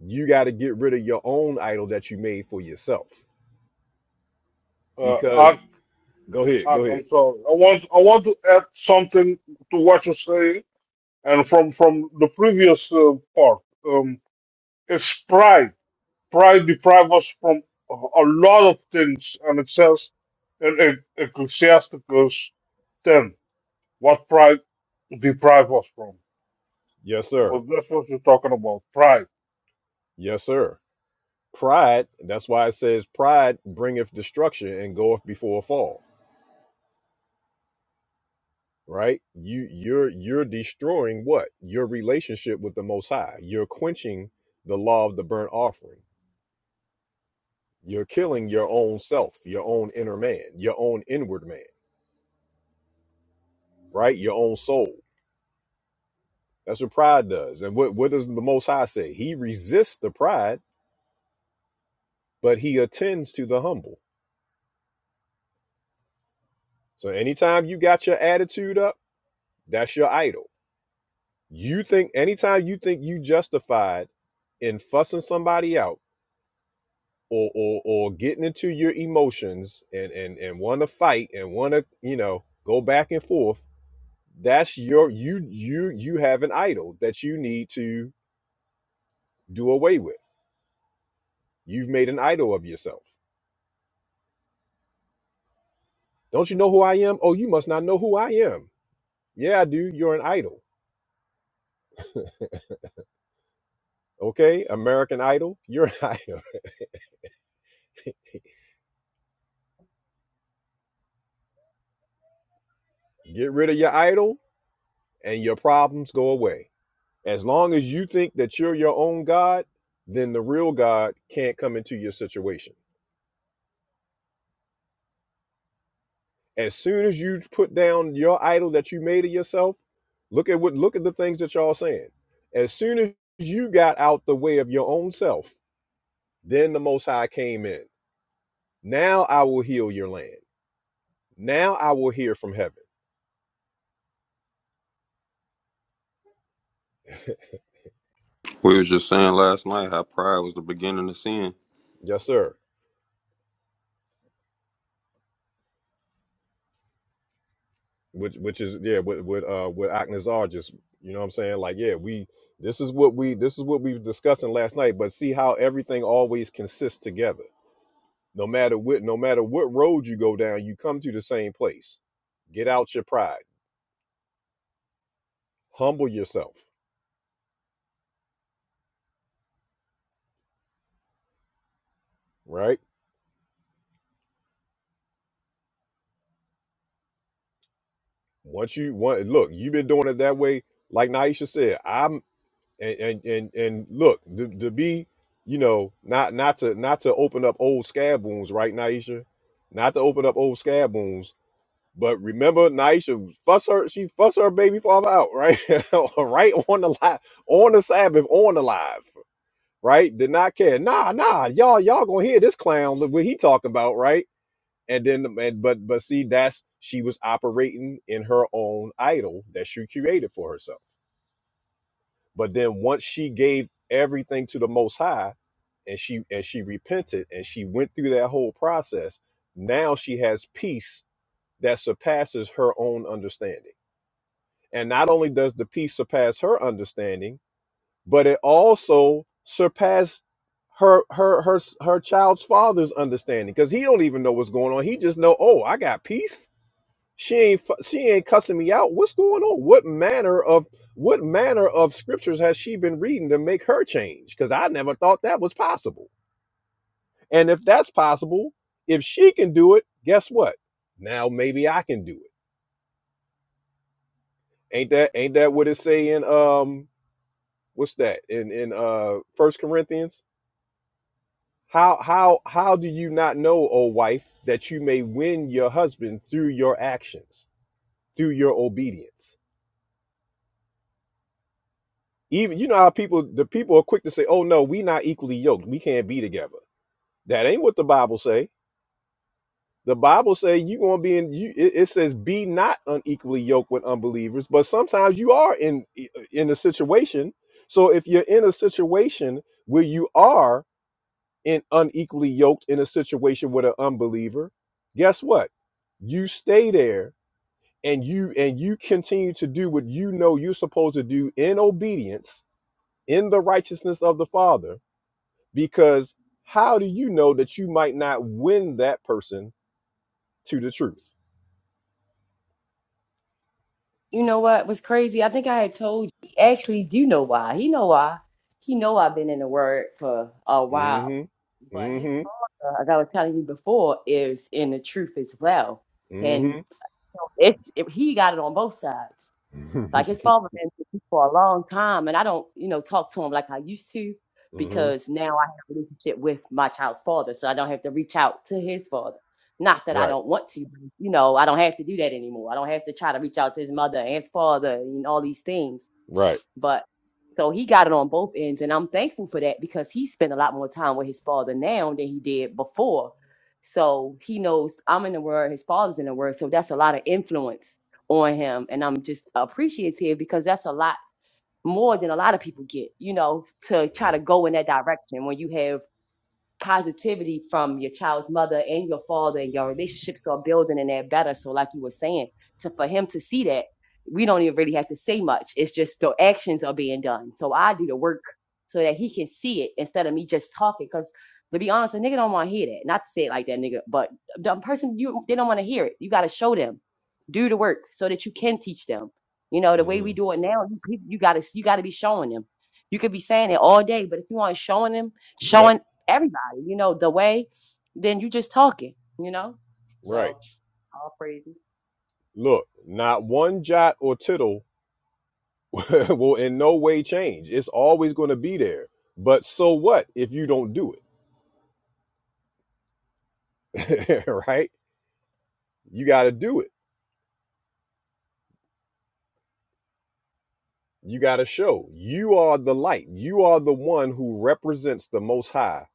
Speaker 1: You got to get rid of your own idol that you made for yourself.
Speaker 5: Uh,
Speaker 1: Because
Speaker 5: I,
Speaker 1: go ahead,
Speaker 5: I,
Speaker 1: go ahead.
Speaker 5: I'm sorry. I want, I want to add something to what you say, and from from the previous uh, part. Um, it's pride. Pride deprives us from a, a lot of things, and it says in E- Ecclesiasticus 10 what pride deprives us from.
Speaker 1: Yes, sir.
Speaker 5: But that's what you're talking about, pride.
Speaker 1: Yes, sir. Pride. That's why it says pride bringeth destruction and goeth before a fall. right you you're you're destroying what your relationship with the most high you're quenching the law of the burnt offering you're killing your own self your own inner man your own inward man right your own soul that's what pride does and what what does the most high say he resists the pride but he attends to the humble so anytime you got your attitude up that's your idol you think anytime you think you justified in fussing somebody out or or or getting into your emotions and and and want to fight and want to you know go back and forth that's your you you you have an idol that you need to do away with you've made an idol of yourself don't you know who i am oh you must not know who i am yeah i do you're an idol okay american idol you're an idol get rid of your idol and your problems go away as long as you think that you're your own god then the real god can't come into your situation As soon as you put down your idol that you made of yourself, look at what look at the things that y'all saying. As soon as you got out the way of your own self, then the Most High came in. Now I will heal your land. Now I will hear from heaven.
Speaker 10: We was just saying last night how pride was the beginning of sin.
Speaker 1: Yes, sir. Which which is yeah, what what uh what Aknazar just you know what I'm saying? Like, yeah, we this is what we this is what we were discussing last night, but see how everything always consists together No matter what, no matter what road you go down, you come to the same place. Get out your pride. Humble yourself. Right? Once you want look, you've been doing it that way, like Naisha said. I'm and and and, and look, to, to be, you know, not not to not to open up old scab wounds, right, Naisha? Not to open up old scab wounds. But remember, Naisha fuss her, she fuss her baby father out, right? right on the live, on the Sabbath, on the live. right? Did not care. Nah, nah, y'all, y'all gonna hear this clown look what he talking about, right? And then, and, but, but see, that's she was operating in her own idol that she created for herself. But then once she gave everything to the Most High, and she and she repented and she went through that whole process, now she has peace that surpasses her own understanding. And not only does the peace surpass her understanding but it also surpassed her her her her child's father's understanding because he don't even know what's going on. He just know, oh, I got peace. She ain't fu- she ain't cussing me out. What's going on? What manner of what manner of scriptures has she been reading to make her change? Because I never thought that was possible. And if that's possible, if she can do it, guess what? Now maybe I can do it. Ain't that ain't that what it say in um what's that in in uh First Corinthians? How how how do you not know, O wife, that you may win your husband through your actions, through your obedience? Even you know how people the people are quick to say, "Oh no, we not equally yoked. We can't be together." That ain't what the Bible say. The Bible say you gonna be in. You, it, it says, "Be not unequally yoked with unbelievers." But sometimes you are in in a situation. So if you're in a situation where you are and unequally yoked in a situation with an unbeliever, guess what? You stay there and you and you continue to do what you know you're supposed to do in obedience in the righteousness of the Father because how do you know that you might not win that person to the truth?
Speaker 3: You know what was crazy? I think I had told you. He Actually, do know why? He know why. He know I've been in the word for a while.
Speaker 1: mm
Speaker 3: But his
Speaker 1: Mhm.
Speaker 3: father, as I was telling you before, is in the truth as well.
Speaker 1: mm
Speaker 3: And
Speaker 1: Mhm.
Speaker 3: so it's it, he got it on both sides.
Speaker 1: mm Mhm.
Speaker 3: Like
Speaker 1: mm
Speaker 3: his father been deceased for a long time, and I don't, you know, talk to him like I used to
Speaker 1: mhm.
Speaker 3: because now I have a relationship with my child's father, so I don't have to reach out to his father. Not that I
Speaker 1: Right.
Speaker 3: don't want to, but, you know, I don't have to do that anymore. I don't have to try to reach out to his mother and his father and all these things
Speaker 1: Right.
Speaker 3: but so he got it on both ends, and I'm thankful for that because he spent a lot more time with his father now than he did before. So he knows I'm in the word, his father's in the word, so that's a lot of influence on him, and I'm just appreciative because that's a lot more than a lot of people get, you know, to try to
Speaker 1: Mhm.
Speaker 3: go in that direction when you have positivity from your child's mother and your father and your relationships are building and they're better so like you were saying to for him to see that we don't even really have to say much it's just the actions are being done so i do the work so that he can see it instead of me just talking because to be honest a nigga don't want to hear that not to say it like that nigga but the person you they don't want to hear it you got to show them do the work so that you can teach them you know the way we
Speaker 1: Mhm.
Speaker 3: do it now you, you got to you got to be showing them you could be saying it all day but if you aren't showing them
Speaker 1: Yep.
Speaker 3: showing everybody you know, the way, then you just talking, you know?
Speaker 1: Right.
Speaker 3: So all praises.
Speaker 1: Look, not one jot or tittle will in no way change. It's always going to be there. But so what if you don't do it? right? You got to do it. You got to show. You are the light. You are the one who represents the most high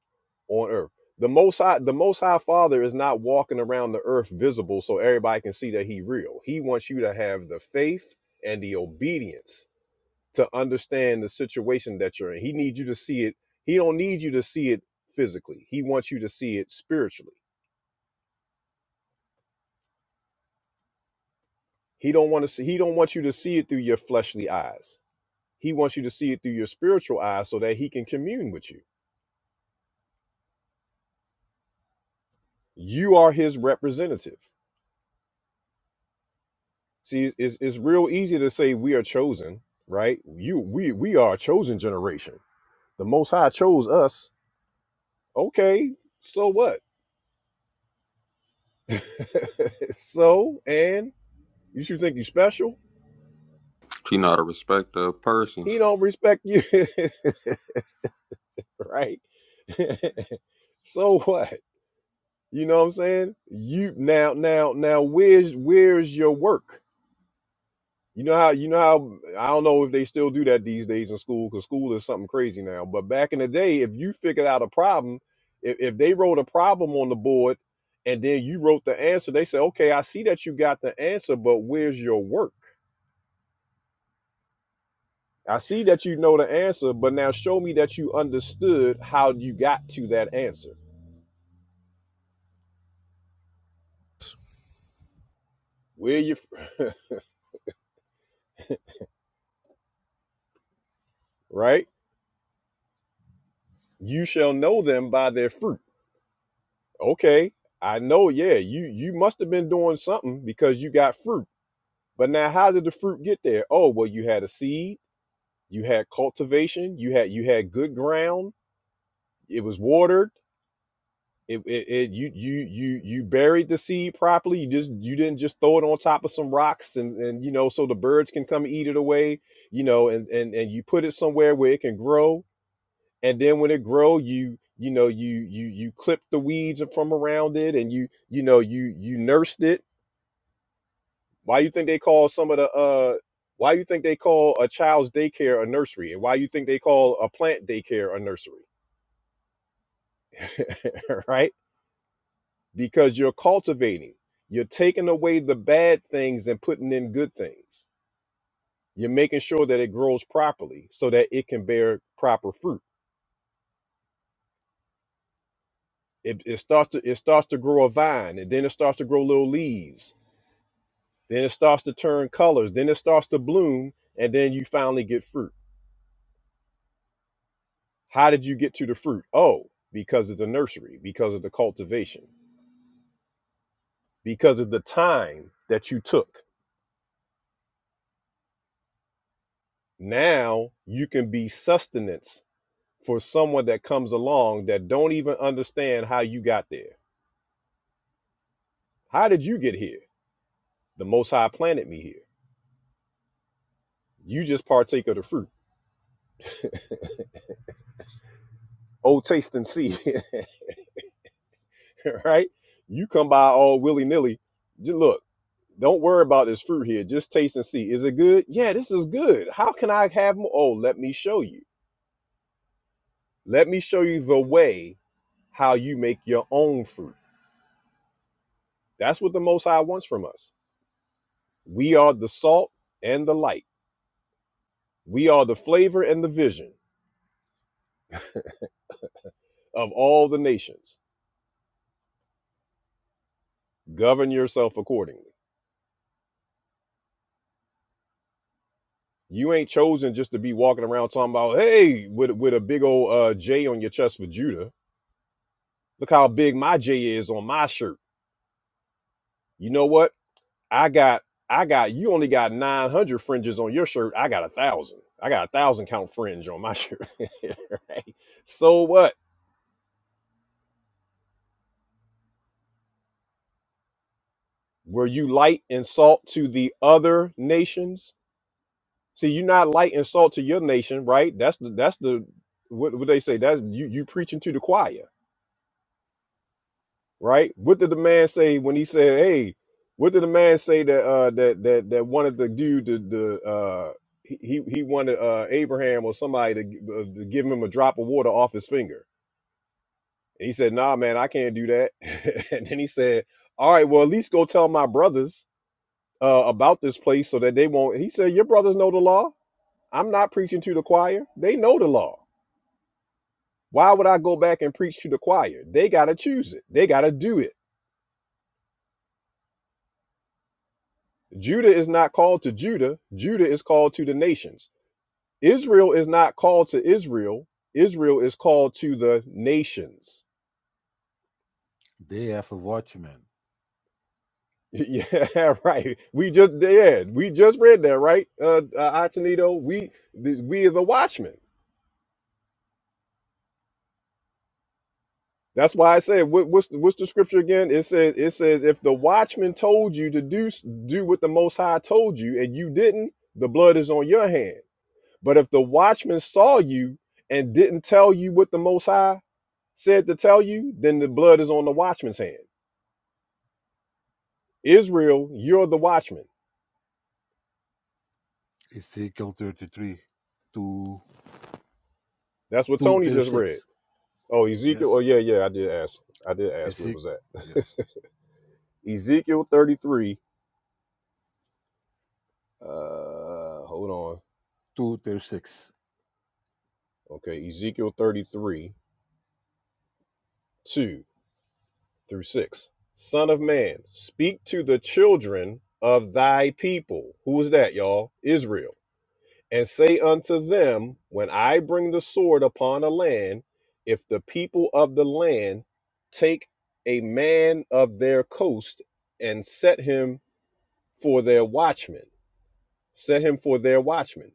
Speaker 1: on earth. The most high the most high father is not walking around the earth visible so everybody can see that he real. He wants you to have the faith and the obedience to understand the situation that you're in. He needs you to see it. He don't need you to see it physically. He wants you to see it spiritually He don't want to see he don't want you to see it through your fleshly eyes. He wants you to see it through your spiritual eyes so that he can commune with you. You are his representative. See, it's, it's real easy to say we are chosen, right? You we we are a chosen generation. The most high chose us. Okay, so what? so and you should think you special?
Speaker 10: She not a respecter of
Speaker 1: He
Speaker 10: persons.
Speaker 1: don't respect you, right? so what? You know what I'm saying? You now now now where's where's your work? You know how you know how I don't know if they still do that these days in school because school is something crazy now. But back in the day, if you figured out a problem, if, if they wrote a problem on the board and then you wrote the answer, they said, okay, I see that you got the answer, but where's your work? I see that you know the answer, but now show me that you understood how you got to that answer. Where you right? You shall know them by their fruit. okay i know yeah you you must have been doing something because you got fruit but now how did the fruit get there oh well you had a seed you had cultivation you had you had good ground it was watered it, it, it you you you you buried the seed properly you just you didn't just throw it on top of some rocks and and you know so the birds can come eat it away you know and and and you put it somewhere where it can grow and then when it grow you you know you you you clip the weeds from around it and you you know you you nursed it why you think they call some of the uh why you think they call a child's daycare a nursery and why you think they call a plant daycare a nursery right because you're cultivating you're taking away the bad things and putting in good things you're making sure that it grows properly so that it can bear proper fruit it, it starts to it starts to grow a vine and then it starts to grow little leaves Then it starts to turn colors. Then it starts to bloom. And then you finally get fruit. How did you get to the fruit? Oh, because of the nursery, because of the cultivation, because of the time that you took. Now you can be sustenance for someone that comes along that don't even understand how you got there. How did you get here? The Most High planted me here. You just partake of the fruit. Oh, taste and see, right? You come by all willy nilly. Look, Don't worry about this fruit here. Just taste and see. Is it good? Yeah, this is good. How can I have more? Oh, let me show you. Let me show you the way how you make your own fruit. That's what the Most High wants from us. We are the salt and the light. We are the flavor and the vision of all the nations. Govern yourself accordingly. You ain't chosen just to be walking around talking about, hey, with, with a big old uh, J on your chest for Judah. Look how big my J is on my shirt. You know what? I got I got you only got nine hundred fringes on your shirt. I got a thousand. I got a thousand count fringe on my shirt. right? So what? Were you light and salt to the other nations? See, you're not light and salt to your nation, right? That's the that's the what, what they say. That's you you preaching to the choir. right? What did the man say when he said, "Hey"? What did the man say that uh, that that that wanted the dude to the uh, he he wanted uh, Abraham or somebody to, gi- uh, to give him a drop of water off his finger? And he said, "Nah, man, I can't do that." and then he said, "All right, well, at least go tell my brothers uh, about this place so that they won't." He said, "Your brothers know the law. I'm not preaching to the choir. They know the law. Why would I go back and preach to the choir? They gotta choose it. They gotta do it." Judah is not called to Judah. Judah is called to the nations. Israel is not called to Israel. Israel is called to the nations.
Speaker 7: They have a watchman.
Speaker 1: Yeah, right. We just yeah, we just read that, right? Uh, uh Atenito, we th- we are the watchmen. That's why I said what, what's the, what's the scripture again? It says it says if the watchman told you to do s- do what the Most High told you and you didn't, the blood is on your hand. But if the watchman saw you and didn't tell you what the Most High said to tell you, then the blood is on the watchman's hand. Israel, you're the watchman.
Speaker 7: Ezekiel thirty three, two
Speaker 1: That's what
Speaker 7: two
Speaker 1: Tony
Speaker 7: thirty
Speaker 1: just read.
Speaker 7: six.
Speaker 1: Oh, Ezekiel. Oh,
Speaker 7: Yes.
Speaker 1: yeah, yeah. I did ask. I did ask where it
Speaker 7: Ezekiel
Speaker 1: was at.
Speaker 7: yes.
Speaker 1: Ezekiel 33. Uh, hold on.
Speaker 7: Two thirty six.
Speaker 1: Okay, Ezekiel 33, 2 through 6. Son of man, speak to the children of thy people. Who is that, y'all? Israel and say unto them, When I bring the sword upon a land, if the people of the land take a man of their coast and set him for their watchman, set him for their watchman.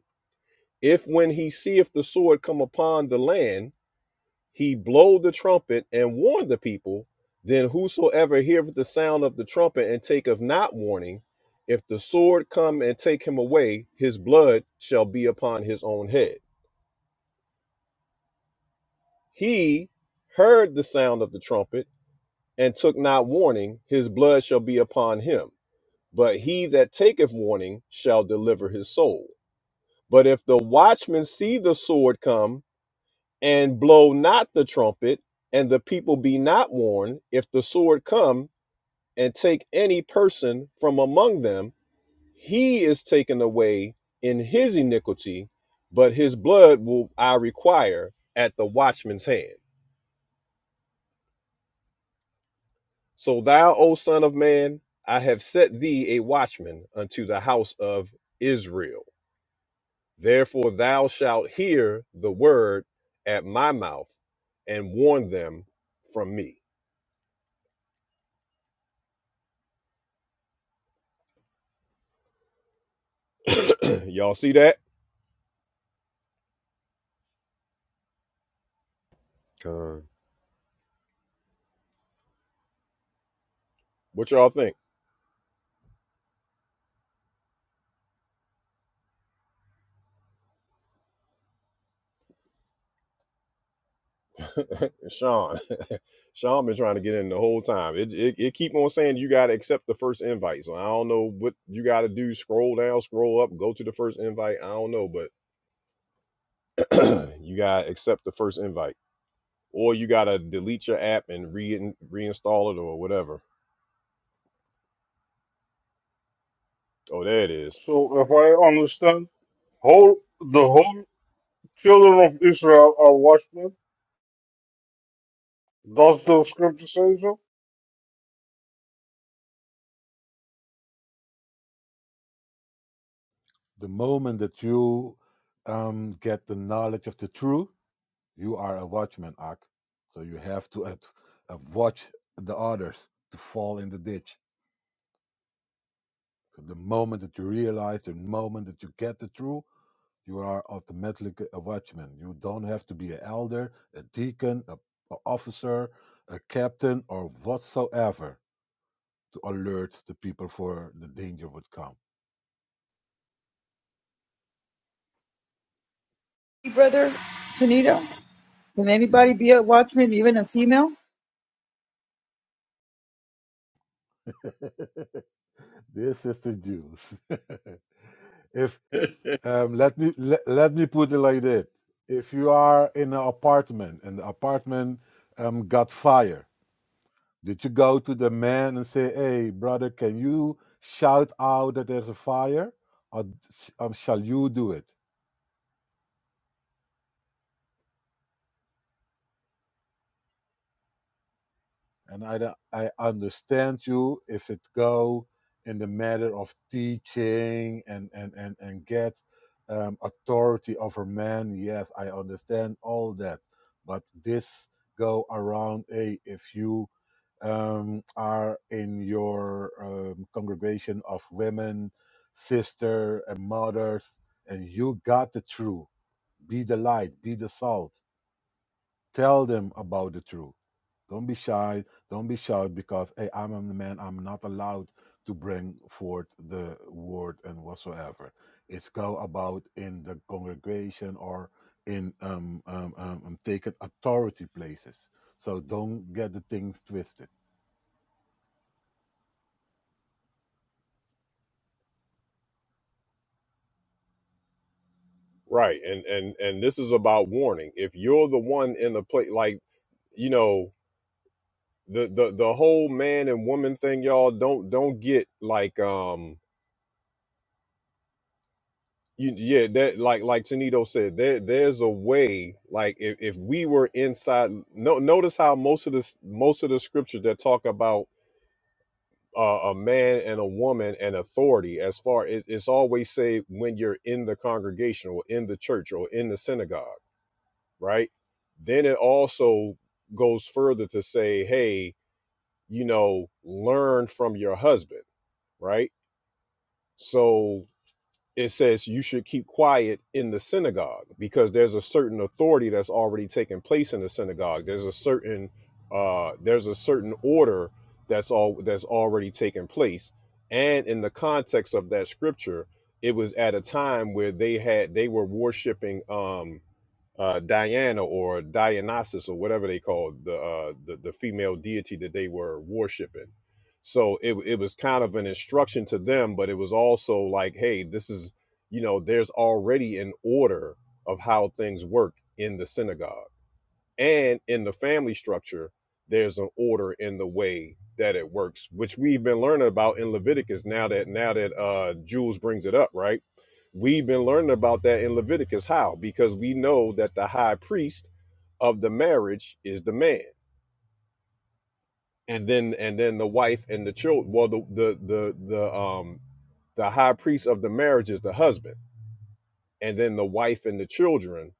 Speaker 1: If when he seeth the sword come upon the land, he blow the trumpet and warn the people, then whosoever heareth the sound of the trumpet and taketh not warning, if the sword come and take him away, his blood shall be upon his own head He heard the sound of the trumpet and took not warning, his blood shall be upon him. But he that taketh warning shall deliver his soul. But if the watchman see the sword come and blow not the trumpet, and the people be not warned, if the sword come and take any person from among them, he is taken away in his iniquity, but his blood will I require at the watchman's hand. So thou, O son of man, I have set thee a watchman unto the house of Israel. Therefore thou shalt hear the word at my mouth and warn them from me. y'all see that?
Speaker 6: Con.
Speaker 1: What y'all think? Sean. Sean been trying to get in the whole time. It, it it keep on saying you gotta accept the first invite. So I don't know what you gotta do. Scroll down, scroll up, go to the first invite. I don't know, but you gotta accept the first invite. or you gotta delete your app and re- reinstall it or whatever. Oh, there it is.
Speaker 5: So if I understand, whole the whole children of Israel are watchmen. Does the scripture say so?
Speaker 7: The moment that you um, get the knowledge of the truth, you are a watchman, Ak. So you have to ad- uh, watch the others to fall in the ditch. So the moment that you realize, the moment that you get the truth, you are automatically a watchman. You don't have to be an elder, a deacon, a, a officer, a captain, or whatsoever to alert the people for the danger would come.
Speaker 8: Hey, brother Tanito, can anybody be a watchman, even a female?
Speaker 7: This is the Jews. If. Um, let me let, let me put it like that. If you are in an apartment and the apartment um, got fire, did you go to the man and say, "Hey, brother, can you shout out that there's a fire, or s- um, shall you do it?" And I don't- I understand you if it go in the matter of teaching and and and and get um, authority over man. Yes, I understand all that, but this go around hey, if you um, are in your um, congregation of women, sister and mothers, and you got the truth. Be the light, be the salt. Tell them about the truth. Don't be shy. Don't be shy because hey, I'm a man. I'm not allowed to bring forth the word and whatsoever. It's go about in the congregation or in um, um, um, um taken authority places. So don't get the things twisted.
Speaker 1: Right, and and and this is about warning. If you're the one in the play, like you know the the the whole man and woman thing, y'all don't don't get like um you yeah that like like Tanito said there there's a way like if if we were inside no notice how most of this most of the scriptures that talk about uh, a man and a woman and authority as far it, it's always say when you're in the congregation or in the church or in the synagogue right then it also goes further to say hey you know learn from your husband right so it says you should keep quiet in the synagogue because there's a certain authority that's already taken place in the synagogue. There's a certain uh, there's a certain order that's all that's already taken place. And in the context of that scripture, it was at a time where they had they were worshiping um, uh, Diana or Dionysus or whatever they called the, uh, the the female deity that they were worshiping so it it was kind of an instruction to them, but it was also like, hey, this is you know, there's already an order of how things work in the synagogue and in the family structure. There's an order in the way that it works, which we've been learning about in Leviticus. Now that now that uh, Jules brings it up, right? We've been learning about that in Leviticus. How? Because we know that the high priest of the marriage is the man and then and then the wife and the children. well the the the the um the high priest of the marriage is the husband and then the wife and the children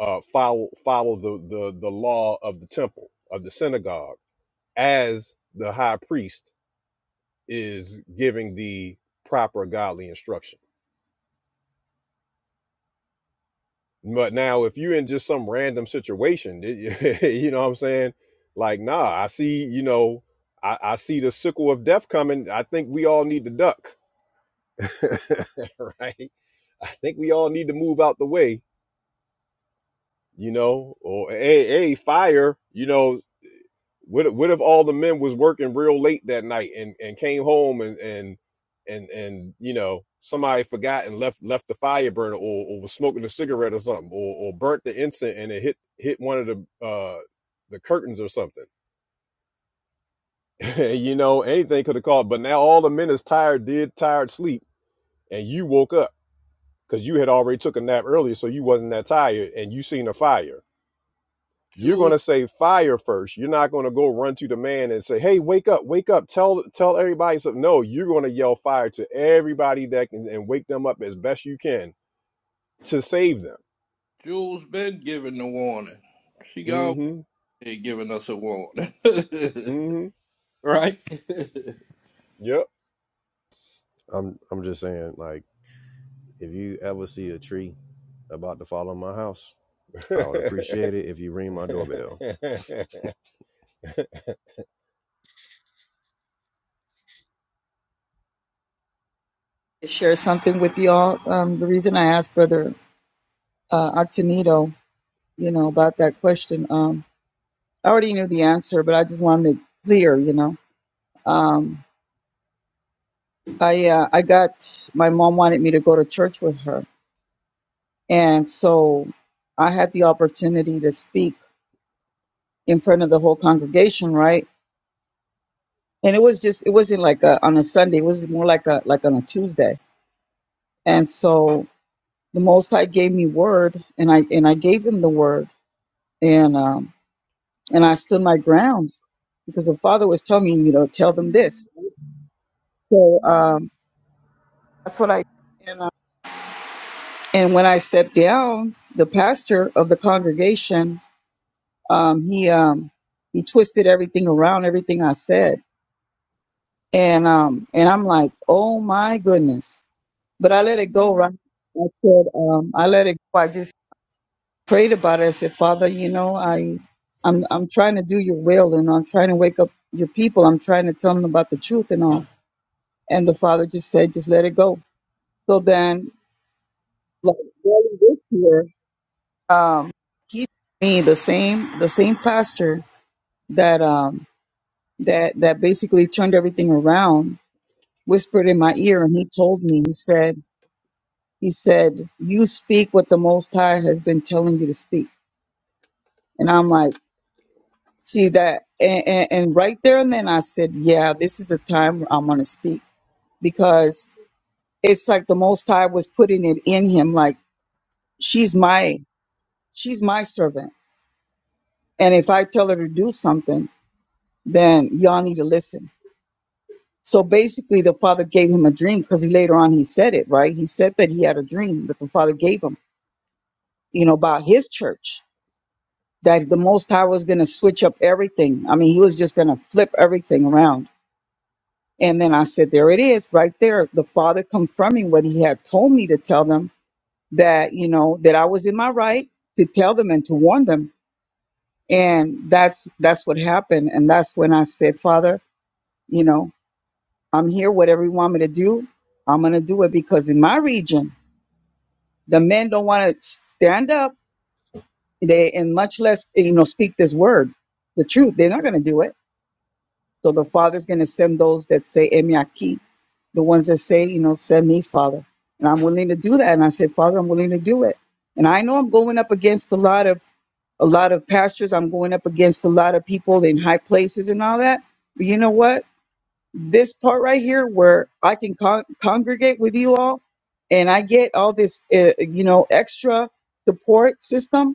Speaker 1: uh follow follow the the the law of the temple of the synagogue as the high priest is giving the proper godly instruction but now if you're in just some random situation you know what i'm saying like nah i see you know I, I see the sickle of death coming i think we all need to duck right? I think we all need to move out the way, you know. Or a hey, hey, fire, you know. What if- what if all the men was working real late that night and and came home and and and and you know somebody forgot and left left the fire burner or, or was smoking a cigarette or something or or burnt the incense and it hit hit one of the uh the curtains or something. you know, anything could have caused. but now all the men is tired, did tired sleep, and you woke up because you had already took a nap earlier, so you wasn't that tired, and you seen a fire. You're
Speaker 9: Jules,
Speaker 1: gonna say fire first. You're not gonna go run to the man and say, "Hey, wake up, wake up!" Tell tell everybody something. No, you're gonna yell fire to everybody that can and wake them up as best you can to save them.
Speaker 9: Jules been giving the warning. She always
Speaker 1: Mm-hmm.
Speaker 9: been giving us a warning.
Speaker 1: Mm-hmm.
Speaker 9: right?
Speaker 1: Yep.
Speaker 6: I'm I'm just saying, like, if you ever see a tree about to fall on my house, I would appreciate it if you ring my doorbell.
Speaker 8: To share something with y'all. Um, the reason I asked brother uh, Octanito, you know, about that question, um, I already knew the answer, but I just wanted it clear, you know. Um, I uh, I got my mom wanted me to go to church with her, And so I had the opportunity to speak in front of the whole congregation, right? And it was just it wasn't like a, on a Sunday, it was more like a like on a Tuesday. And so the most high gave me word and I and I gave him the word and um and I stood my ground because the father was telling me, you know, tell them this. So um that's what I and, uh, and when I stepped down, the pastor of the congregation, um, he um he twisted everything around, everything I said and um and I'm like, oh my goodness. But I let it go, right? I said, um, I let it go. I just prayed about it. I said, Father, you know, I I'm I'm trying to do your will and I'm trying to wake up your people. I'm trying to tell them about the truth and all. And the father just said, just let it go. So then like early this year, um, he gave me the same the same pastor that um that that basically turned everything around whispered in my ear and he told me he said He said, You speak what the Most High has been telling you to speak. And I'm like, See that? And, and, and right there and then I said, Yeah, this is the time where I'm going to speak because it's like the Most High was putting it in him. Like, she's my, she's my servant. And if I tell her to do something, then y'all need to listen. So basically, the father gave him a dream because he later on he said it, right? He said that he had a dream that the father gave him, you know, about his church that the Most High was going to switch up everything. I mean, he was just going to flip everything around. And then I said, there it is, right there. The Father confirming what he had told me to tell them that, you know, that I was in my right to tell them and to warn them. And that's that's what happened. And that's when I said, Father, you know, I'm here. Whatever you want me to do, I'm gonna do it because in my region, the men don't want to stand up. They and much less, you know, speak this word, the truth. They're not gonna do it So the Father's going to send those that say, Emi aquí, the ones that say, you know, send me, Father. And I'm willing to do that. And I said, Father, I'm willing to do it. And I know I'm going up against a lot of a lot of pastors. I'm going up against a lot of people in high places and all that. But you know what? This part right here, where I can con- congregate with you all, and I get all this, uh, you know, extra support system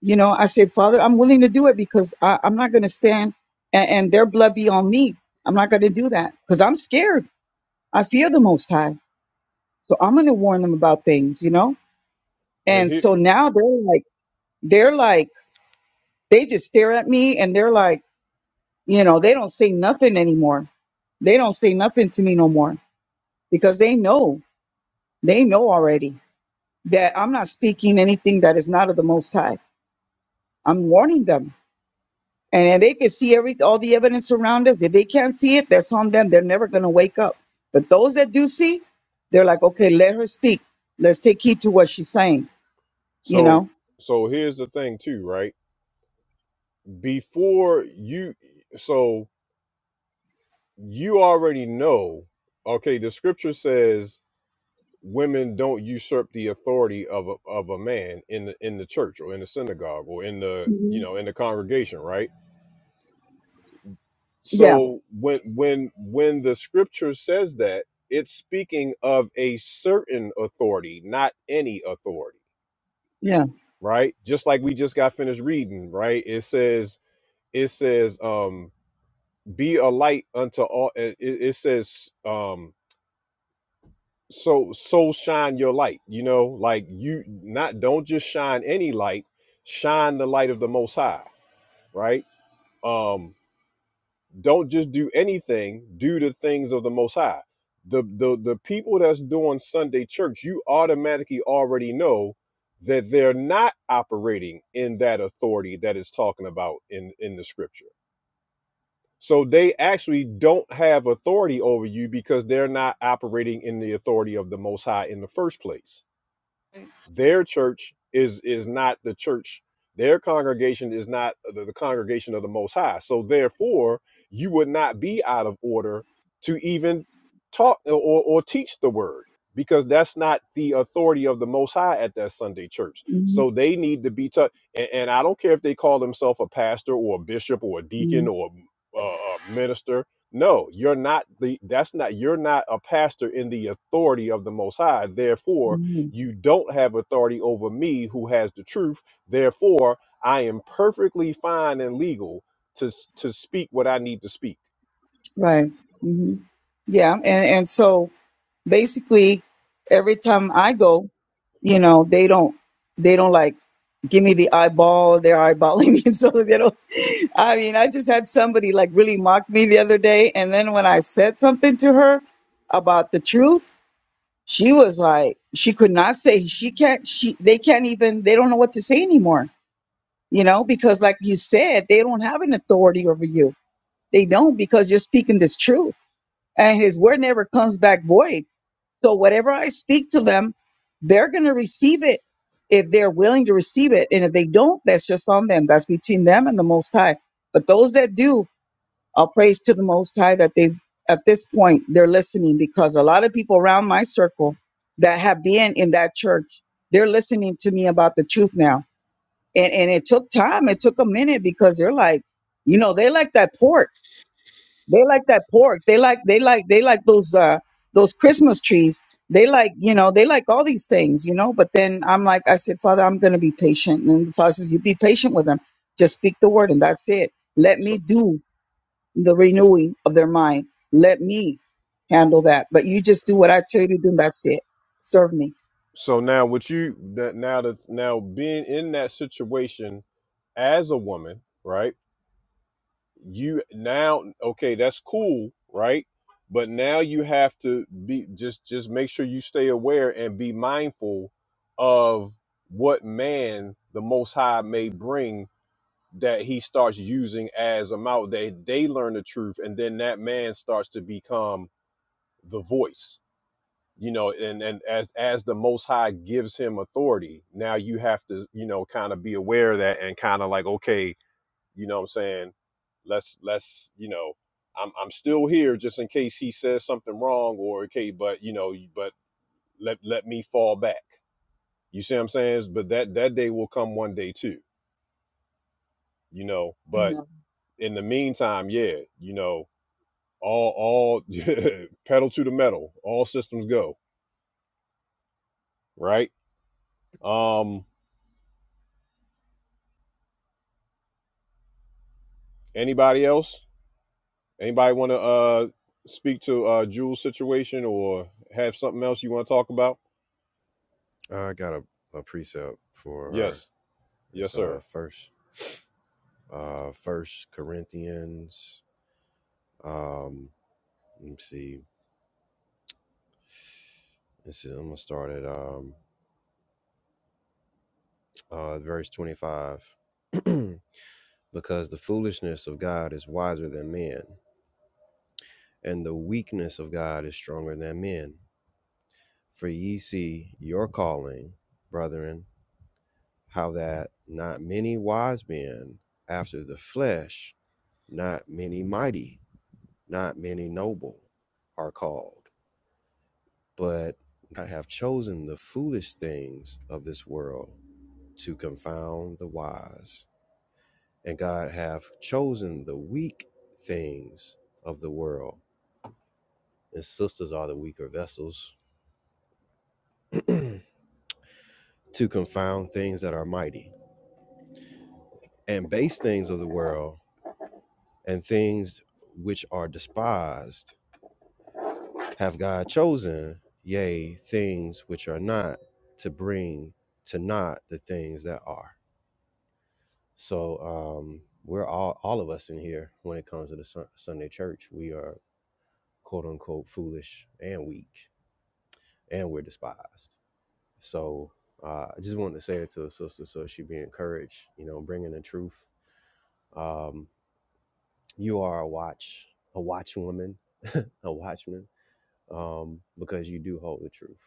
Speaker 8: you know, I say, Father, I'm willing to do it because I, I'm not going to stand and, and their blood be on me. I'm not going to do that because I'm scared. I fear the Most High. So I'm going to warn them about things, you know?
Speaker 1: and
Speaker 8: And
Speaker 1: here,
Speaker 8: so now they're like, they're like, they just stare at me and they're like, you know, they don't say nothing anymore. They don't say nothing to me no more because they know, they know already that I'm not speaking anything that is not of the Most High. I'm warning them And if they can see every all the evidence around us, if they can't see it, that's on them. They're never gonna wake up. But those that do see, they're like, okay, let her speak. Let's take heed to what she's saying. You
Speaker 1: so
Speaker 8: know?
Speaker 1: so here's the thing too, right? Before you, so you already know. Okay, the scripture says women don't usurp the authority of a, of a man in the in the church or in the synagogue or in the you
Speaker 8: hmm
Speaker 1: know in the congregation right
Speaker 8: Yeah,
Speaker 1: so when when when the scripture says that it's speaking of a certain authority not any authority
Speaker 8: yeah,
Speaker 1: right just like we just got finished reading right it says it says um be a light unto all it, it it says um so so shine your light you know like you not don't just shine any light shine the light of the most high right um don't just do anything do the things of the most high the the, the people that's doing sunday church you automatically already know that they're not operating in that authority that is talking about in in the scripture so they actually don't have authority over you because they're not operating in the authority of the most high in the first place their church is is not the church their congregation is not the, the congregation of the most high so therefore you would not be out of order to even talk or, or teach the word because that's not the authority of the most high at that sunday church
Speaker 8: hmm
Speaker 1: so they need to be taught and, and i don't care if they call themselves a pastor or a bishop or a
Speaker 8: hmm
Speaker 1: deacon or a, a minister no you're not the that's not you're not a pastor in the authority of the most high therefore you don't have authority over me who has the truth. Therefore, I am perfectly fine and legal to s- to speak what I need to speak.
Speaker 8: right. hmm Yeah, and and so basically every time I go, you know, they don't they don't like give me the eyeball, they're eyeballing me. So they don't I mean, I just had somebody like really mock me the other day and then when I said something to her about the truth, she was like she could not say she can't she they can't even they don't know what to say anymore. You know, because like you said, they don't have an authority over you they don't because you're speaking this truth and his word never comes back void. So whatever I speak to them, they're going to receive it if they're willing to receive it. And if they don't, that's just on them. That's between them and the Most High. But those that do, I'll praise to the Most High that they've, at this point, they're listening because a lot of people around my circle that have been in that church, they're listening to me about the truth now. And, and it took time. It took a minute because they're like, you know, they like that port. They like that pork. They like they like they like those uh those Christmas trees. They like, you know, they like all these things, you know. But then I'm like, I said, Father, I'm gonna be patient. And the Father says, You be patient with them. Just speak the word and that's it. Let me
Speaker 1: So
Speaker 8: do the renewing of their mind. Let me handle that. But you just do what I tell you to do and that's it. Serve me.
Speaker 1: so now what you that now that now being in that situation as a woman, right? You now okay, that's cool, right? But now you have to be just just make sure you stay aware and be mindful of what man the most high may bring that he starts using as a mouth they they learn the truth and then that man starts to become the voice you know and and as as the most high gives him authority now you have to you know kind of be aware of that and kind of like okay you know what i'm saying let's let's you know i'm i'm still here just in case he says something wrong or okay but you know but let let me fall back you see what i'm saying but that that day will come one day too you know but
Speaker 8: Amen.
Speaker 1: in the meantime yeah you know all all pedal to the metal all systems go right um anybody else anybody want to uh speak to uh jules situation or have something else you want to talk about
Speaker 6: I got a, a precept for her.
Speaker 1: yes
Speaker 6: It's
Speaker 1: yes
Speaker 6: uh
Speaker 1: sir
Speaker 6: first uh first Corinthians um let me see. Let's see, I'm gonna start at um uh verse twenty five. because the foolishness of God is wiser than men, and the weakness of God is stronger than men. For ye see your calling, brethren, how that not many wise men after the flesh, not many mighty, not many noble are called. But I have chosen the foolish things of this world to confound the wise. And God hath chosen the weak things of the world, and sisters are the weaker vessels, to confound things that are mighty, and base things of the world and things which are despised have God chosen, yea, things which are not, to bring to naught the things that are. So um, we're all, all of us in here when it comes to the Sun- Sunday church, we are quote unquote foolish and weak, and we're despised. So uh, I just wanted to say that to the sister so she be encouraged, you know, bringing the truth. Um, you are a watch, a watchwoman, a watchman um, because you do hold the truth.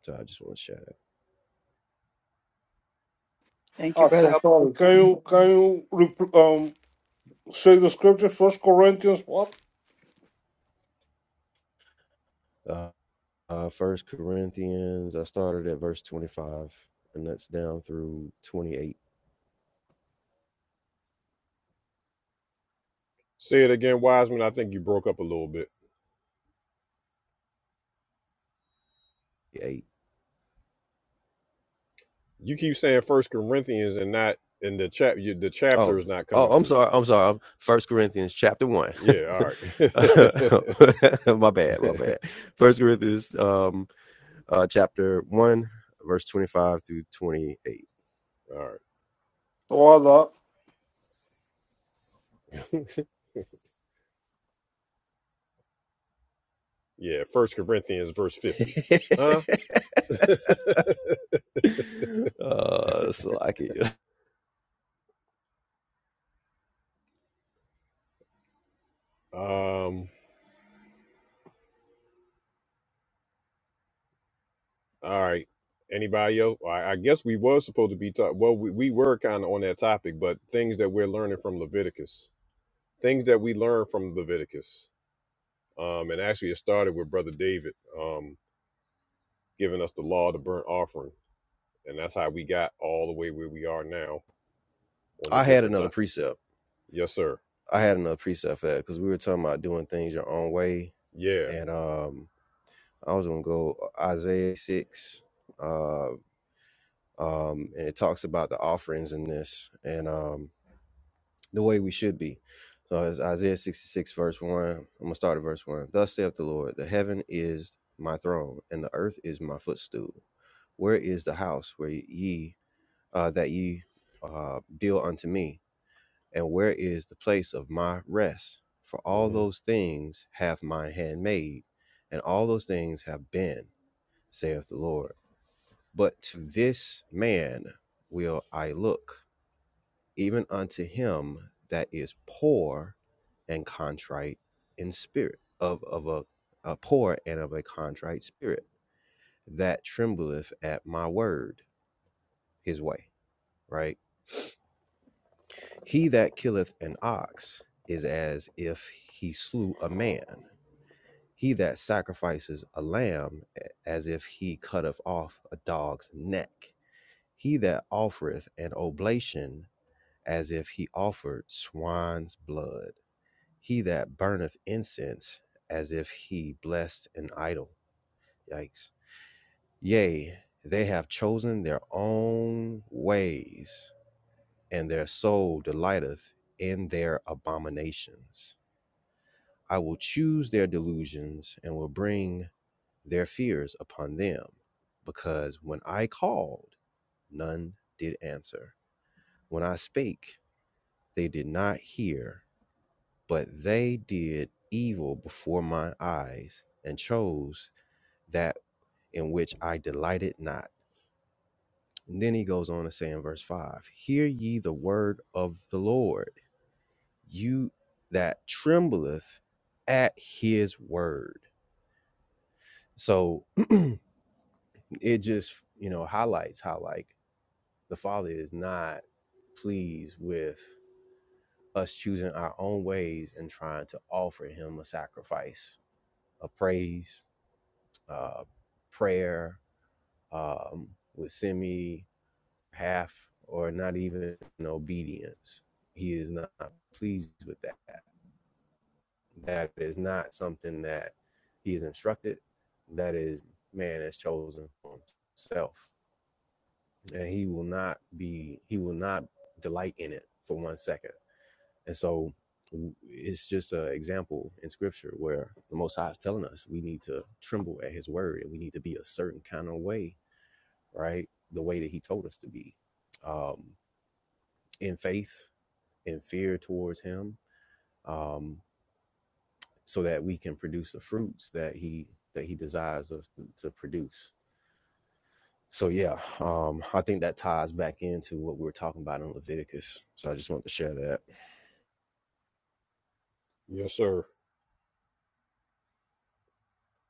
Speaker 6: So I just want to share that.
Speaker 8: Thank you,
Speaker 5: Ah,
Speaker 8: brother.
Speaker 5: I'm
Speaker 8: I'll put
Speaker 5: sorry. Can you can you rep- um say the scripture? First Corinthians what?
Speaker 6: Uh, uh, First Corinthians, I started at verse 25, and that's down through 28.
Speaker 1: say it again wiseman i think you broke up a little bit
Speaker 6: Eight.
Speaker 1: you keep saying first corinthians and not and the chap you- the chapter
Speaker 6: Oh,
Speaker 1: is not
Speaker 6: oh,
Speaker 1: coming
Speaker 6: I'm
Speaker 1: through
Speaker 6: sorry. I'm sorry. I'm- First Corinthians chapter one.
Speaker 1: yeah all right
Speaker 6: Uh, my bad. My bad. First Corinthians, um, uh, chapter one, verse 25 through 28.
Speaker 1: all right
Speaker 5: Tawada.
Speaker 1: yeah first corinthians verse 50 huh
Speaker 6: uh, so I could,
Speaker 1: um All right. Anybody else? Well, I, I guess we were supposed to be talking. Well, we, we were kind of on that topic, but things that we're learning from Leviticus, things that we learned from Leviticus. Um, and actually, it started with Brother David um, giving us the law of the burnt offering. And that's how we got all the way where we are now on the
Speaker 6: I had
Speaker 1: different
Speaker 6: another
Speaker 1: topics.
Speaker 6: precept
Speaker 1: Yes, sir.
Speaker 6: I had another preset for that because we were talking about doing things your own way,
Speaker 1: Yeah.
Speaker 6: and um, I was gonna go uh, Isaiah six, uh, um, and it talks about the offerings in this and um, the way we should be. So it's Isaiah sixty six verse one. I'm gonna start at verse one. Thus saith the Lord: The heaven is my throne, and the earth is my footstool. Where is the house where ye uh, that ye uh, build unto me? And where is the place of my rest? For all
Speaker 1: hmm
Speaker 6: those things hath my hand made, and all those things have been, saith the Lord. But to this man will I look, even unto him that is poor and contrite in spirit, of, of a, a poor and of a contrite spirit, that trembleth at my word, his way, right? He that killeth an ox is as if he slew a man He that sacrifices a lamb as if he cutteth off a dog's neck. He that offereth an oblation as if he offered swine's blood. He that burneth incense as if he blessed an idol. Yikes. Yea, they have chosen their own ways, and their soul delighteth in their abominations. I will choose their delusions and will bring their fears upon them. Because when I called, none did answer. When I spake, they did not hear, but they did evil before my eyes and chose that in which I delighted not. And then he goes on to say in verse 5 Hear ye the word of the Lord, you that trembleth at his word. So it just, you know, highlights how, like, The Father is not pleased with us choosing our own ways and trying to offer Him a sacrifice, a praise, uh, prayer, um, with semi half or not even an obedience. He is not pleased with that. That is not something that He is instructed. That is man has chosen for himself, and He will not be. He will not delight in it for one second And so it's just an example in scripture where the Most High is telling us we need to tremble at his word and we need to be a certain kind of way, right? The way that he told us to be um, in faith, in fear towards him, um, so that we can produce the fruits that he that he desires us to, to produce. So yeah, um, I think that ties back into what we were talking about in Leviticus. So I just wanted to share that.
Speaker 1: Yes, sir.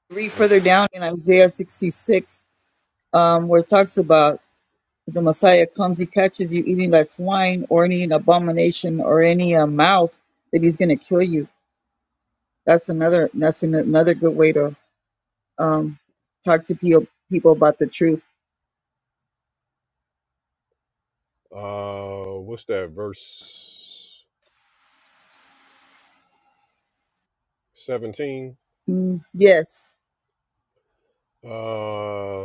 Speaker 8: Read
Speaker 1: And
Speaker 8: further down in Isaiah 66, um, where it talks about the Messiah comes, he catches you eating like swine or any abomination or any uh, mouse, that he's going to kill you. That's another that's an, another good way to um, talk to people people about the truth.
Speaker 1: uh, what's that? Verse 17.
Speaker 8: Mm, yes,
Speaker 1: Uh,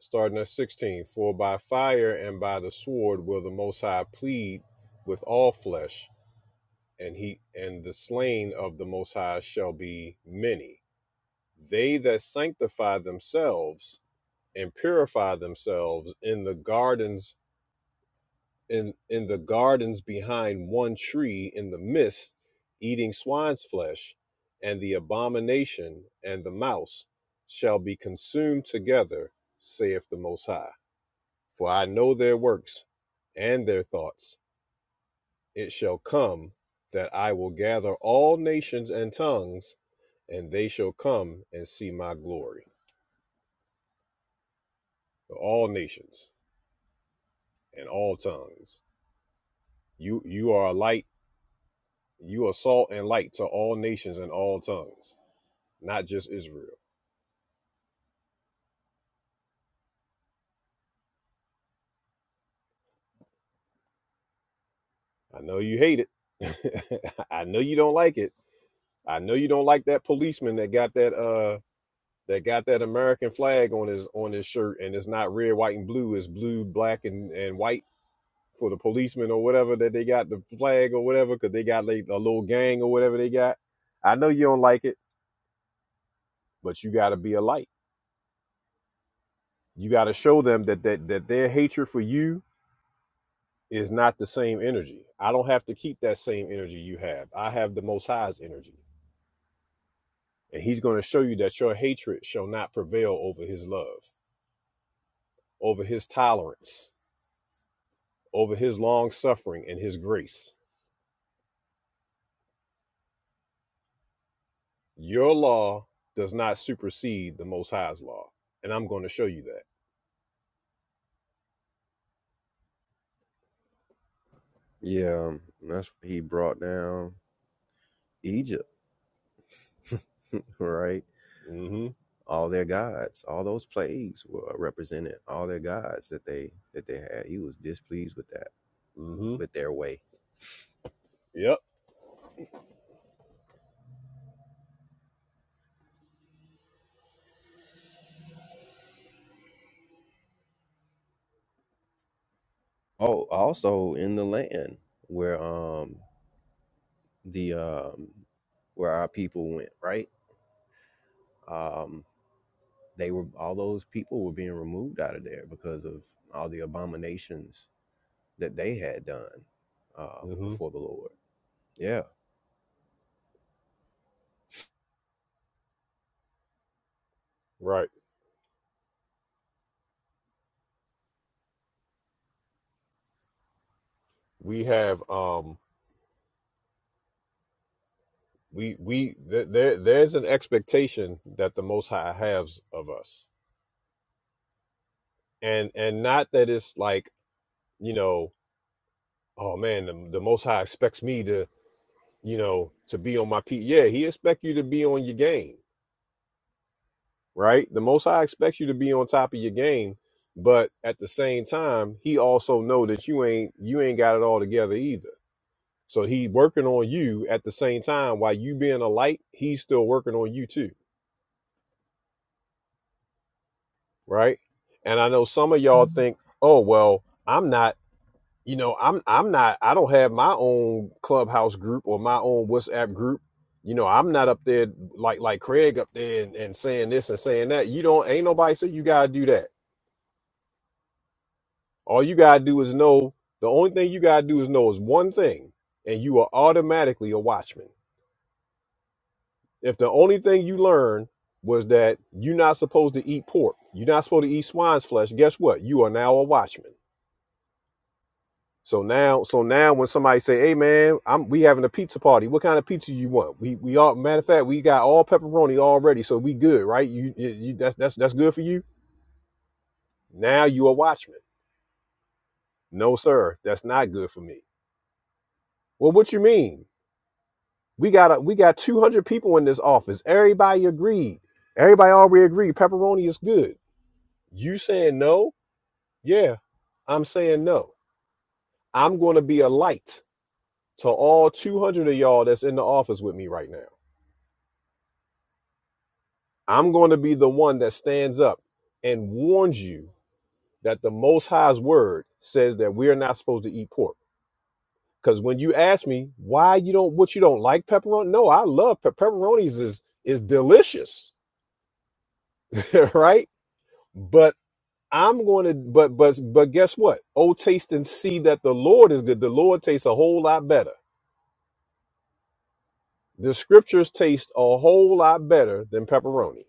Speaker 1: starting at 16 for by fire and by the sword will the most high plead with all flesh and he and the slain of the most high shall be many they that sanctify themselves and purify themselves in the gardens in in the gardens behind one tree in the mist eating swine's flesh and the abomination and the mouse shall be consumed together saith the most high For I know their works and their thoughts. It shall come that I will gather all nations and tongues, and they shall come and see my glory. All nations and all tongues. You you are a light, you are salt and light to all nations and all tongues, not just Israel. I know you hate it. I know you don't like it. I know you don't like that policeman that got that uh. that got that American flag on his on his shirt, and it's not red, white, and blue. It's blue, black, and and white for the policemen or whatever that they got the flag or whatever because they got like a little gang or whatever they got. I know you don't like it, but you got to be a light. You got to show them that that that their hatred for you is not the same energy. I don't have to keep that same energy you have. I have the Most High's energy, and He's going to show you that your hatred shall not prevail over His love, over His tolerance over his long suffering and his grace. Your law does not supersede the Most High's law. And I'm going to show you that.
Speaker 6: Yeah, that's what he brought down Egypt, right?
Speaker 1: Mm
Speaker 6: All their gods, all those plagues were uh, represented. All their gods that they that they had. He was displeased with that,
Speaker 1: hmm. Mm hmm.
Speaker 6: with their way.
Speaker 1: Yep.
Speaker 6: Oh, also in the land where um the um, where our people went, right? Um, they were all those people were being removed out of there because of all the abominations that they had done
Speaker 1: Mm
Speaker 6: um,
Speaker 1: hmm.
Speaker 6: before the Lord. Yeah,
Speaker 1: Right. We have, um, we, we, th- there, there's an expectation that the Most High has of us. And, and not that it's like, you know, oh man, the, the Most High expects me to, you know, to be on my P. Yeah, he expect you to be on your game right? The Most High expects you to be on top of your game, but at the same time, He also know that you ain't you ain't got it all together either. So He working on you at the same time while you being a light, He's still working on you too, right? And I know some of y'all think, oh well, I'm not. You know, I'm I'm not I don't have my own clubhouse group or my own WhatsApp group. You know, I'm not up there like like Craig up there and, and saying this and saying that. You don't ain't nobody say you gotta do that All you gotta do is know the only thing you gotta do is know is one thing, and you are automatically a watchman. If the only thing you learn was that you're not supposed to eat pork, you're not supposed to eat swine's flesh, guess what? You are now a watchman. So now, so now when somebody say, Hey man, I'm we having a pizza party. What kind of pizza you want? We we all matter of fact, we got all pepperoni already, so we good, right? You, you, you that's that's that's good for you. Now you a watchman. No, sir, that's not good for me. Well, what you mean? We got a, we got 200 people in this office. Everybody agreed. Everybody already agreed pepperoni is good. You saying no? Yeah, I'm saying no. I'm going to be a light to all 200 of y'all that's in the office with me right now. I'm going to be the one that stands up and warns you that the Most High's word says that we are not supposed to eat pork. Because when you ask me why you don't, what you don't like pepperoni, no, I love pe- pepperonis is is delicious, right? But I'm going to, but but but guess what? Oh, taste and see that the Lord is good. The Lord tastes a whole lot better. The scriptures taste a whole lot better than pepperoni.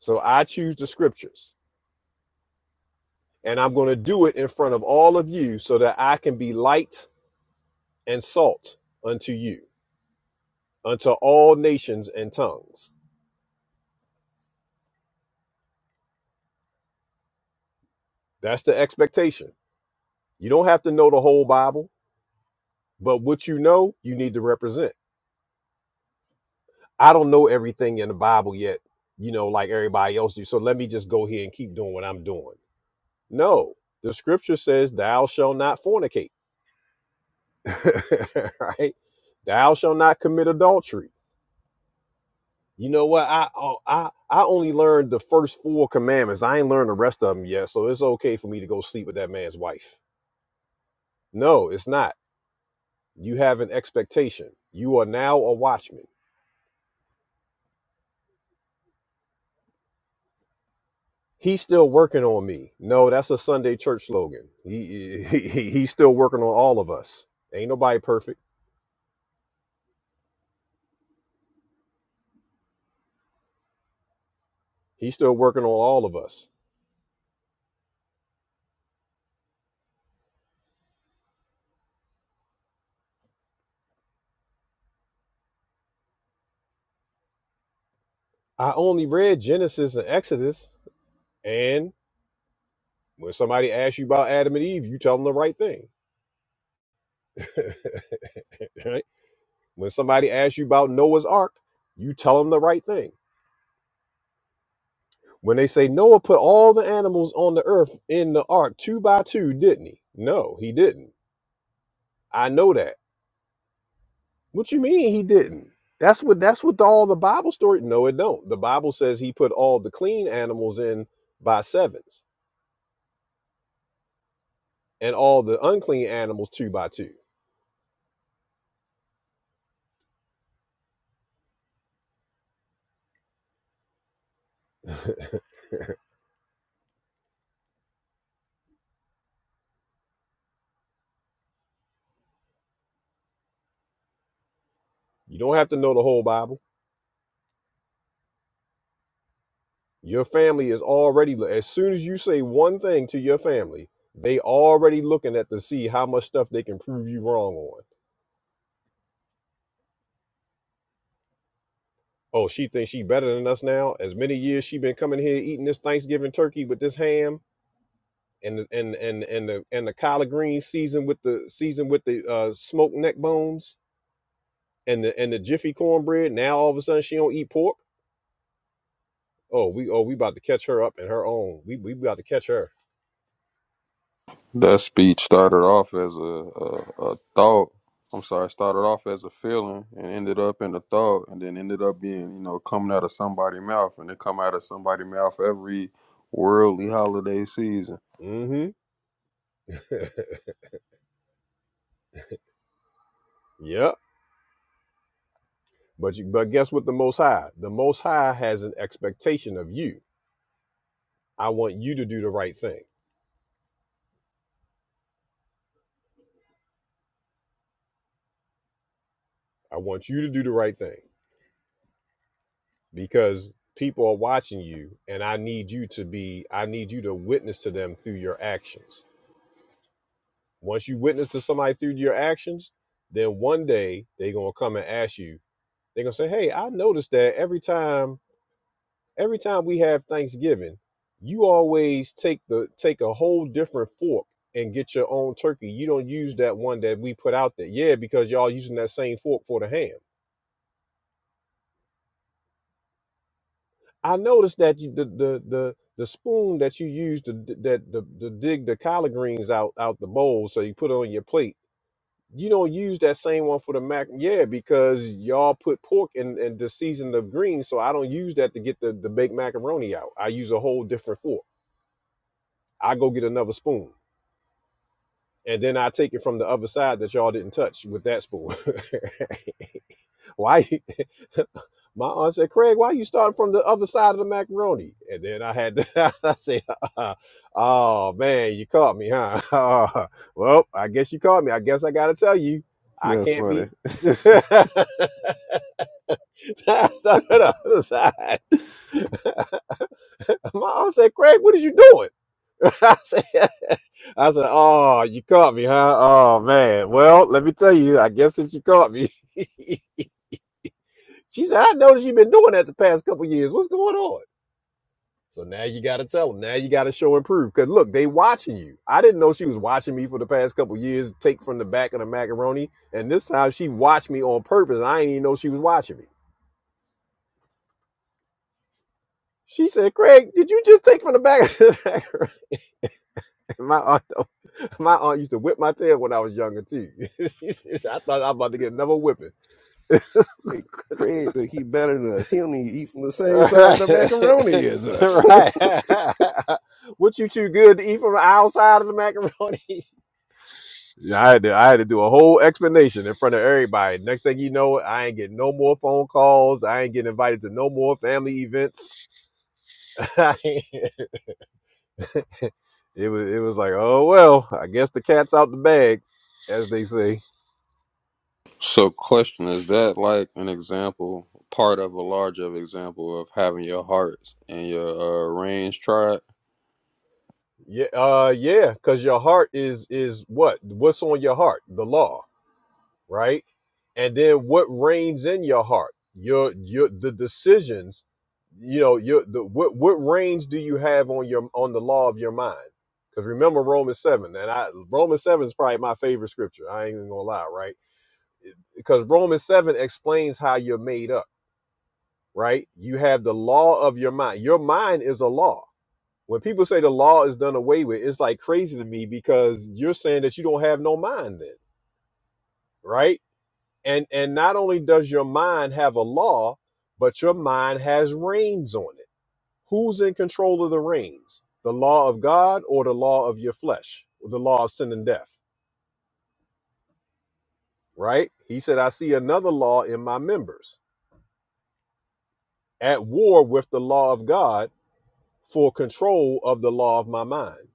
Speaker 1: So I choose the scriptures, and I'm going to do it in front of all of you, so that I can be light and salt unto you, unto all nations and tongues. That's the expectation. You don't have to know the whole Bible, but what you know, you need to represent. I don't know everything in the Bible yet, you know, like everybody else do. So let me just go here and keep doing what I'm doing. No, the scripture says, Thou shall not fornicate, right? Thou shall not commit adultery. You know what? I, oh, I I only learned the first four commandments. I ain't learned the rest of them yet, so it's okay for me to go sleep with that man's wife. No, it's not. You have an expectation. You are now a watchman. He's still working on me. No, that's a Sunday church slogan. He, he, he- he's still working on all of us. Ain't nobody perfect. He's still working on all of us. I only read Genesis and Exodus, and when somebody asks you about Adam and Eve, you tell them the right thing. right? When somebody asks you about Noah's Ark, you tell them the right thing. When they say Noah put all the animals on the earth in the ark two by two, didn't he? No, he didn't. I know that. What you mean he didn't? That's what that's what the, all the Bible story. No, it don't. The Bible says he put all the clean animals in by sevens and all the unclean animals two by two. You don't have to know the whole Bible. Your family is already as soon as you say one thing to your family, they already looking at to see how much stuff they can prove you wrong on. Oh, she thinks she better than us now. As many years she been coming here eating this Thanksgiving turkey with this ham and the, and and and the and the collard green season with the season with the uh, smoked neck bones and the and the jiffy cornbread. Now all of a sudden she don't eat pork. Oh, we oh we about to catch her up in her own. We we about to catch her.
Speaker 10: That speech started off as a, a, a thought. I'm sorry, started off as a feeling and ended up in a thought and then ended up being, you know, coming out of somebody's mouth and it come out of somebody's mouth every worldly holiday season.
Speaker 1: Mm-hmm. Yep. But you, but guess what? The Most High, the Most High has an expectation of you. I want you to do the right thing. I want you to do the right thing because people are watching you, and I need you to be. I need you to witness to them through your actions. Once you witness to somebody through your actions, then one day they're gonna come and ask you. They're gonna say, "Hey, I noticed that every time, every time we have Thanksgiving, you always take the take a whole different fork and get your own turkey. You don't use that one that we put out there. Yeah, because y'all using that same fork for the ham. I noticed that you, the the the the spoon that you use to that the, the dig the collard greens out out the bowl, so you put it on your plate you don't use that same one for the mac yeah because y'all put pork in, in the season of greens so i don't use that to get the, the baked macaroni out i use a whole different fork i go get another spoon and then i take it from the other side that y'all didn't touch with that spoon why you- my aunt said craig why you starting from the other side of the macaroni and then i had to i say uh, oh man you caught me huh Uh, well i guess you caught me i guess i gotta tell you i
Speaker 6: That's
Speaker 1: can't
Speaker 6: funny.
Speaker 1: be passed out on the other side. My aunt said, Craig, what is you doing? I said, I said, oh, you caught me, huh? Oh, man. Well, let me tell you, I guess that you caught me. she said, I noticed you've been doing that the past couple of years. What's going on? So now you got to tell them. Now you got to show and prove. Because look, they watching you. I didn't know she was watching me for the past couple of years, take from the back of the macaroni. And this time she watched me on purpose. And I didn't even know she was watching me. She said, Craig, did you just take from the back of the macaroni? My aunt My aunt used to whip my tail when I was younger too. She said, I thought I was about to get another whipping.
Speaker 6: Hey, Craig think he better than us. He only eat from the same
Speaker 1: All
Speaker 6: side of the
Speaker 1: right,
Speaker 6: macaroni as us.
Speaker 1: all right. what you too good to eat from the outside of the macaroni? Yeah, I had to. I had to do a whole explanation in front of everybody. Next thing you know, I ain't getting no more phone calls. I ain't getting invited to no more family events. it was. It was like, oh well. I guess the cat's out the bag, as they say.
Speaker 10: So, question is that like an example, part of a larger example of having your hearts and your uh, range tried?
Speaker 1: Yeah, uh, yeah, because your heart is is what? What's on your heart? The law, right? And then what reigns in your heart? Your your the decisions, you know, your the what what reigns do you have on your on the law of your mind? Because remember Romans seven, and I Romans seven is probably my favorite scripture. I ain't even gonna lie, right? Because Romans seven explains how you're made up, right? You have the law of your mind. Your mind is a law when people say the law is done away with, it's like crazy to me because you're saying that you don't have no mind then, right? And and not only does your mind have a law, but your mind has reins on it. Who's in control of the reins? The law of God or the law of your flesh? Or the law of sin and death, right? He said, I see another law in my members at war with the law of God for control of the law of my mind.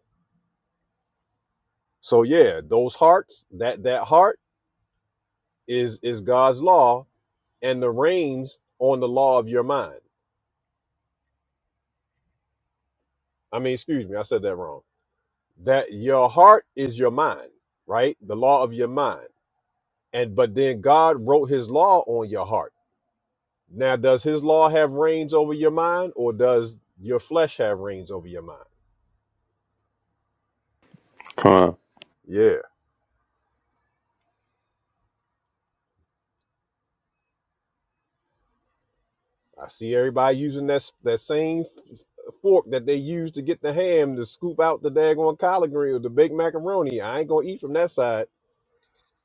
Speaker 1: So yeah, those hearts, that that heart is is God's law and the reins on the law of your mind. I mean, excuse me, I said that wrong. That your heart is your mind, right? The law of your mind. And but then God wrote his law on your heart. Now, does his law have reins over your mind or does your flesh have reins over your mind?
Speaker 10: Come on,
Speaker 1: Yeah. I see everybody using that that same fork that they use to get the ham to scoop out the daggone collard green or the baked macaroni. I ain't gonna eat from that side,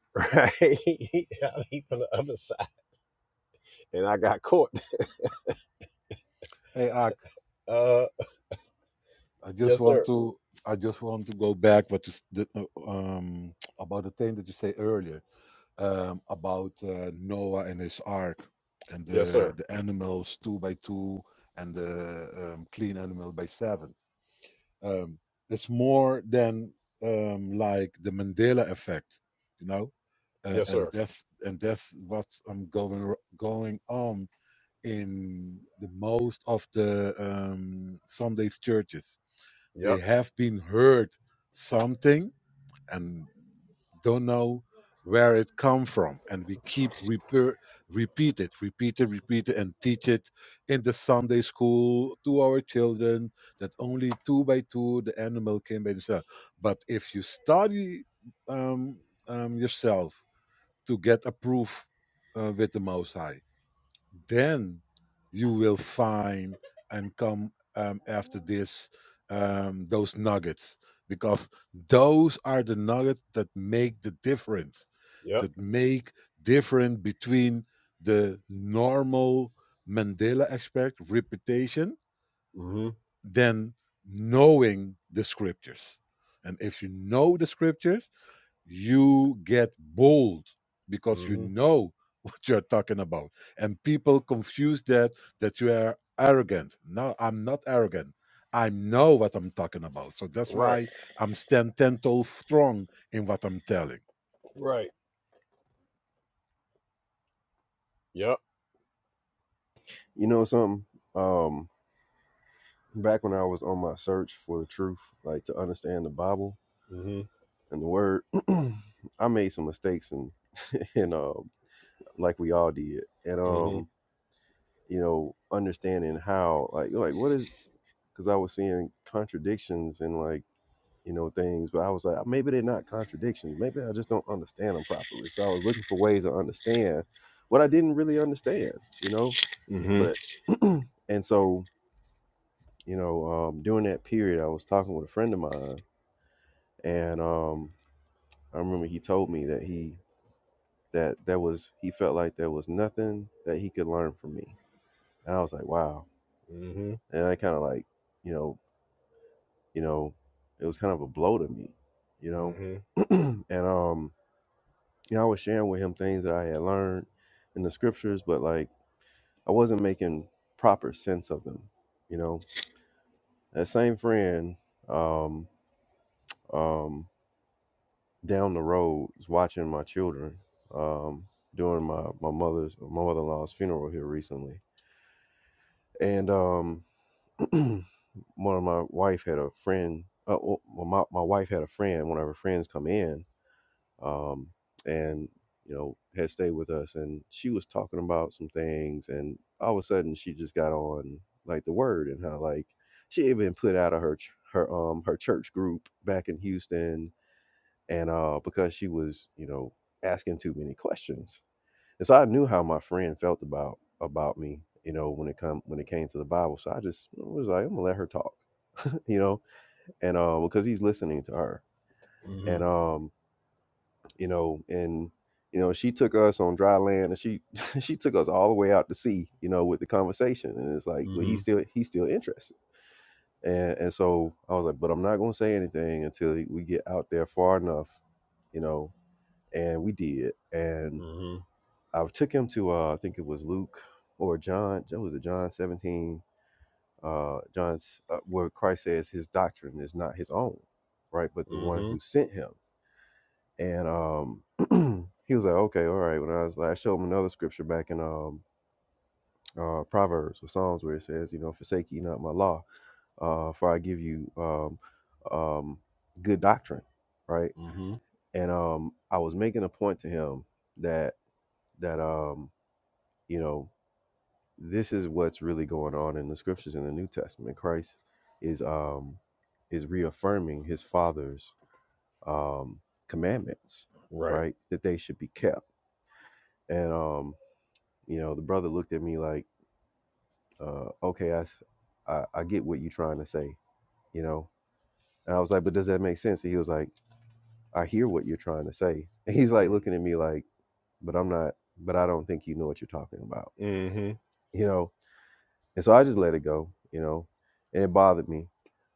Speaker 1: right? I'll eat from the other side. And I got caught.
Speaker 7: Hey,
Speaker 1: Uh,
Speaker 7: I just
Speaker 1: yes,
Speaker 7: want
Speaker 1: sir.
Speaker 7: to I just want to go back what you, s- the, uh, um, about the thing that you say earlier um, about uh, Noah and his ark and
Speaker 1: Yes,
Speaker 7: the
Speaker 1: sir.
Speaker 7: the animals two by two and the um, clean animal by seven. Um, it's more than um, like the Mandela effect, you know, uh,
Speaker 1: Yes,
Speaker 7: and
Speaker 1: sir.
Speaker 7: that's and that's what's um, going r- going on in the most of the um, Sundays churches
Speaker 1: Yep.
Speaker 7: they have been heard something and don't know where it come from and we keep repeat, repeat it repeat it repeat it and teach it in the sunday school to our children that only two by two the animal came by themselves but if you study um, um, yourself to get a proof uh, with the most high then you will find and come um, after this um, those nuggets because those are the nuggets that make the difference
Speaker 1: Yep.
Speaker 7: that make difference between the normal mandela aspect reputation
Speaker 1: Mm
Speaker 7: than knowing the scriptures and if you know the scriptures you get bold
Speaker 1: hmm.
Speaker 7: because
Speaker 1: Mm
Speaker 7: you
Speaker 1: hmm.
Speaker 7: know what you're talking about and people confuse that that you are arrogant no i'm not arrogant i know what i'm talking about so that's
Speaker 1: Right.
Speaker 7: why i'm stand ten toes strong in what i'm telling
Speaker 1: Right. Yep.
Speaker 6: you know something? Um, back when I was on my search for the truth, like to understand the Bible,
Speaker 1: Mm
Speaker 6: and the word. I made some mistakes and and um like we all did. And
Speaker 1: hmm. Mm
Speaker 6: um,
Speaker 1: hmm.
Speaker 6: you know, understanding how like you're like what is because I was seeing contradictions and like you know things, but I was like maybe they're not contradictions. Maybe I just don't understand them properly. So I was looking for ways to understand what I didn't really understand. You know,
Speaker 1: Mm hmm.
Speaker 6: but and so you know um, during that period, I was talking with a friend of mine, and um, I remember he told me that he that that was he felt like there was nothing that he could learn from me and i was like wow
Speaker 1: Mm
Speaker 6: and i kind of like you know you know it was kind of a blow to me you know
Speaker 1: hmm.
Speaker 6: and um you know i was sharing with him things that i had learned in the scriptures but like i wasn't making proper sense of them you know that same friend um um down the road was watching my children um during my my mother's my mother-in-law's funeral here recently and um one of my wife had a friend. Uh, well, my my wife had a friend. One of her friends come in, um, and you know had stayed with us, and she was talking about some things, and all of a sudden she just got on like the word and how like she had been put out of her ch- her um her church group back in Houston, and uh because she was you know asking too many questions, and so I knew how my friend felt about about me, you know, when it come when it came to the Bible, so I just was like, I'm gonna let her talk you know, and um, because he's listening to her,
Speaker 1: Mm hmm.
Speaker 6: and um, you know, and you know, she took us on dry land, and she she took us all the way out to sea, you know, with the conversation, and it's like,
Speaker 1: Mm
Speaker 6: well,
Speaker 1: hmm.
Speaker 6: he's still he's still interested, and and so I was like, but I'm not gonna say anything until we get out there far enough, you know, and we did, and
Speaker 1: Mm hmm.
Speaker 6: I took him to uh, I think it was Luke or John, it was it John 17, uh, John's uh, where Christ says his doctrine is not his own, right, but the
Speaker 1: Mm
Speaker 6: one
Speaker 1: hmm.
Speaker 6: who sent him and um he was like okay all right when i was like i showed him another scripture back in um uh proverbs or psalms where it says you know forsake ye not my law uh for i give you um um good doctrine right
Speaker 1: Mm hmm.
Speaker 6: and um i was making a point to him that that um you know this is what's really going on in the scriptures in the new testament christ is um is reaffirming his father's um commandments
Speaker 1: Right.
Speaker 6: right that they should be kept and um You know, the brother looked at me like, uh, okay, I, s- I- I get what you're trying to say, you know? And I was like, but does that make sense? And he was like, I hear what you're trying to say. And he's like
Speaker 1: Mm
Speaker 6: looking at me like, but I'm not, but I don't think you know what you're talking about,
Speaker 1: hmm. Mm hmm.
Speaker 6: you know? And so I just let it go, you know? And it bothered me.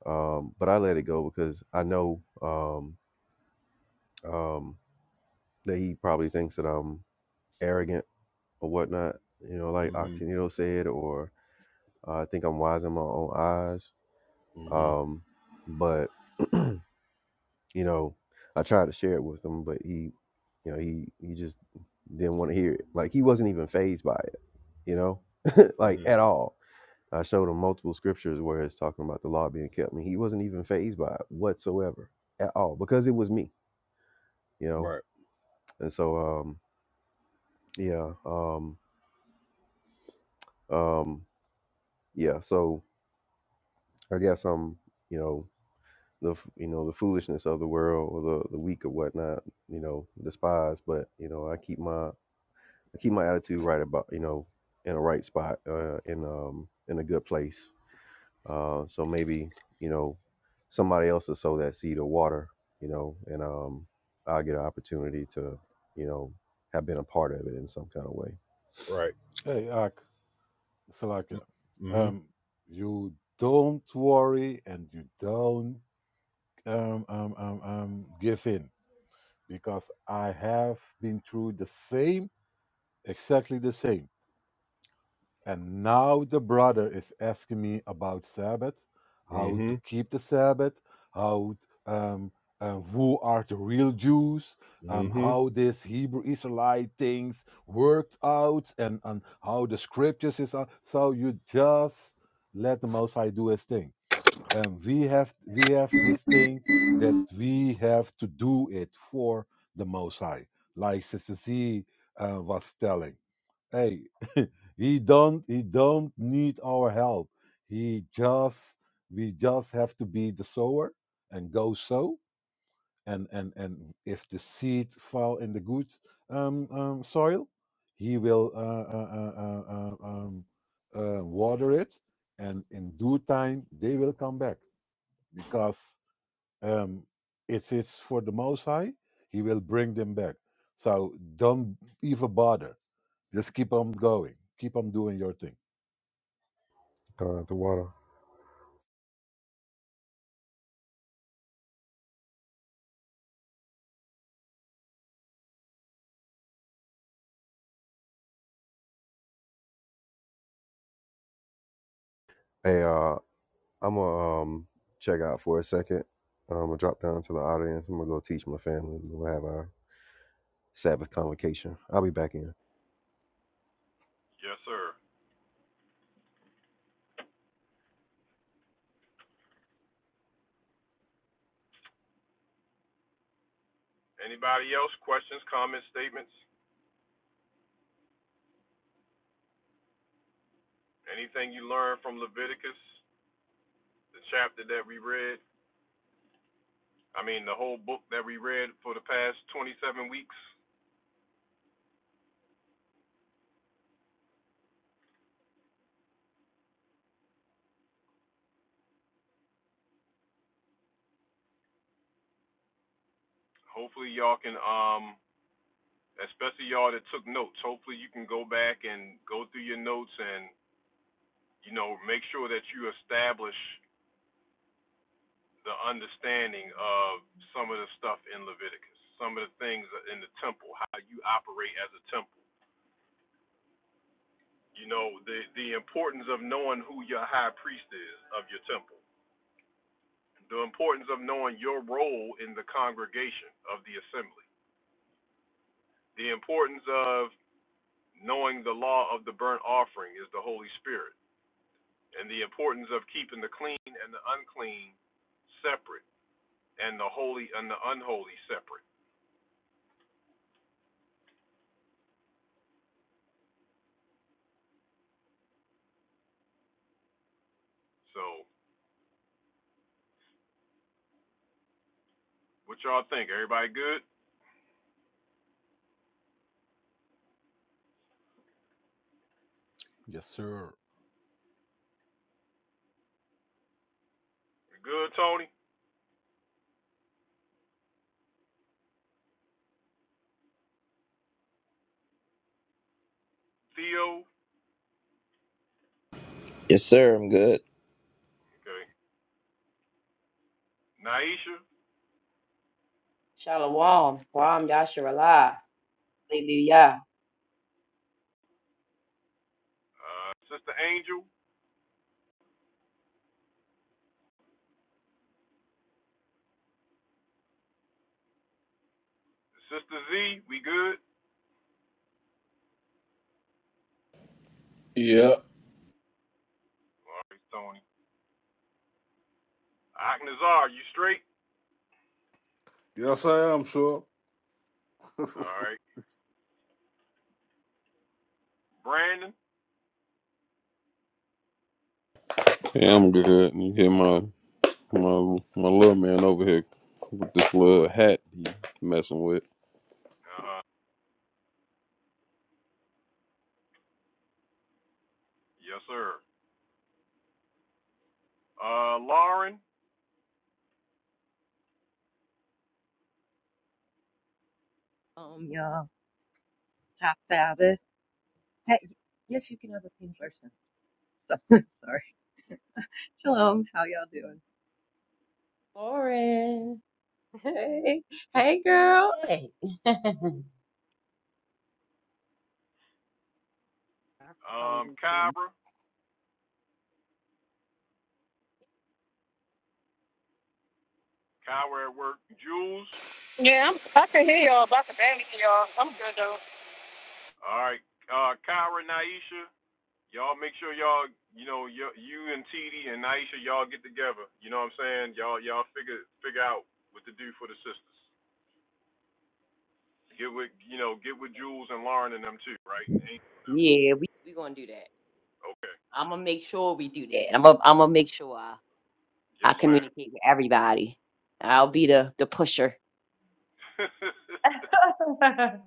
Speaker 6: Um, but I let it go because I know um, um, that he probably thinks that I'm arrogant or whatnot, you know, like
Speaker 1: Mm
Speaker 6: Octanito said, or uh, I think I'm wise in my own eyes
Speaker 1: hmm.
Speaker 6: Um, but you know, I tried to share it with him, but he, you know, he he just didn't want to hear it. Like he wasn't even phased by it, you know,
Speaker 1: Mm
Speaker 6: like
Speaker 1: hmm.
Speaker 6: at all. I showed him multiple scriptures where it's talking about the law being kept, and he wasn't even phased by it whatsoever at all because it was me, you know.
Speaker 1: Right.
Speaker 6: And so, um, yeah, um, um, yeah. So I guess I'm, you know. the f- you know the foolishness of the world or the, the weak or whatnot you know despise but you know i keep my i keep my attitude right about you know in a right spot uh in um in a good place uh, so maybe you know somebody else will sow that seed of water, you know, and um, I'll get an opportunity to you know have been a part of it in some kind of way.
Speaker 1: Right.
Speaker 7: hey ak Salaka,
Speaker 1: mm-hmm
Speaker 7: um you don't worry and you don't um, um, um, um, give in because i have been through the same exactly the same And now the brother is asking me about Sabbath,
Speaker 1: Mm
Speaker 7: how
Speaker 1: hmm.
Speaker 7: to keep the Sabbath, how um, uh, who are the real Jews, um,
Speaker 1: Mm hmm.
Speaker 7: how this Hebrew Israelite things worked out, and, and how the scriptures is. out. So you just let the Most High do his thing. And we have we have this thing that we have to do it for the Most High, like Sister Z uh, was telling hey he don't he don't need our help he just we just have to be the sower and go sow and and and if the seed fall in the good um, um soil he will uh, uh, uh, uh, uh, um, uh, water it and in due time they will come back because um it is for the most high he will bring them back so don't even bother just keep on going. Keep on doing your thing.
Speaker 6: Gone the water. Hey, uh, I'm gonna um, check out for a second. I'm gonna drop down to the audience. I'm gonna go teach my family. We'll have our Sabbath convocation. I'll be back in.
Speaker 7: Yes, sir.
Speaker 4: Yes, sir. I'm good.
Speaker 3: Shalom, Guam Yasharallah, Hallelujah.
Speaker 9: yeah.
Speaker 5: Yes, I am sure.
Speaker 10: yeah, I'm good. You hear my my my little man over here with this little hat he messing with.
Speaker 12: um yeah half Sabbath. Hey, yes, you can have a pink person. So sorry. Shalom. How y'all doing?
Speaker 3: Lauren.
Speaker 12: Hey, hey, girl.
Speaker 3: Hey.
Speaker 2: Yeah, I'm, I can hear y'all, but I can barely hear y'all. I'm good though.
Speaker 3: Yeah, we we gonna do that. I'm gonna make sure we do that. I'm gonna I'm gonna make sure I, I communicate with everybody. I'll be the the pusher. Cause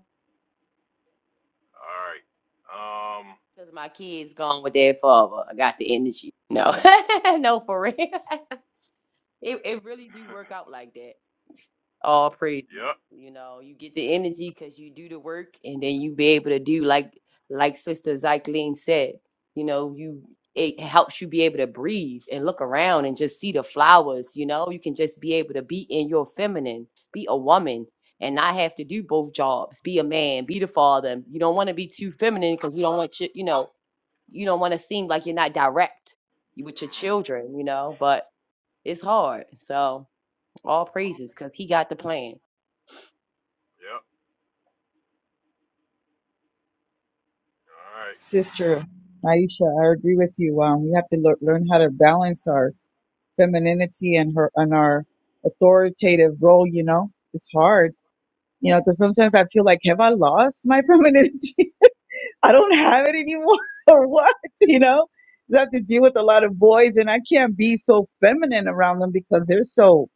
Speaker 3: my kids gone with their father. I got the energy. No, no, for real. It it really do work out like that. all praise you know you get the energy because you do the work and then you be able to do like like sister Zyklene said you know you it helps you be able to breathe and look around and just see the flowers you know you can just be able to be in your feminine be a woman and not have to do both jobs be a man be the father you don't want to be too feminine because you don't want your, you know you don't want to seem like you're not direct with your children you know but it's hard so all praises because he got the plan
Speaker 8: sister Aisha, I agree with you. Um, we have to lear- learn how to balance our femininity and her and our authoritative role. You know, it's hard. You know, because sometimes I feel like, have I lost my femininity? I don't have it anymore or what, you know? 'Cause I have to deal with a lot of boys and I can't be so feminine around them because they're so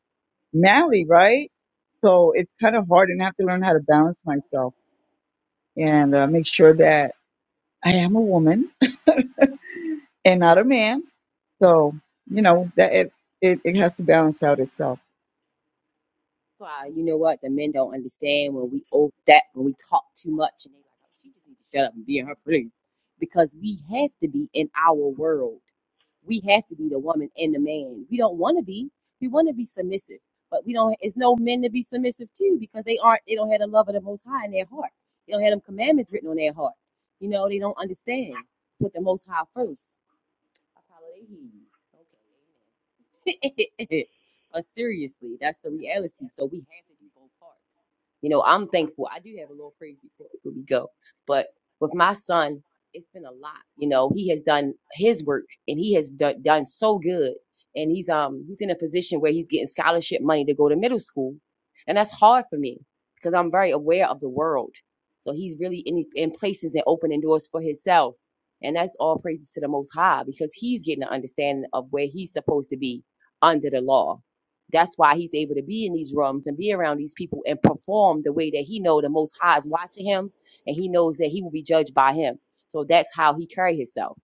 Speaker 8: manly, right? So it's kind of hard and I have to learn how to balance myself and uh, make sure that I am a woman and not a man. So, you know, that it, it, it has to balance out itself.
Speaker 3: why you know what the men don't understand when we over that when we talk too much and they like oh she just need to shut up and be in her place because we have to be in our world we have to be the woman and the man we don't want to be we want to be submissive but we don't it's no men to be submissive to because they aren't they don't have the love of the most high in their heart they don't have them commandments written on their heart you know they don't understand put the most high first Apollo, they hear you. Okay, amen. but seriously, that's the reality. So we have to do both parts. You know, I'm thankful. I do have a little praise report before we go. But with my son, it's been a lot. You know, he has done his work and he has done, done so good. And he's um he's in a position where he's getting scholarship money to go to middle school. And that's hard for me because I'm very aware of the world. So he's really in, in places and opening doors for himself and that's all praises to the Most High because he's getting an understanding of where he's supposed to be under the law. That's why he's able to be in these rooms and be around these people and perform the way that he know the Most High is watching him, and he knows that he will be judged by him. So that's how he carry himself,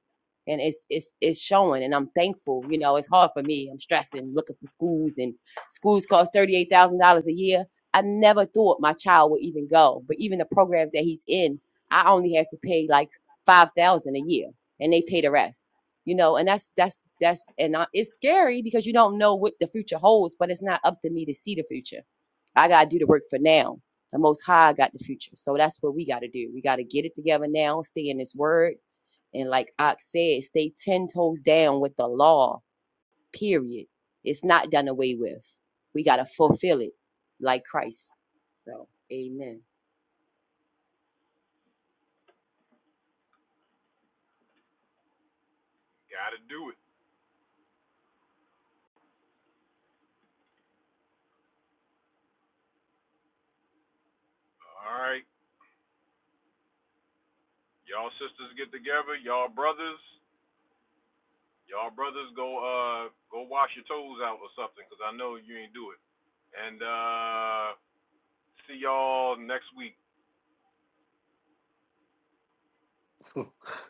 Speaker 3: and it's it's it's showing. And I'm thankful. You know, it's hard for me. I'm stressing, looking for schools, and schools cost thirty eight thousand dollars a year. I never thought my child would even go, but even the programs that he's in, I only have to pay like five thousand a year and they pay the rest you know and that's that's that's and I, it's scary because you don't know what the future holds but it's not up to me to see the future i gotta do the work for now the most high got the future so that's what we gotta do we gotta get it together now stay in this word and like ox said stay 10 toes down with the law period it's not done away with we gotta fulfill it like christ so amen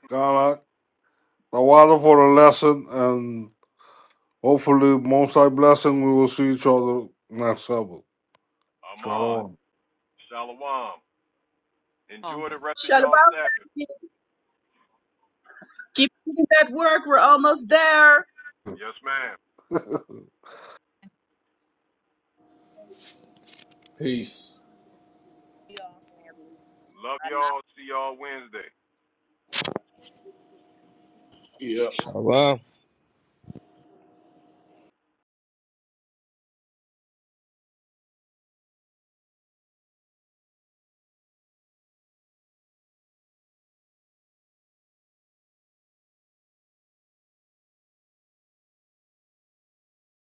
Speaker 5: Ghana. Tawada for the lesson, and hopefully, most high blessing. We will see each other next Sabbath. Shalom.
Speaker 3: Um,
Speaker 11: Shalom. Keep doing that work. We're almost there.
Speaker 9: Peace. Yeah.
Speaker 4: All